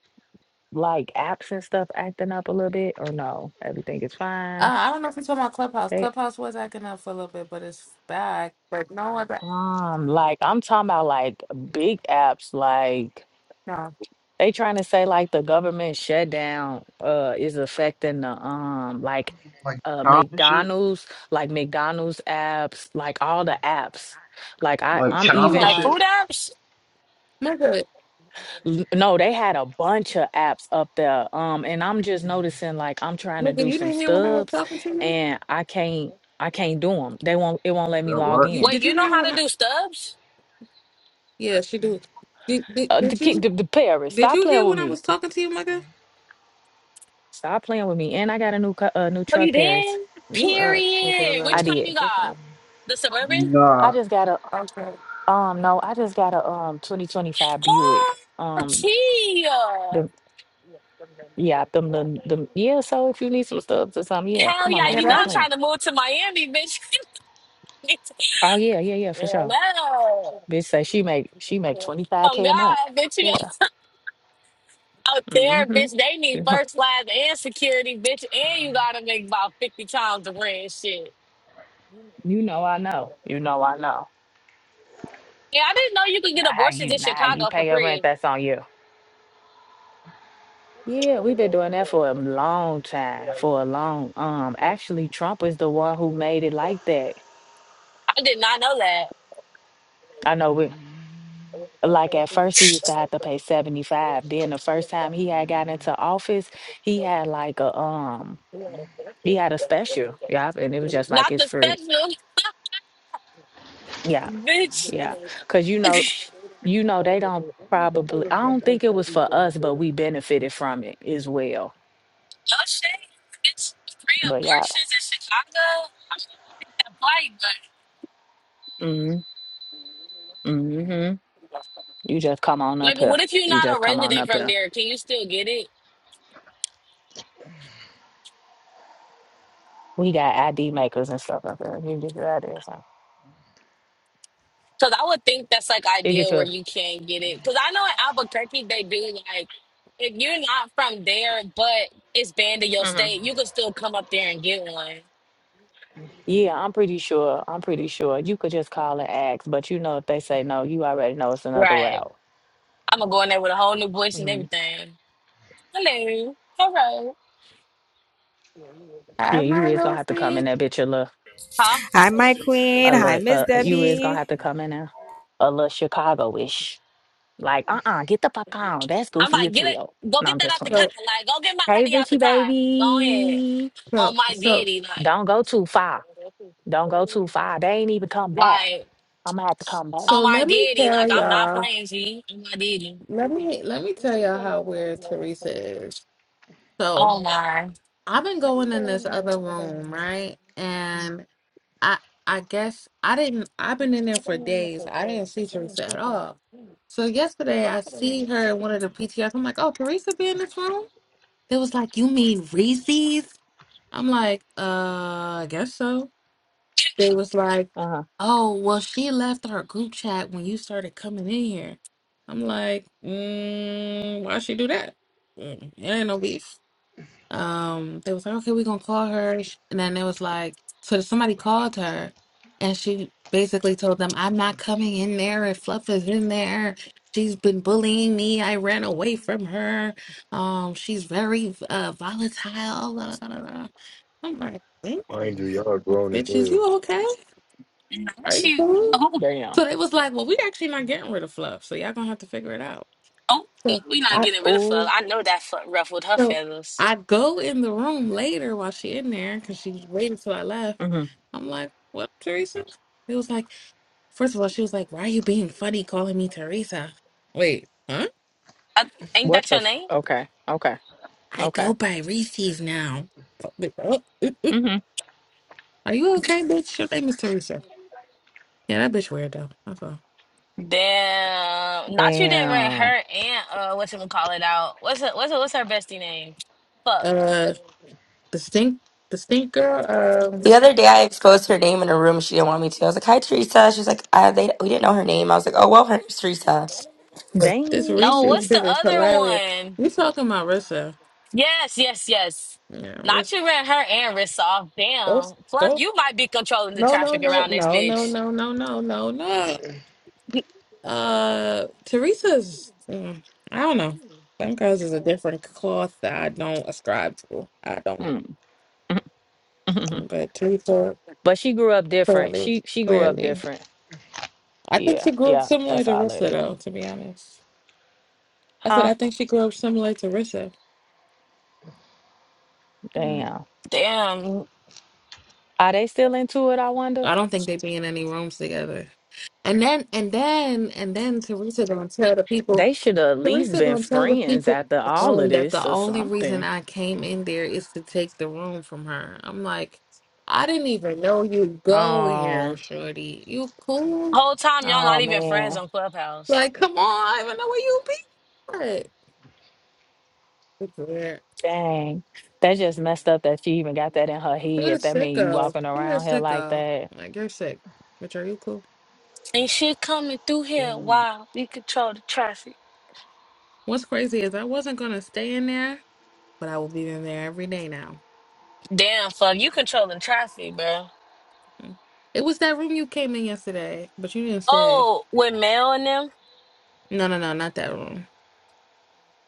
S13: like apps and stuff acting up a little bit or no? Everything is
S12: Uh,
S13: fine.
S12: I don't know if it's talking about Clubhouse. Clubhouse was acting up for a little bit, but it's back. But no other.
S13: Um, like I'm talking about like big apps, like
S12: No,
S13: they trying to say like the government shutdown uh is affecting the um like
S10: Like
S13: uh
S10: charm and shit.
S13: McDonald's, like McDonald's apps, like all the apps. Like I
S10: Like
S13: I'm
S12: hold
S10: charm and
S13: even
S5: Like
S12: on,
S10: shit.
S5: food apps.
S12: nigga,
S13: l- no, they had a bunch of apps up there. Um and I'm just noticing like I'm trying to
S12: nigga,
S13: do
S12: you
S13: some
S12: didn't hear when I was
S13: stubs
S12: talking to you.
S13: and I can't I can't do them. They won't it won't let me
S10: So
S13: log
S10: what?
S12: You
S13: in.
S5: Wait,
S12: did you
S5: you know
S12: hear
S5: how
S12: when?
S5: to
S12: I...
S5: do stubs?
S12: Yeah, she did. Did, did.
S13: Uh, the,
S12: did you
S13: the, the Paris,
S12: did
S13: stop
S12: you
S13: playing
S12: hear
S13: with
S12: when I
S13: me.
S12: was talking to you, nigga?
S13: Stop playing with me. And I got a new cu- a new
S5: Are
S13: truck,
S5: you
S13: Paris.
S5: did?
S12: You up,
S5: Period.
S13: I
S12: nigga?
S5: Which kind you
S13: did.
S12: Like,
S5: got?
S12: okay,
S5: The suburban.
S10: Nah.
S13: I just got a
S12: okay.
S13: um no, I just got a um 2025
S5: Oh,
S13: Buick. Um
S5: tea.
S13: the yeah, them the the yeah, so if you need some stuff or something, yeah,
S5: Hell
S13: come on
S5: yeah,
S13: now,
S12: Yeah,
S5: you know
S13: stop
S5: I'm
S12: that's
S13: playing.
S5: trying to move to Miami, bitch.
S13: Oh yeah, yeah, yeah, for sure.
S5: Hello.
S13: Bitch say she make she make
S5: Oh
S13: 25k a month.
S5: God, bitch, you
S13: Yeah.
S5: out there,
S13: Mm-hmm.
S5: bitch. They need
S13: You know,
S5: first class and security, bitch, and you gotta make about fifty times the rent, and shit.
S13: you know I know. You know I know.
S5: Yeah, I didn't know you could get
S13: Not how
S5: abortions
S13: you
S5: in
S13: not how you
S5: Chicago for
S13: pay your rent,
S5: free.
S13: that's on you.
S5: I
S13: Yeah, we've been doing that for a long time, for a long um actually Trump is the one who made it like that.
S5: did not know that.
S13: I know we like at first we used to have to pay 75. Then the first time he had got into office, he had like a um he had a special. Yeah, and it was just like
S5: Not
S13: it's
S5: the
S13: free.
S5: special,
S13: Yeah,
S5: bitch.
S13: yeah. Cause you know, you know they don't probably I don't think it was for us, but we benefited from it as well.
S5: No shade. It's free
S13: But yeah.
S5: abortions in Chicago. I'm gonna fight, but
S13: Mm-hmm. Mm-hmm. You just come on up
S5: like,
S13: here.
S5: what if you're
S13: You
S5: not
S13: just
S5: a
S13: come on
S5: resident
S13: up here.
S5: from there? Can you still get it?
S13: We got ID makers and stuff up there. You can get your ID or something.
S5: Because I would think that's like
S13: You get
S5: ideal where
S13: yours.
S5: you can get it. Because I know in Albuquerque they do like if you're not from there, but it's banned in your
S13: hmm
S5: state, you can still come up there and get one.
S13: Yeah, I'm pretty sure. I'm pretty sure. You could just call and ask, but you know if they say no, you already know it's another
S5: Right.
S13: route.
S5: I'm gonna go in there with a whole new voice and
S13: Mhm.
S5: everything. Hello. Hello.
S12: I
S13: Yeah, you
S12: my
S13: is gonna
S12: little
S13: have to come in
S12: thing.
S13: there, bitch. A little,
S5: Huh?
S2: Hi, my queen.
S13: a
S2: Hi,
S13: little,
S2: Miss
S13: uh, you is gonna
S2: Debbie.
S13: have to come in there, a little Chicago-ish. Like, uh-uh, get the fuck on. That's
S5: I'm
S13: goofy
S5: like,
S13: as
S5: get
S13: hell.
S5: it. Go
S13: No,
S5: get
S13: I'm
S5: that
S13: just
S5: out the
S13: playing.
S5: car.
S12: So
S5: Like, go get my
S13: Hey,
S5: ID out
S13: bitchy
S5: the car. Go ahead.
S13: baby,
S12: so
S5: On my
S12: so
S5: deity. like.
S13: don't go too far. Don't go too far. They ain't even come back.
S5: Like,
S13: I'm gonna have to come back.
S5: on
S12: so
S5: my
S12: let me
S5: deity,
S12: tell
S5: like, I'm not
S12: y'all.
S5: playing, G. On my deity.
S12: Let me let me tell y'all how weird Teresa is. So.
S5: Oh, my.
S12: I've been
S5: Nah,
S12: going in this other room, right? And I I guess I didn't I've been in there for days. I didn't see Teresa at all. So yesterday I see her in one of the PTRs. I'm like, oh Teresa be in this room? They was like, You mean Reese's? I'm like, uh I guess so. They was like,
S13: Uh huh.
S12: Oh, well she left our group chat when you started coming in here. I'm like, mm, why she do that? Mm, It ain't no beef um they was like okay we're gonna call her and then it was like so somebody called her and she basically told them i'm not coming in there if fluff is in there she's been bullying me i ran away from her um she's very uh volatile blah, blah, blah, blah. i'm like "Think,
S14: Mind you, y'all grown as
S12: bitch is
S14: well.
S12: you okay are you
S5: she,
S12: cool
S5: oh,
S13: There you
S12: so they was like well we actually not getting rid of fluff so y'all gonna have to figure it out
S5: oh,
S12: So
S5: we not getting rid of her.
S13: go.
S5: I know that fuck ruffled her
S12: So
S5: feathers.
S12: I go in the room later while she in there because she's waiting till I left.
S13: hmm
S12: I'm like, what, Teresa? It was like, first of all, she was like, why are you being funny calling me Teresa? Wait, huh?
S5: I, ain't
S13: What
S5: that
S13: the?
S5: your
S13: F-
S5: name?
S13: okay. Okay.
S12: I
S13: Okay.
S12: go by Reese's now. Like, "Oh, oop, oop.
S13: hmm
S12: Are you okay, bitch? Your name is Teresa. Yeah, that bitch weird though. That's all.
S5: Damn. Not you didn't rent
S13: Damn.
S5: her and uh what's him call it out. What's her what's her, what's her bestie name? Fuck.
S12: Uh, the stink, the stink girl. Um,
S8: The other day, I exposed her name in a room. She didn't want me to. I was like, "Hi, Teresa." She was like, I, "They we didn't know her name." I was like, "Oh well, her name's Teresa."
S12: this
S5: No,
S12: Reese's
S5: what's
S13: Damn.
S5: the
S12: shit is
S5: other
S12: hilarious.
S5: one?
S12: You talking about Rissa?
S5: Yes, yes, yes.
S12: Yeah,
S5: Not you ran her and wrist off.
S12: Rissa.
S5: Damn. Fuck, you might be controlling the
S12: No, no,
S5: traffic
S12: no,
S5: around this
S12: no, no,
S5: bitch.
S12: no, no, no, no, no. Uh, Teresa's, mm, I don't know. Them girls is a different cloth that I don't ascribe to. I don't know.
S13: Mm.
S12: But Teresa,
S13: but she grew up different.
S12: clearly,
S13: She she grew up
S12: clearly.
S13: different.
S12: I think
S13: Yeah.
S12: she grew up
S13: Yeah.
S12: similar
S13: That's
S12: to
S13: all it
S12: Rissa,
S13: is.
S12: though, to be honest. I said,
S13: Huh?
S12: I think she grew up similar to Rissa. Mm.
S13: Damn.
S5: Damn.
S13: Are they still into it? I wonder.
S12: I don't think they be in any rooms together. And then, and then, and then Teresa gonna tell the people
S13: They should have at least
S12: Teresa
S13: been
S12: gonna tell the
S13: friends
S12: people
S13: after
S12: in the
S13: all of
S12: room that
S13: this
S12: the
S13: or
S12: only reason
S13: something.
S12: I came in there is to take the room from her. I'm like, I didn't even know you go here,
S13: Oh.
S12: shorty. You cool?
S5: Whole time y'all not
S13: Oh
S5: even friends
S13: man.
S5: on Clubhouse.
S12: Like, come on, I don't even know where you be. at. It's weird.
S13: Dang. That just messed up that she even got that in her
S12: You're a
S13: head. That mean you
S12: sicko.
S13: walking
S12: You're a
S13: around here like
S12: sicko.
S13: that.
S12: Like you're sick. But are you cool?
S5: Ain't shit coming through here.
S13: Mm.
S5: Wow, we control the traffic.
S12: What's crazy is I wasn't gonna stay in there, but I will be in there every day now.
S5: Damn, fuck, you controlling traffic, bro.
S12: Mm. It was that room you came in yesterday, but you didn't stay.
S5: Oh, with mail and them,
S12: No, no, no, not that room.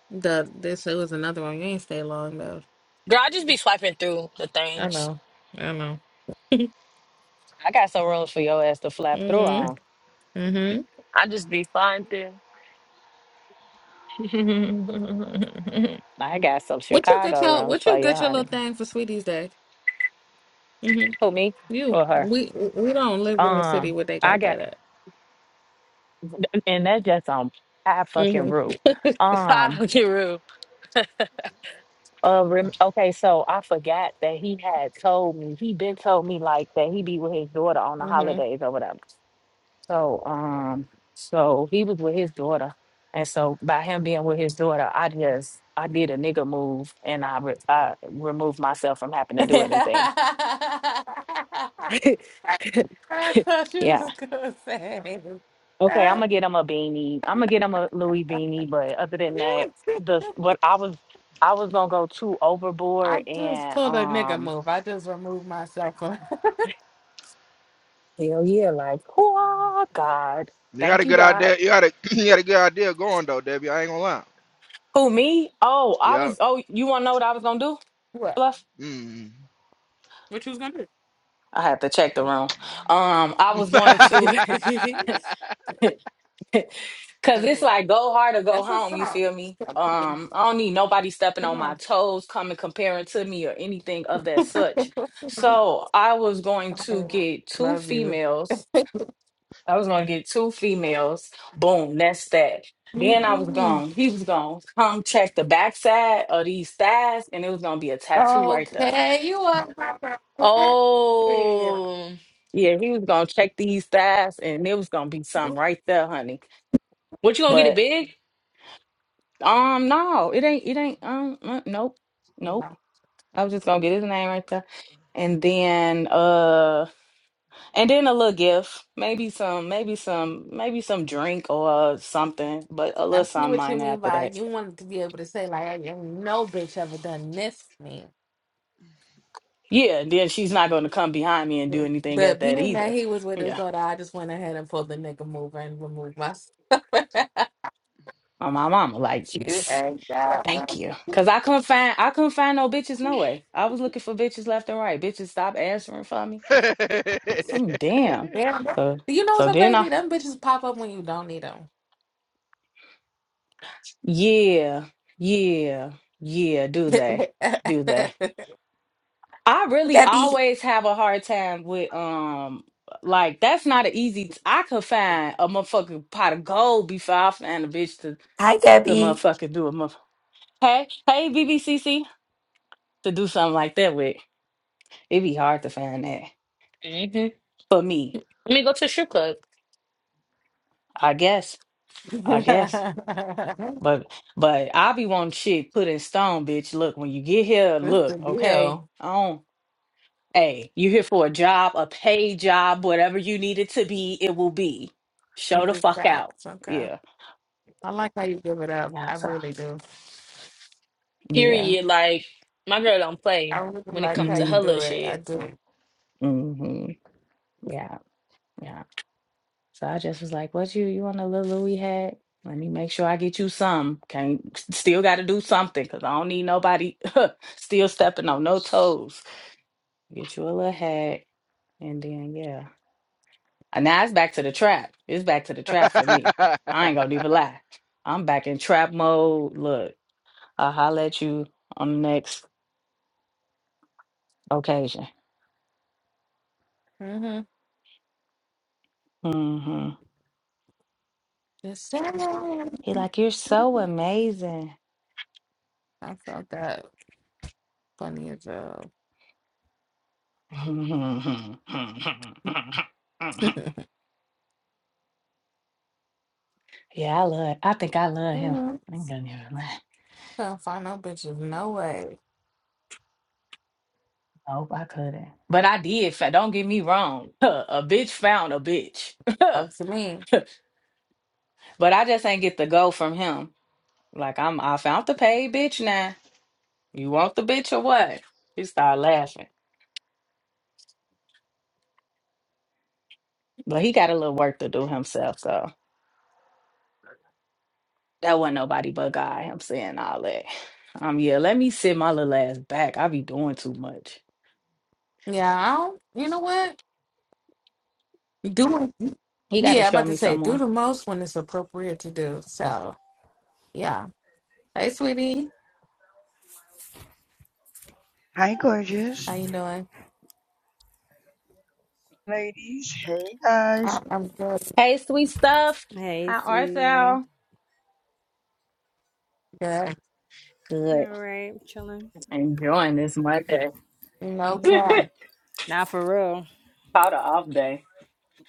S12: The this it was another one. You ain't stay long though.
S5: girl, I just be swiping through the
S12: I
S5: things.
S12: know. I know.
S13: I got some rooms for your ass to flap through
S12: mhm.
S13: on.
S12: Mhm.
S5: I just be flying through.
S13: I got some
S12: What you get
S13: Chicago
S12: your
S13: rooms
S12: what
S13: for
S12: you
S13: you,
S12: get your little
S13: honey.
S12: thing for Sweeties Day? Mhm.
S13: Who me
S12: You
S13: or her?
S12: we we don't live in the city
S13: Um,
S12: where they
S13: I
S12: got
S13: got,
S12: that at.
S13: and that's just on I fucking
S12: Mhm.
S13: rule. Um,
S5: Fuck get real.
S13: uh, rem- okay, so I forgot that he had told me he been told me like that he be with his daughter on the
S12: mhm.
S13: holidays or whatever. So, um, so he was with his daughter, and so by him being with his daughter, I just I did a nigga move, and I re I removed myself from having to do anything.
S12: I thought you
S13: Yeah.
S12: was gonna say.
S13: Okay, I'm
S12: that.
S13: gonna get him a beanie. I'm gonna get him a Louis beanie, but other than that, the what I was I was gonna go too overboard
S12: I just
S13: and
S12: pulled a nigga
S13: um
S12: move. I just removed myself from
S13: hell yeah, like oh God,
S3: You had a
S13: thank you
S3: good
S13: God.
S3: idea. You had a you had a good idea going though, Debbie. I ain't gonna lie.
S13: Who me? Oh, I was.
S3: Yep.
S13: Oh, you wanna know what I was gonna do?
S12: what?
S13: Fluff?
S3: Mm.
S12: What you was gonna
S13: I had to check the room. Um, I was going to,
S12: do?
S13: cause it's like go hard or go
S12: That's a
S13: home. You
S12: fact.
S13: feel me?
S12: Stop it.
S13: Um, I don't need nobody stepping
S12: Come
S13: on my toes, coming comparing to me or anything of
S12: on.
S13: that such. So I was going to get two
S12: Love you.
S13: females. I was going to get two females. Boom, that's that. Then I was
S12: Mhm.
S13: gone. He was gone. Come check the backside of these thighs, and it was gonna be a tattoo right there.
S12: okay, you are my best You
S5: Oh,
S13: Yeah, he was gonna check these stats, and it was gonna be something right there, honey.
S5: what you gonna get it
S13: But
S5: big?
S13: um, no, it ain't. It ain't. Um, uh, nope, nope.
S12: know,
S13: I was just gonna get his name right there, and then uh, and then a little gift, maybe some, maybe some, maybe some drink or something, but a
S12: I
S13: little
S12: see
S13: something
S12: what you
S13: minor
S12: mean
S13: after
S12: by
S13: that.
S12: you wanted to be able to say like, "Hey, "Ain't no bitch ever done this for me."
S13: Yeah, then she's not gonna come behind me and do anything at
S12: But
S13: that
S12: being that
S13: either.
S12: he was with his
S13: Yeah,
S12: daughter, I just went ahead and pulled the nigga mover and removed myself.
S13: on my mama, like.
S12: you ain't got.
S13: Thank
S12: no-
S13: you. Cause I couldn't find I couldn't find no bitches no way. I was looking for bitches left and right. Bitches stop answering for me. So I'm damn.
S12: Damn.
S13: So
S12: Do you know
S13: so
S12: what's so
S13: then I
S12: crazy? Them bitches pop up when you don't need need them.
S13: Yeah, yeah, yeah, do they? Do they? I
S8: Hi,
S13: really
S8: Debbie.
S13: always have a hard time with um like that's not an easy t- I could find a motherfucking pot of gold before I find a bitch to
S8: Hi,
S13: to
S8: Debbie.
S13: motherfucking do a motherfucker. Hey, hey BBCC to do something like that with. It'd be hard to find that.
S5: hmm
S13: For me,
S5: Let me go to a strip club.
S13: I guess. I guess. But but I be wanting shit put in stone, bitch. Look, when you get here,
S12: What's
S13: look,
S12: the
S13: okay?
S12: deal?
S13: I don't hey, you here for a job, a paid job, whatever you need it to be, it will be. Show the
S12: Big
S13: fuck out.
S12: facts. Okay.
S13: Yeah.
S12: I like how you give it up.
S13: Yeah.
S12: I
S13: So
S12: really do.
S13: yeah.
S5: Period. Like my girl don't
S12: I
S5: play
S12: really
S5: when it
S12: like
S5: comes
S12: how
S5: to
S12: you
S5: her
S13: Mm,
S5: little
S12: do it. I
S5: shit.
S12: do.
S13: hmm Yeah. Yeah. So I just was like, what you you want a little Louis hat? Let me make sure I get you some. Can't still gotta do something because I don't need nobody still stepping on no toes. Get you a little hat And then yeah. And now it's back to the trap. It's back to the trap for me. I ain't gonna even lie. I'm back in trap mode. Look, I'll holler at you on the next occasion.
S12: Mm-hmm.
S13: hmm
S12: Just saying.
S13: He like, you're so amazing.
S12: I felt that funny as well.
S13: yeah, I love I think I love him.
S12: Mm-hmm.
S13: I ain't gonna even lie.
S12: Couldn't find no bitches. No way.
S13: I hope I couldn't. But I did. fa- Don't get me wrong. A bitch found a bitch.
S12: Up
S13: but
S12: to me.
S13: I just ain't get the go from him. Like I'm I found the paid bitch now. You want the bitch or what? He started laughing. But he got a little work to do himself, so that wasn't nobody but God. I'm saying all that. Um, yeah, let me sit my little ass back. I be doing too much.
S12: Yeah, I don't. You know what? Do
S13: He got to
S12: yeah. I'm
S13: show
S12: about to
S13: me
S12: say do
S13: someone.
S12: the most when it's appropriate to do. So yeah. Hey, sweetie,
S15: Hi, gorgeous
S12: how you doing?
S15: ladies. Hey, guys.
S12: I, I'm good.
S13: Hey, sweet stuff.
S2: Hey,
S13: How art
S2: sweetie.
S13: thou?
S12: Good.
S2: All
S13: Good.
S2: right, chilling.
S13: Enjoying this Monday.
S12: No cap.
S2: Nah, for real.
S13: Caught a off day.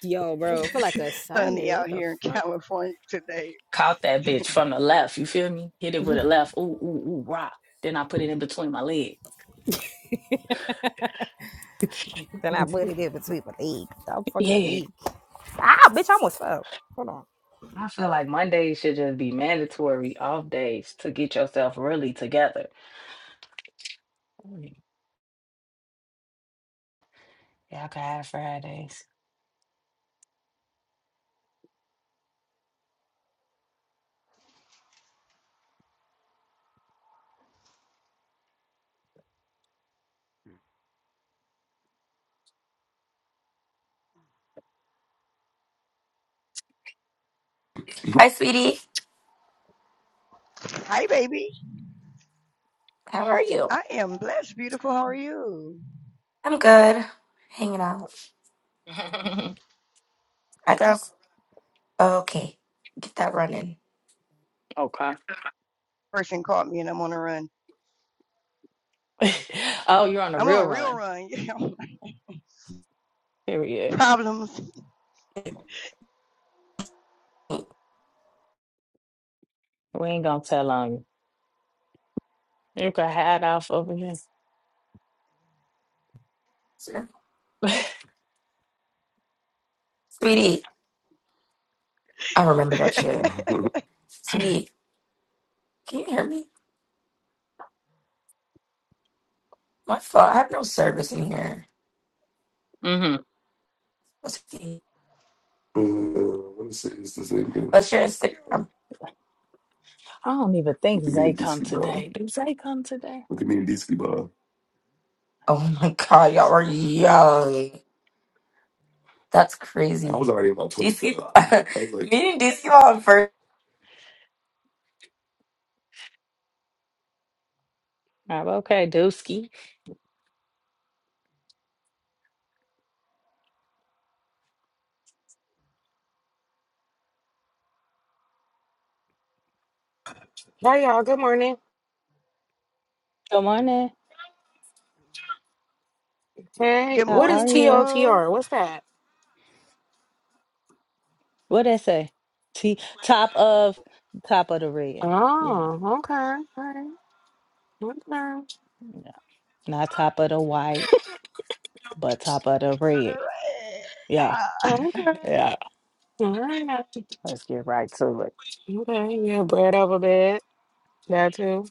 S2: Yo, bro, For like a
S15: Sunny
S2: Sunday.
S15: out
S2: What the
S15: here in
S2: fuck?
S15: California today.
S13: Caught that bitch from the left. You feel me? Hit it with a left. Ooh, ooh, ooh, rock. Then I put it in between my legs.
S2: Then I put it in between my legs. I'm fucking
S13: yeah,
S2: weak. Ah, bitch, I almost fell. Hold on.
S13: I feel like Mondays should just be mandatory off days to get yourself really together. Mm, Y'all can have Fridays.
S8: Hi, sweetie.
S15: Hi, baby.
S8: How are you?
S15: I am blessed, beautiful. How are you?
S8: I'm good. Hanging out. I got okay. Get that running.
S13: Okay.
S15: Person caught me and I'm on a run.
S13: oh, you're on a
S15: I'm on
S13: real
S15: a real
S13: run.
S15: run. You know,
S13: Period.
S15: problems.
S13: We ain't gonna tell on you. You can hide off over here. hmm
S8: Sweetie, I remember that shit. Sweetie, can you hear me? My phone, I have no service in here.
S13: I hmm
S8: What's the uh, Let me see. It's the same thing. Let's share Instagram.
S13: don't even think
S8: Look at me
S13: Zay
S8: in
S13: come
S8: DC ball.
S13: today. Do Zay come today?
S8: Look at me in DC ball. Oh my god, y'all are young. That's crazy. I was already about 20. DC, I was like, me and DC ball first.
S13: Oh, okay, Dooski.
S16: Hi, y'all. Good morning.
S13: Good morning.
S16: Hey,
S15: Good
S13: How
S16: what is
S13: are
S15: morning,
S16: T O
S13: you?
S16: T
S15: girl.
S16: R? What's that?
S13: What did I say? T- top of top of the red. Yeah.
S16: Oh, okay. Okay. Okay.
S13: Not top of the white, but top of the red. Yeah,
S15: Yeah.
S16: Okay.
S13: yeah.
S16: All right.
S13: Let's get right to it.
S16: Okay. Yeah, bread over bed. That too.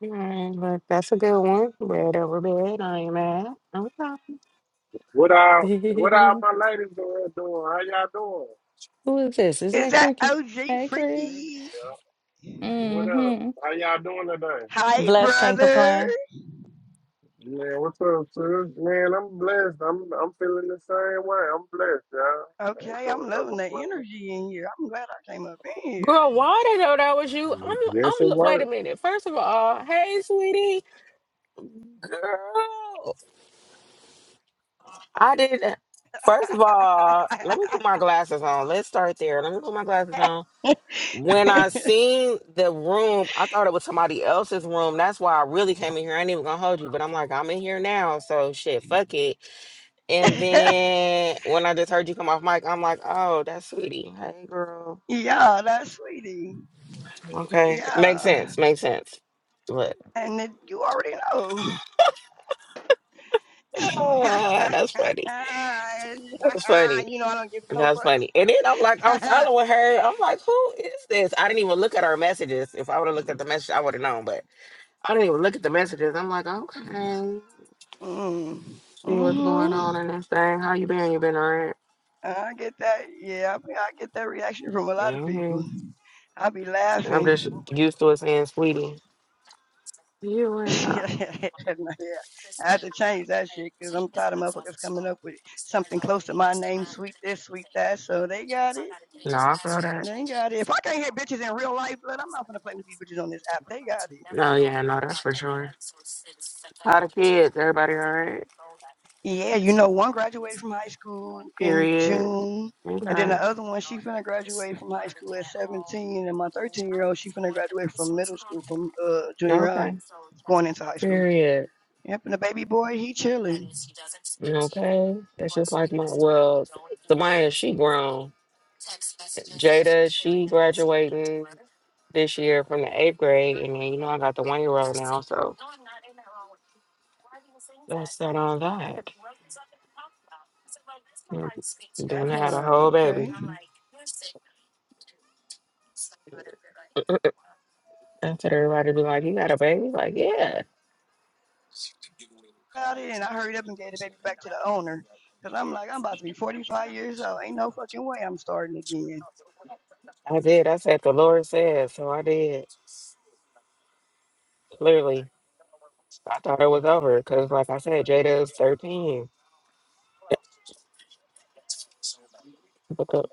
S16: All right, but that's a good one. Bread over bed. I ain't mad. Okay.
S9: What are what are my ladies doing? doing? How y'all doing?
S13: Who is this? Is
S15: Is
S13: that
S15: that
S13: Creaky?
S15: OG
S13: Hey, Creaky.
S3: Mhm.
S15: Freaky?
S9: Yeah. What up?
S13: Mm-hmm.
S9: How y'all doing today?
S15: Hi,
S13: Bless can't
S15: brother.
S13: complain.
S9: Man, what's up, sir? Man, I'm blessed. I'm I'm feeling the same way. I'm blessed, y'all. I ain't
S15: Okay,
S9: doing
S15: I'm
S9: no
S15: loving the
S9: complaining.
S15: energy in here. I'm glad I came up in
S16: Girl, why did know that was you?
S9: Mm,
S16: I'm,
S9: Yes, it
S16: I'm, wait a
S9: worked.
S16: minute. First of all, hey, sweetie. Girl, I did. not First of all, let me put my glasses on. Let's start there. Let me put my glasses on When I seen the room, I thought it was somebody else's room. That's why I really came in here. I ain't even gonna hold you, but I'm like, I'm in here now, so shit, fuck it. And
S15: here.
S16: then when I just heard you come off mic, I'm like, oh, that's sweetie. Hey, girl.
S15: yeah, that's sweetie.
S16: Okay, makes
S15: Yeah.
S16: sense. Makes sense. But
S15: And it, you already know. you know,
S16: ah, that's funny. That's funny.
S15: I don't give no
S16: That's funny.
S15: fucks.
S16: And then I'm like, I'm following her. I'm like, who is this? I didn't even look at her messages. If I would have looked at the message, I would have known. But I didn't even look at the messages. I'm like, okay.
S15: mm.
S16: See what's going
S15: hmm
S16: on in this thing. How you been? You been all right?
S15: I get that. Yeah, I, I get that reaction from a lot of people.
S16: Mm-hmm.
S15: I be
S16: I'm just
S15: laughing.
S16: used to it saying sweetie. You and I.
S15: yeah, I have to change that shit because I'm tired of motherfuckers coming up with something close to my name, sweet this, sweet that. So they got it.
S16: No, I feel that.
S15: They got it. If I can't hit bitches in real life, blood, I'm not gonna play with these bitches on this app. They got it.
S16: No, yeah, no, that's for sure. How the kids? Everybody all right?
S15: Yeah, you know, one graduated from high school in
S16: Period.
S15: June, and then
S16: Okay.
S15: the other one, she finna graduate from high school at 17, and my 13 year old, she finna graduate from middle school, from uh
S16: Yeah,
S15: junior high,
S16: okay.
S15: going into high school.
S16: Period.
S15: Yep, and the baby boy, he chilling.
S16: Okay. That's just like my well, Samaya, she grown. Jada, she graduating this year from the eighth grade, and then you know I got the one year old now, so that's that on that. Yep.
S15: That
S16: Then I had a
S15: part,
S16: whole baby.
S15: okay.
S16: I told everybody be like, You got a baby? Like, yeah,
S15: About it, and I hurried up and gave the baby back to the owner, cause I'm like, I'm about to be 45 years old. Ain't no fucking way I'm starting again.
S16: I did. I said the Lord said, so I did. Clearly. I thought it was over because like I said, Jada is thirteen. But the,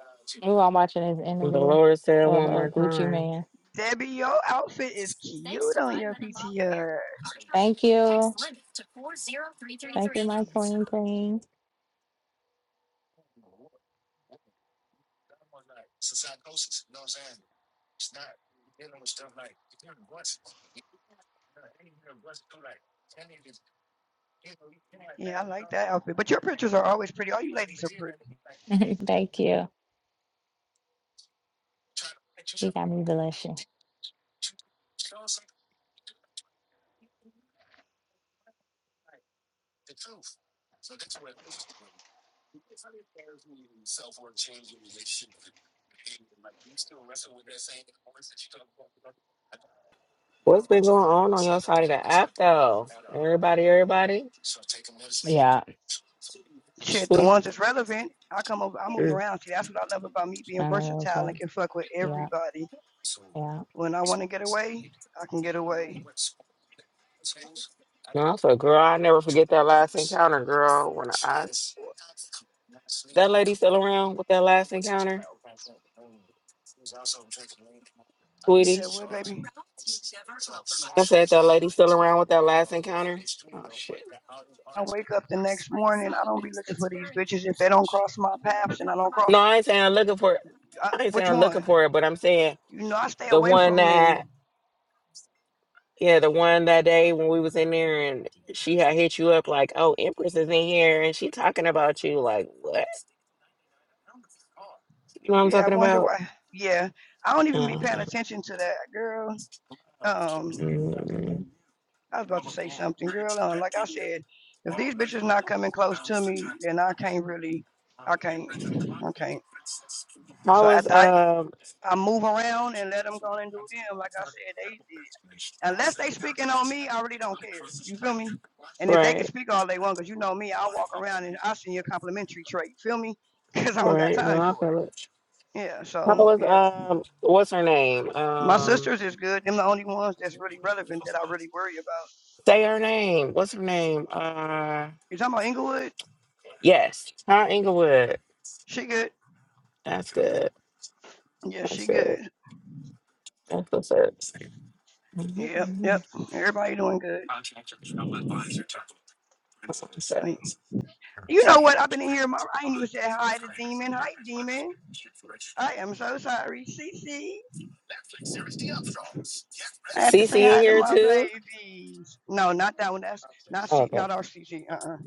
S13: We were all watching this
S16: the
S13: interview
S16: Lord said
S13: of
S16: one
S13: a
S16: more
S13: Gucci
S16: time.
S13: man.
S15: Debbie, your outfit is cute on your PTR.
S13: Thank you, my queen, queen.
S15: Yeah, I like that outfit. But your pictures are always pretty. All you ladies are pretty.
S13: Thank you. Got me blushing.
S16: What's been going on on your side of the app though? Everybody, everybody?
S13: Yeah,
S15: Shit, the
S16: Sweet.
S15: ones that's relevant, I come over, I move
S16: Mm.
S15: around. See, that's what I love about me being
S13: I know that's
S15: versatile and
S13: right.
S15: can fuck with
S13: Yeah,
S15: everybody.
S13: yeah.
S15: When I want to get away, I can get away.
S16: No, I said, girl, I never forget that last encounter, girl. When I that lady still around with that last encounter?
S15: You said
S16: sweetie.
S15: what, baby?
S16: I said that lady still around with that last encounter. Oh shit.
S15: I wake up the next morning. I don't be looking for these bitches if they don't cross my paths and I don't
S16: No,
S15: cross.
S16: I ain't saying I'm looking for it.
S15: I,
S16: I ain't saying
S15: which
S16: I'm looking
S15: one?
S16: for it, but I'm saying
S15: You know, I stay
S16: the
S15: away
S16: one
S15: from
S16: that
S15: them.
S16: yeah, the one that day when we was in there and she had hit you up like, oh, Empress is in here and she talking about you like what? You know what I'm
S15: Yeah, I
S16: talking
S15: wonder
S16: about?
S15: why. Yeah, I don't even be
S16: Uh,
S15: paying attention to that girl. Um,
S16: mm.
S15: I was about to say something, girl. Uh, like I said, if these bitches not coming close to me, then I can't really, I can't, I can't.
S16: I
S15: So
S16: was
S15: after I,
S16: um
S15: I move around and let them go and do them, like I said, they unless they speaking on me, I really don't care. You feel me? And if they can
S16: right,
S15: speak all they want, 'cause you know me, I walk around and I send you a complimentary trait. You Feel me? 'Cause I don't got
S16: right. No,
S15: time
S16: I
S15: for
S16: feel it.
S15: it. Yeah.
S16: How
S15: So
S16: was
S15: yeah,
S16: um what's her name?
S15: my
S16: Um
S15: sisters is good. Them the only ones that's really relevant that I really worry about.
S16: say her name. What's her name? Uh
S15: You talking about Inglewood?
S16: yes, Tara Inglewood.
S15: She good.
S16: That's good.
S15: Yeah,
S16: That's
S15: she
S16: good.
S15: good.
S16: That's what's up.
S15: Yep, yep.
S16: Mhm.
S15: Everybody doing good.
S16: That's what's up.
S15: Like, You know what? I've been in here. My, I ain't even said hi to Demon. Hi, Demon. I am so sorry. C. C. I have to
S16: Cece
S15: say
S16: in
S15: hi to
S16: here
S15: my
S16: too?
S15: babies. No, not that one. That's not C,
S16: Okay.
S15: not our C. C. Uh-uh.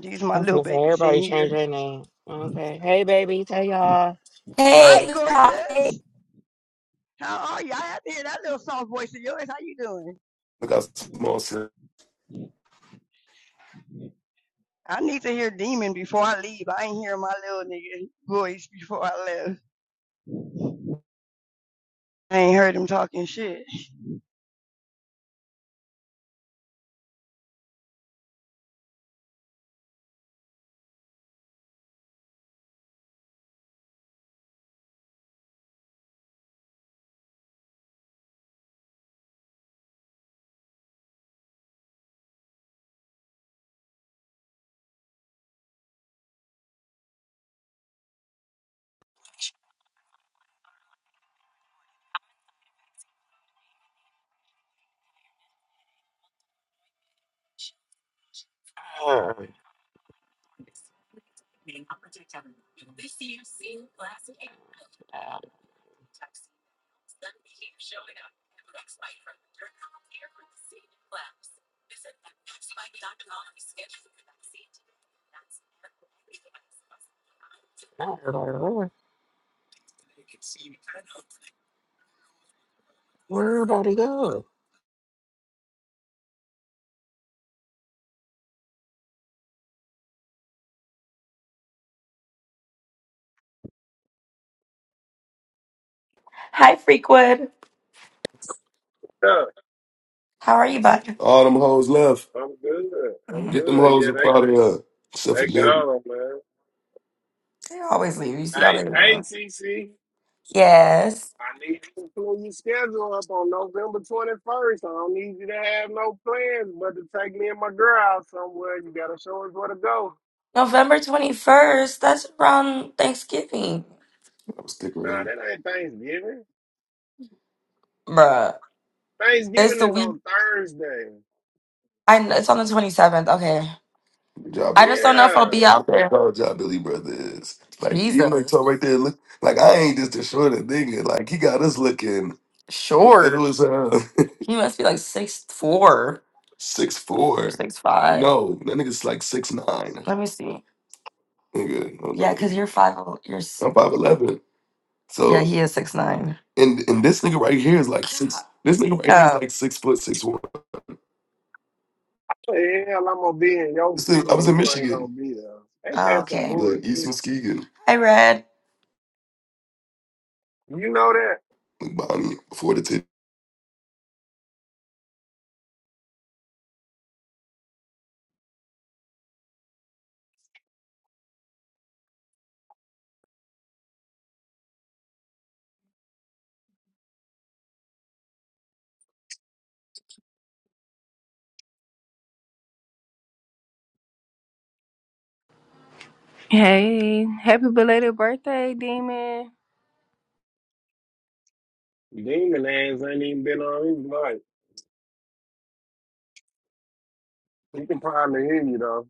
S15: These are my
S16: I'm
S15: little
S16: gonna say
S15: babies in
S16: everybody change
S15: here.
S16: their name. Okay. Hey baby, tell y'all.
S8: Hey,
S15: Hi,
S16: Look.
S8: who's that? Hey.
S15: gorgeous. How are you? I have to hear that little soft voice of yours. How you doing?
S8: look how small. Sam.
S15: I need to hear Demon before I leave. I ain't hear my little nigga voice before I left. I ain't heard him talking shit.
S16: Uh, not everybody. Where, where everybody go?
S8: Hi, Freakwood.
S9: Yeah,
S8: How are you, bud? All them hoes left.
S9: I'm good. I'm
S8: Get them
S9: good.
S8: hoes
S9: Yeah,
S8: up
S9: they
S8: out of here. Except for
S9: they
S8: Nick.
S9: gone, man.
S8: They always leave. You see how
S9: Hey,
S8: they
S9: hey,
S8: run.
S9: CC.
S8: Yes.
S9: I need you to pull your schedule up on November 21st. I don't need you to have no plans, but to take me and my girl out somewhere. You gotta show us where to go.
S8: November 21st. That's around Thanksgiving. I'm stick
S9: Nah,
S8: around.
S9: that ain't Thanksgiving.
S8: Bruh. It's
S9: Thanksgiving
S8: the
S9: is
S8: week.
S9: on Thursday.
S8: I kn- it's on the 27th. Okay. Good job, I Billy. just don't know if
S9: Yeah.
S8: I'll be out there. Good job, Billy Brothers. Like you like talk right there. Look, like I ain't just a short nigga. Like he got us looking Short. little Short. as hell. He must be like six four Six or four. six five. No, that nigga's like six nine. Let me see. Nigga, I'm Yeah, because you're five. You're s- I'm five eleven. yeah. So He is six nine. and and this nigga right here is like six. This nigga right here is Oh, like six foot six one.
S9: the hell I'm gonna be in your
S8: This is-
S9: city
S8: I was in
S9: and you ain't gonna
S8: Michigan,
S9: be there? Ain't
S8: oh,
S9: that some
S8: okay. like
S9: bullshit?
S8: East Muskegon, Hi, Red.
S9: You know that?
S8: like Bonnie before the tip.
S17: Hey, happy belated birthday, Demon.
S9: Demon ass ain't even been on his mic. He can probably hear you though.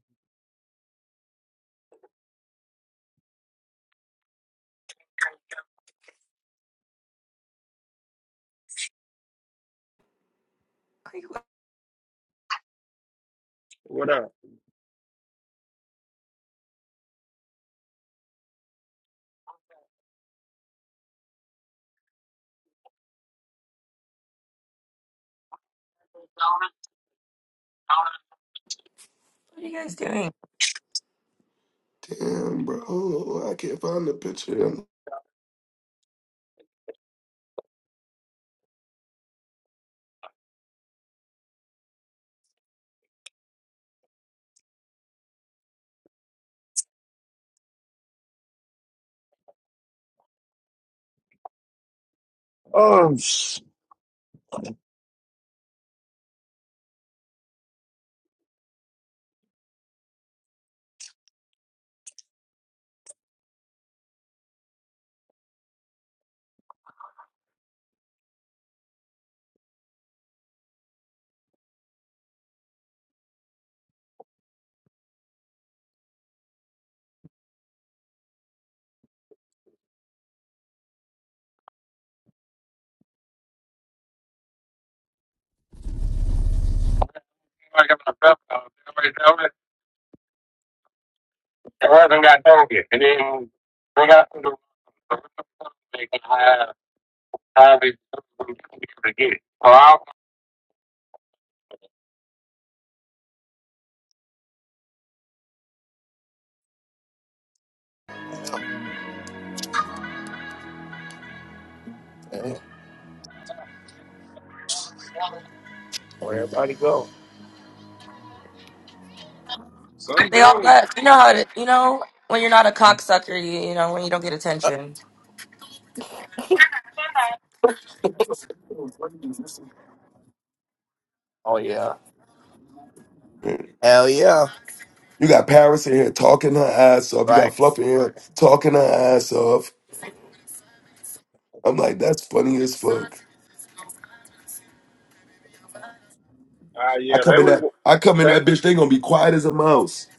S8: Like, What
S9: What up?
S8: what are you guys doing? Damn, bro, I can't find the picture.
S9: Um, sh- I got my belt out. Everybody know it. The rest of got down here. And then we got to do what they can hide, hide these people to get it. So I
S1: Hey, where everybody go?
S9: some
S8: They all
S9: girl was.
S8: left. You know how to. You know when you're not a cocksucker. You, you know when you don't get attention.
S1: Oh, yeah.
S8: You
S1: Hell yeah.
S8: got Paris in here talking her ass off. You got
S1: Right.
S8: Fluff in here talking her ass off. I'm like, that's funny as fuck.
S9: Ah,
S8: I
S9: yeah,
S8: come
S9: they
S8: in
S9: was.
S8: that I come
S9: They,
S8: in that bitch, they gonna be quiet as a mouse.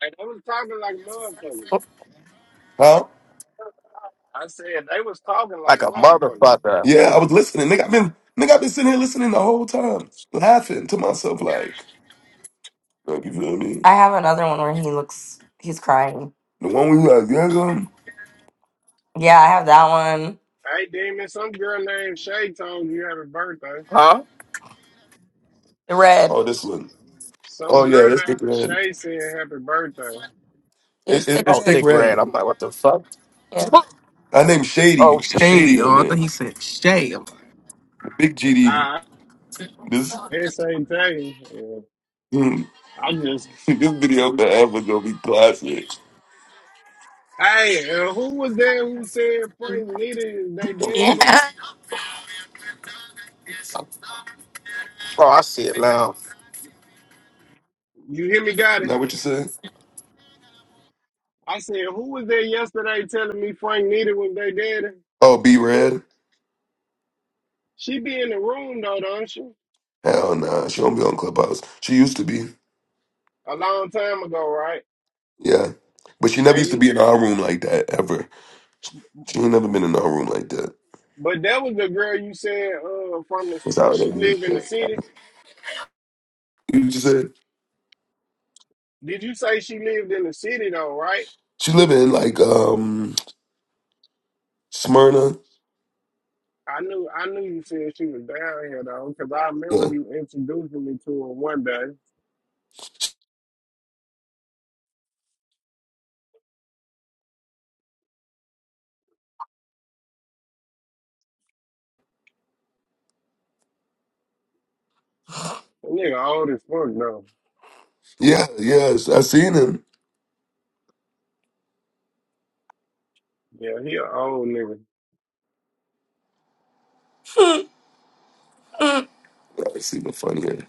S9: they was talking like motherfuckers.
S8: Huh?
S9: I said they was talking like
S1: like
S9: a
S1: a
S9: motherfucker.
S1: motherfucker.
S8: Yeah, I was listening. Nigga, I've been nigga, I've been sitting here listening the whole time, laughing to myself like, like you feel me? I have another one where he looks, he's crying. The one we like, yeah, um, Yeah, I have that one.
S9: Hey, Demon, some girl named Shay told you happy birthday.
S1: Huh?
S8: The red. oh this one. Oh
S9: Some
S8: yeah,
S9: girl
S8: that's thick
S9: named
S8: red.
S9: Shay said happy birthday.
S8: Yeah, It, it's it, thick it's
S1: Oh,
S8: thick
S1: thick
S8: red.
S1: red.
S8: red.
S1: I'm like, what the fuck?
S8: Yeah. I named
S1: Oh,
S8: Shady. It's Shady
S1: shady.
S8: on
S1: Oh, I
S8: there.
S1: thought he said shade. I'm like,
S8: The big GD.
S9: I
S8: This
S9: this ain't tell you.
S8: this
S9: I just.
S8: video forever gonna be classic.
S9: Hey, uh, who was there who said Frank needed they daddy?
S8: Yeah.
S1: Oh, I see it now.
S9: You hear me, got it?
S8: Not what you said?
S9: I said, who was there yesterday telling me Frank needed was they daddy?
S8: Oh, B Red?
S9: She be in the room though, don't she?
S8: Hell nah. She don't be on Clubhouse. She used to be.
S9: A long time ago, right?
S8: Yeah. But she never
S9: And
S8: used to
S9: you,
S8: be in our room like that ever. She ain't never been in our room like that.
S9: but that was the girl you said uh, from the.
S8: That's how it
S9: She live
S8: is.
S9: in
S8: Yeah.
S9: the city.
S8: You just said
S9: Did you say she lived in the city though, right?
S8: she live in like um Smyrna.
S9: I knew I knew you said she was down here though, because I remember
S8: Yeah.
S9: you introducing me to her one day. That nigga old as fuck though.
S8: Yeah, yes. I seen him.
S9: Yeah, he an old nigga.
S8: I see the funny here.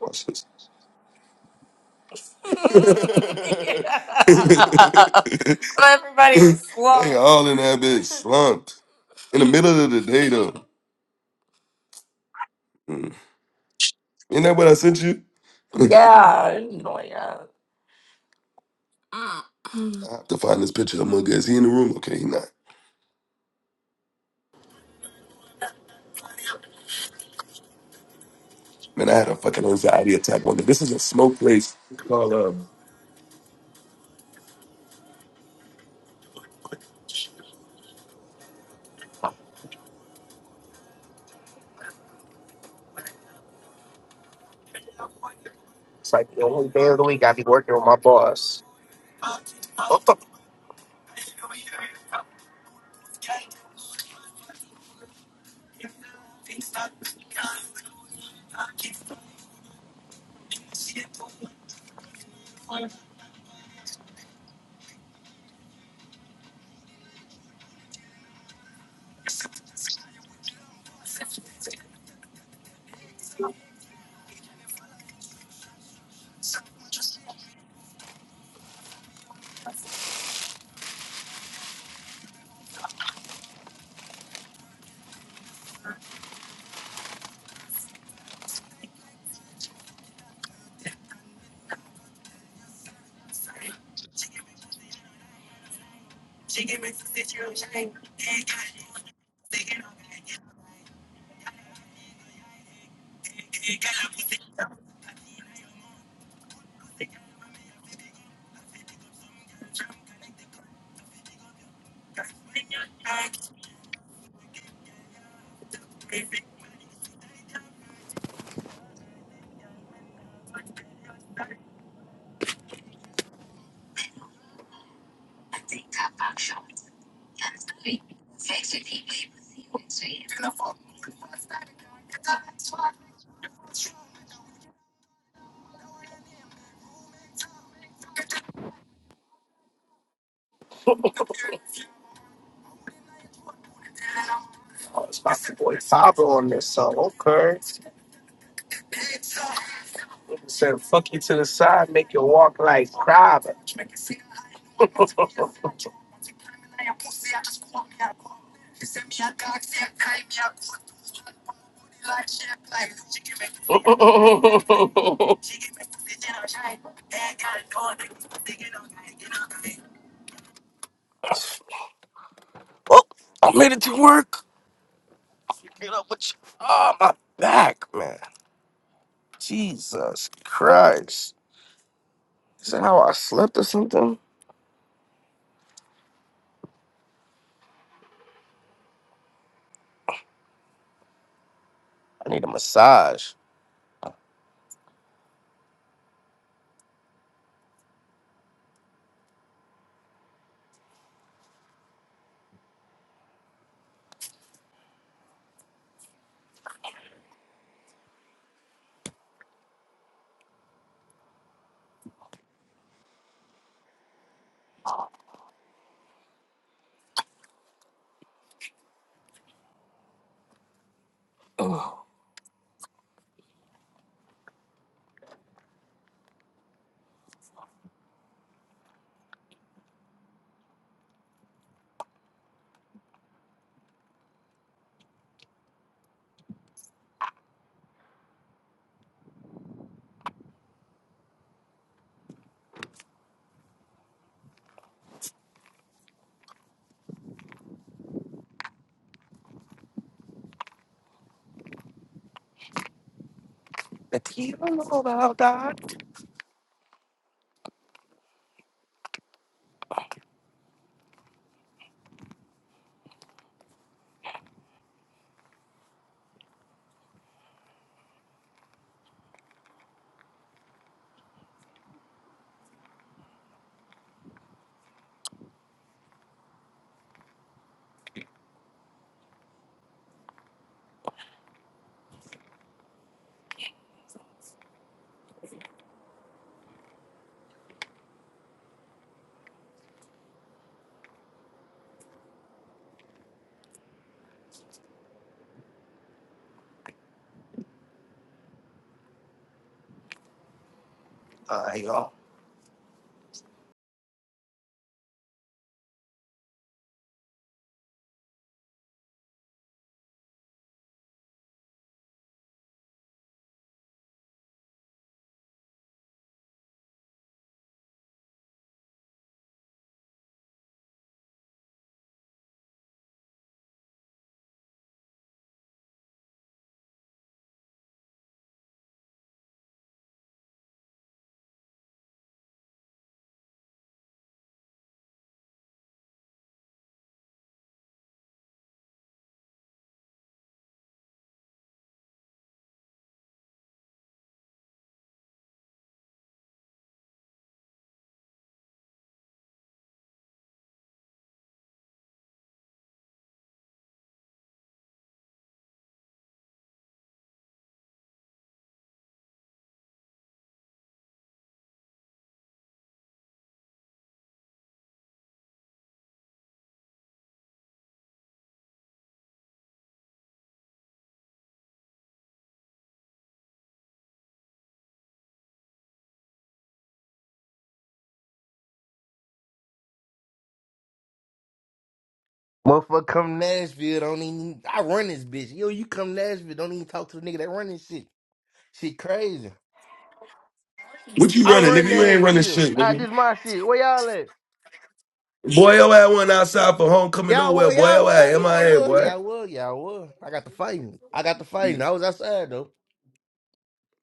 S8: Watch this. Everybody was slumped. they all in that bitch slumped. In the middle of the day though. Mm. Isn't that what I sent you? Yeah, no, yeah. Mm. I have to find this picture of Mugga. Is he in the room? Okay, he not. Man, I had a fucking anxiety attack one day. This is a smoke place.
S1: It's like the only day of the week I be working with my boss. What the fuck? It's my boy Faber on this song. Okay. Said fuck you to the side, make you walk like private. oh, I made it to work. Get up with you. Oh, my back, man. Jesus Christ. Is that how I slept or something? I need a massage. Oh, the tea room about that. All right, y'all.
S18: Motherfucker come Nashville, don't even I run this bitch. Yo, you come Nashville, don't even talk to the nigga that run this shit. Shit crazy.
S8: What you
S18: I
S8: running, nigga?
S18: run
S8: You ain't running
S18: Nashville.
S8: shit,
S18: Ah,
S8: nigga.
S18: this my shit. Where y'all at?
S8: Boy, yo, I went outside for homecoming
S18: Y'all
S8: nowhere.
S18: were,
S8: Boy,
S18: y'all
S8: yo,
S18: were,
S8: I
S18: y'all
S8: MIA,
S18: were,
S8: boy.
S18: y'all were, y'all were. I got the fighting. I got the
S8: We,
S18: fighting. I was outside though.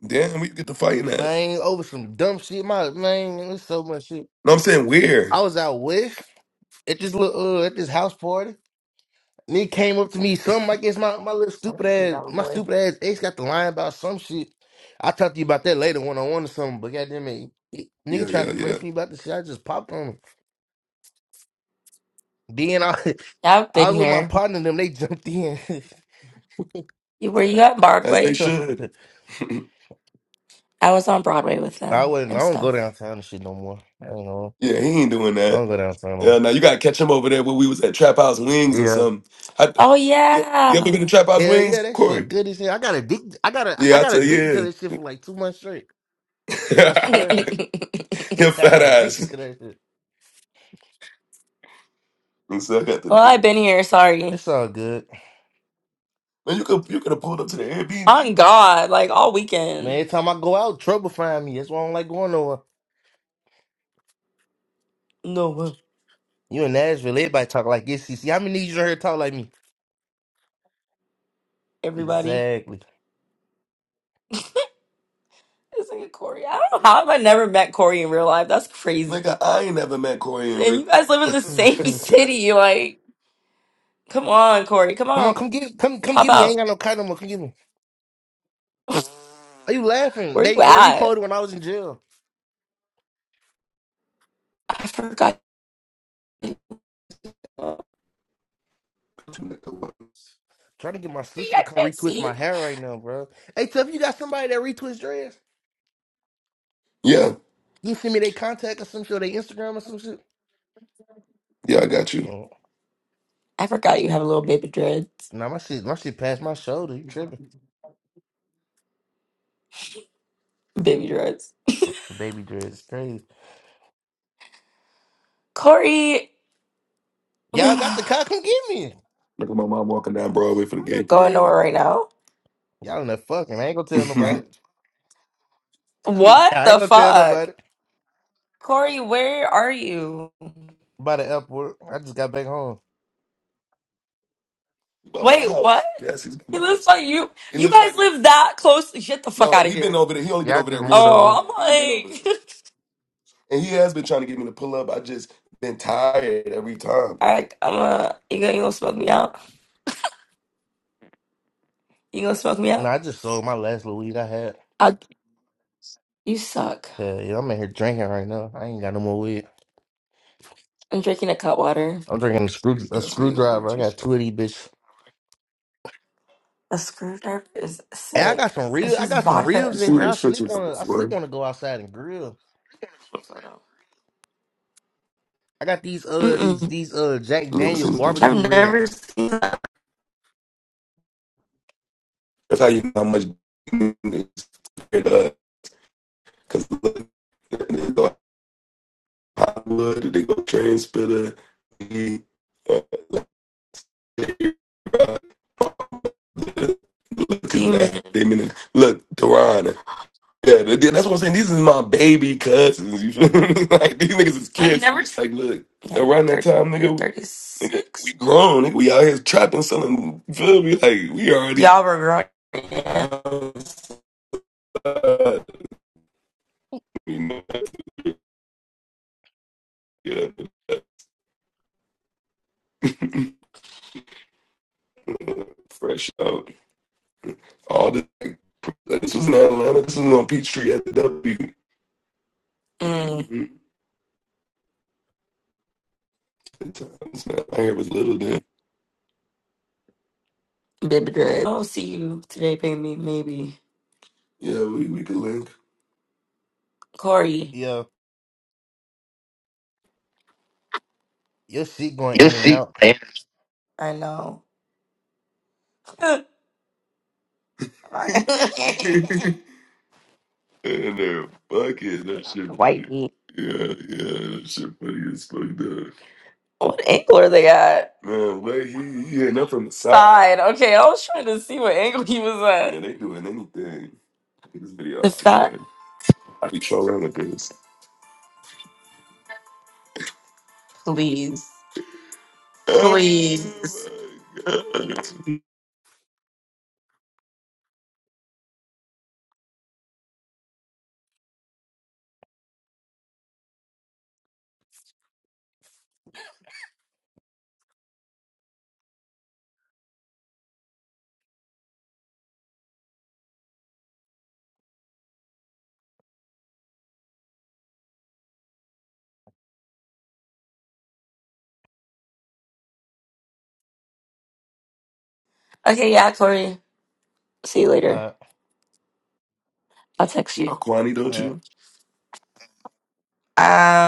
S8: damn, we get to fighting that.
S18: Man, over some dumb shit. My man, it was so much shit.
S8: No, I'm saying
S18: I
S8: where?
S18: was out west at this little uh, at this house party. Nigga came up to me, something I guess my, my little
S8: Oh,
S18: stupid
S8: that's a
S18: ass,
S8: dumb
S18: my
S8: boy.
S18: stupid ass ex got the line about some shit. I talk to you about that later one on one or something, but goddamn it, he- nigga
S8: Yeah,
S18: tried
S8: yeah,
S18: to
S8: yeah.
S18: press me about the shit. I just popped on him. Then I,
S8: I've been
S18: I was with my
S8: here.
S18: partner, them they jumped in.
S8: You were you at As they Broadway? should. I was on Broadway with
S18: I
S8: them
S18: wasn't. I
S8: and
S18: don't go
S8: stuff.
S18: downtown and shit no more. I don't know.
S8: Yeah, he ain't doing
S18: I
S8: that.
S18: don't go downtown. No
S8: Yeah, now you gotta catch him over there when we was at Trap House
S18: more.
S8: Wings or
S18: Yeah.
S8: something. I, Oh you ever yeah. been to yeah. Trap House
S18: Hell
S8: Wings,
S18: yeah, that
S8: Corey?
S18: shit good as hell. I got addicted. I got a, I
S8: Yeah, I
S18: got
S8: tell
S18: addicted to
S8: you,
S18: that shit for like two months straight. I
S8: yeah.
S18: swear,
S8: Your
S18: I
S8: fat
S18: got addicted
S8: ass.
S18: to that shit.
S8: And so I got the well, do. I've been here. Sorry.
S18: It's all good.
S8: man. You could you could have pulled up to the Airbnb. On God, like all
S18: Man,
S8: weekend.
S18: every time I go out, trouble find me. That's why I don't like going nowhere.
S8: No way.
S18: You in Nashville, everybody talk like this. See, how many of you in here talk like me?
S8: Everybody.
S18: Exactly.
S8: This nigga Corey. I don't know how have I never met Corey in real life. That's crazy. Nigga, I ain't never met Corey in And real. you guys live in the
S18: Hmm,
S8: same
S18: shoot.
S8: city. Like, come on, Corey. Come
S18: come on,
S8: on.
S18: come get, come, come
S8: Pop
S18: get me. I
S8: out.
S18: ain't got no car no more. Come get me. Are you laughing?
S8: Where you
S18: They they
S8: at?
S18: repoed it when I was in jail.
S8: I forgot. I
S18: Trying to get my sister to come
S8: can't
S18: retwist
S8: see you.
S18: my hair right now, bro. Hey, Tuff, you got somebody that retwist dreads?
S8: Yeah,
S18: You send me their contact or some shit, or their Instagram or some shit.
S8: yeah, I got you.
S18: Oh,
S8: I forgot you have a little baby dreads.
S18: nah, my shit, my shit past my shoulder. You tripping?
S8: Baby dreads.
S18: Baby dreads, is crazy.
S8: Corey,
S18: Y'all got
S8: I'm
S18: the car? Come get me.
S8: Look at my mom walking down Broadway for the not game. going nowhere right now.
S18: Y'all in that fucking. I ain't gonna tell nobody.
S8: What
S18: I ain't
S8: the
S18: gonna tell
S8: fuck?
S18: nobody
S8: Corey, where are you? By
S18: about the airport. I just got back home.
S8: my Wait, house. what? Yes, he's He by my lives house. by you. He You lives by guys me. live that close. Get the fuck No, out of he been here. over there. He only been
S18: Yeah, I
S8: over there
S18: just
S8: recently.
S18: moved over.
S8: Oh, I'm He been over I'm like, And he has been trying to get me to pull up. I just been tired every time. All right, I'm uh, you gonna, you gonna smoke me out? You gonna smoke me
S18: No,
S8: out?
S18: I just sold my last little weed I had.
S8: I, you suck.
S18: Yeah, yeah, I'm in here drinking right now. I ain't got no more weed.
S8: I'm drinking a cut water.
S18: I'm drinking a, screw, a
S8: Pass me up.
S18: screwdriver. I
S8: You
S18: got two of these bitches.
S8: A screwdriver is
S18: Hey, I got
S8: sick.
S18: some
S8: It's
S18: real. I
S8: just
S18: got some
S8: vodka and
S18: ribs
S8: see
S18: in here. I
S8: orange these
S18: sleep
S8: pictures of
S18: on. I sleep
S8: before.
S18: on to go outside and grill. I got these uh these
S8: Mm-mm.
S18: these uh Jack
S8: You never
S18: Daniel
S8: seen the pictures?
S18: barbecue
S8: I've
S18: ribs.
S8: never seen that. That's how you know how much it's Because look, they go Hollywood, they go train spitter, uh, Looking look, Deron. Yeah, that's what I'm saying. These is my baby cousins. You feel me? Like these niggas is kids. I never- Like, look, Yeah, around that time, nigga, we, nigga, we grown. Nigga, we out here trapping, selling. You feel me? Like, we already. Y'all were grown. outside, you know, yeah. Fresh out. All this. Like, this was in Atlanta. This was on Peachtree at the W. Mm. Sometimes I was little then. Baby girl, I don't see you today, baby. Maybe Yeah, we, we could link. Corey.
S18: Yeah, your shit going in and out.
S8: I know. White and they're fucking that shit White funny. meat. Yeah, yeah, that shit funny as fuck though. What angle are they at? Man, wait, he he hitting up from the side. Side. Okay, I was trying to see what angle he was at. Yeah, they doing anything. This video The I be fact, trying. I be trolling with this. please. Please. Okay, yeah, Corey. See you later.
S18: Uh,
S8: I'll text you. Aquani, don't
S18: uh.
S8: you? Um.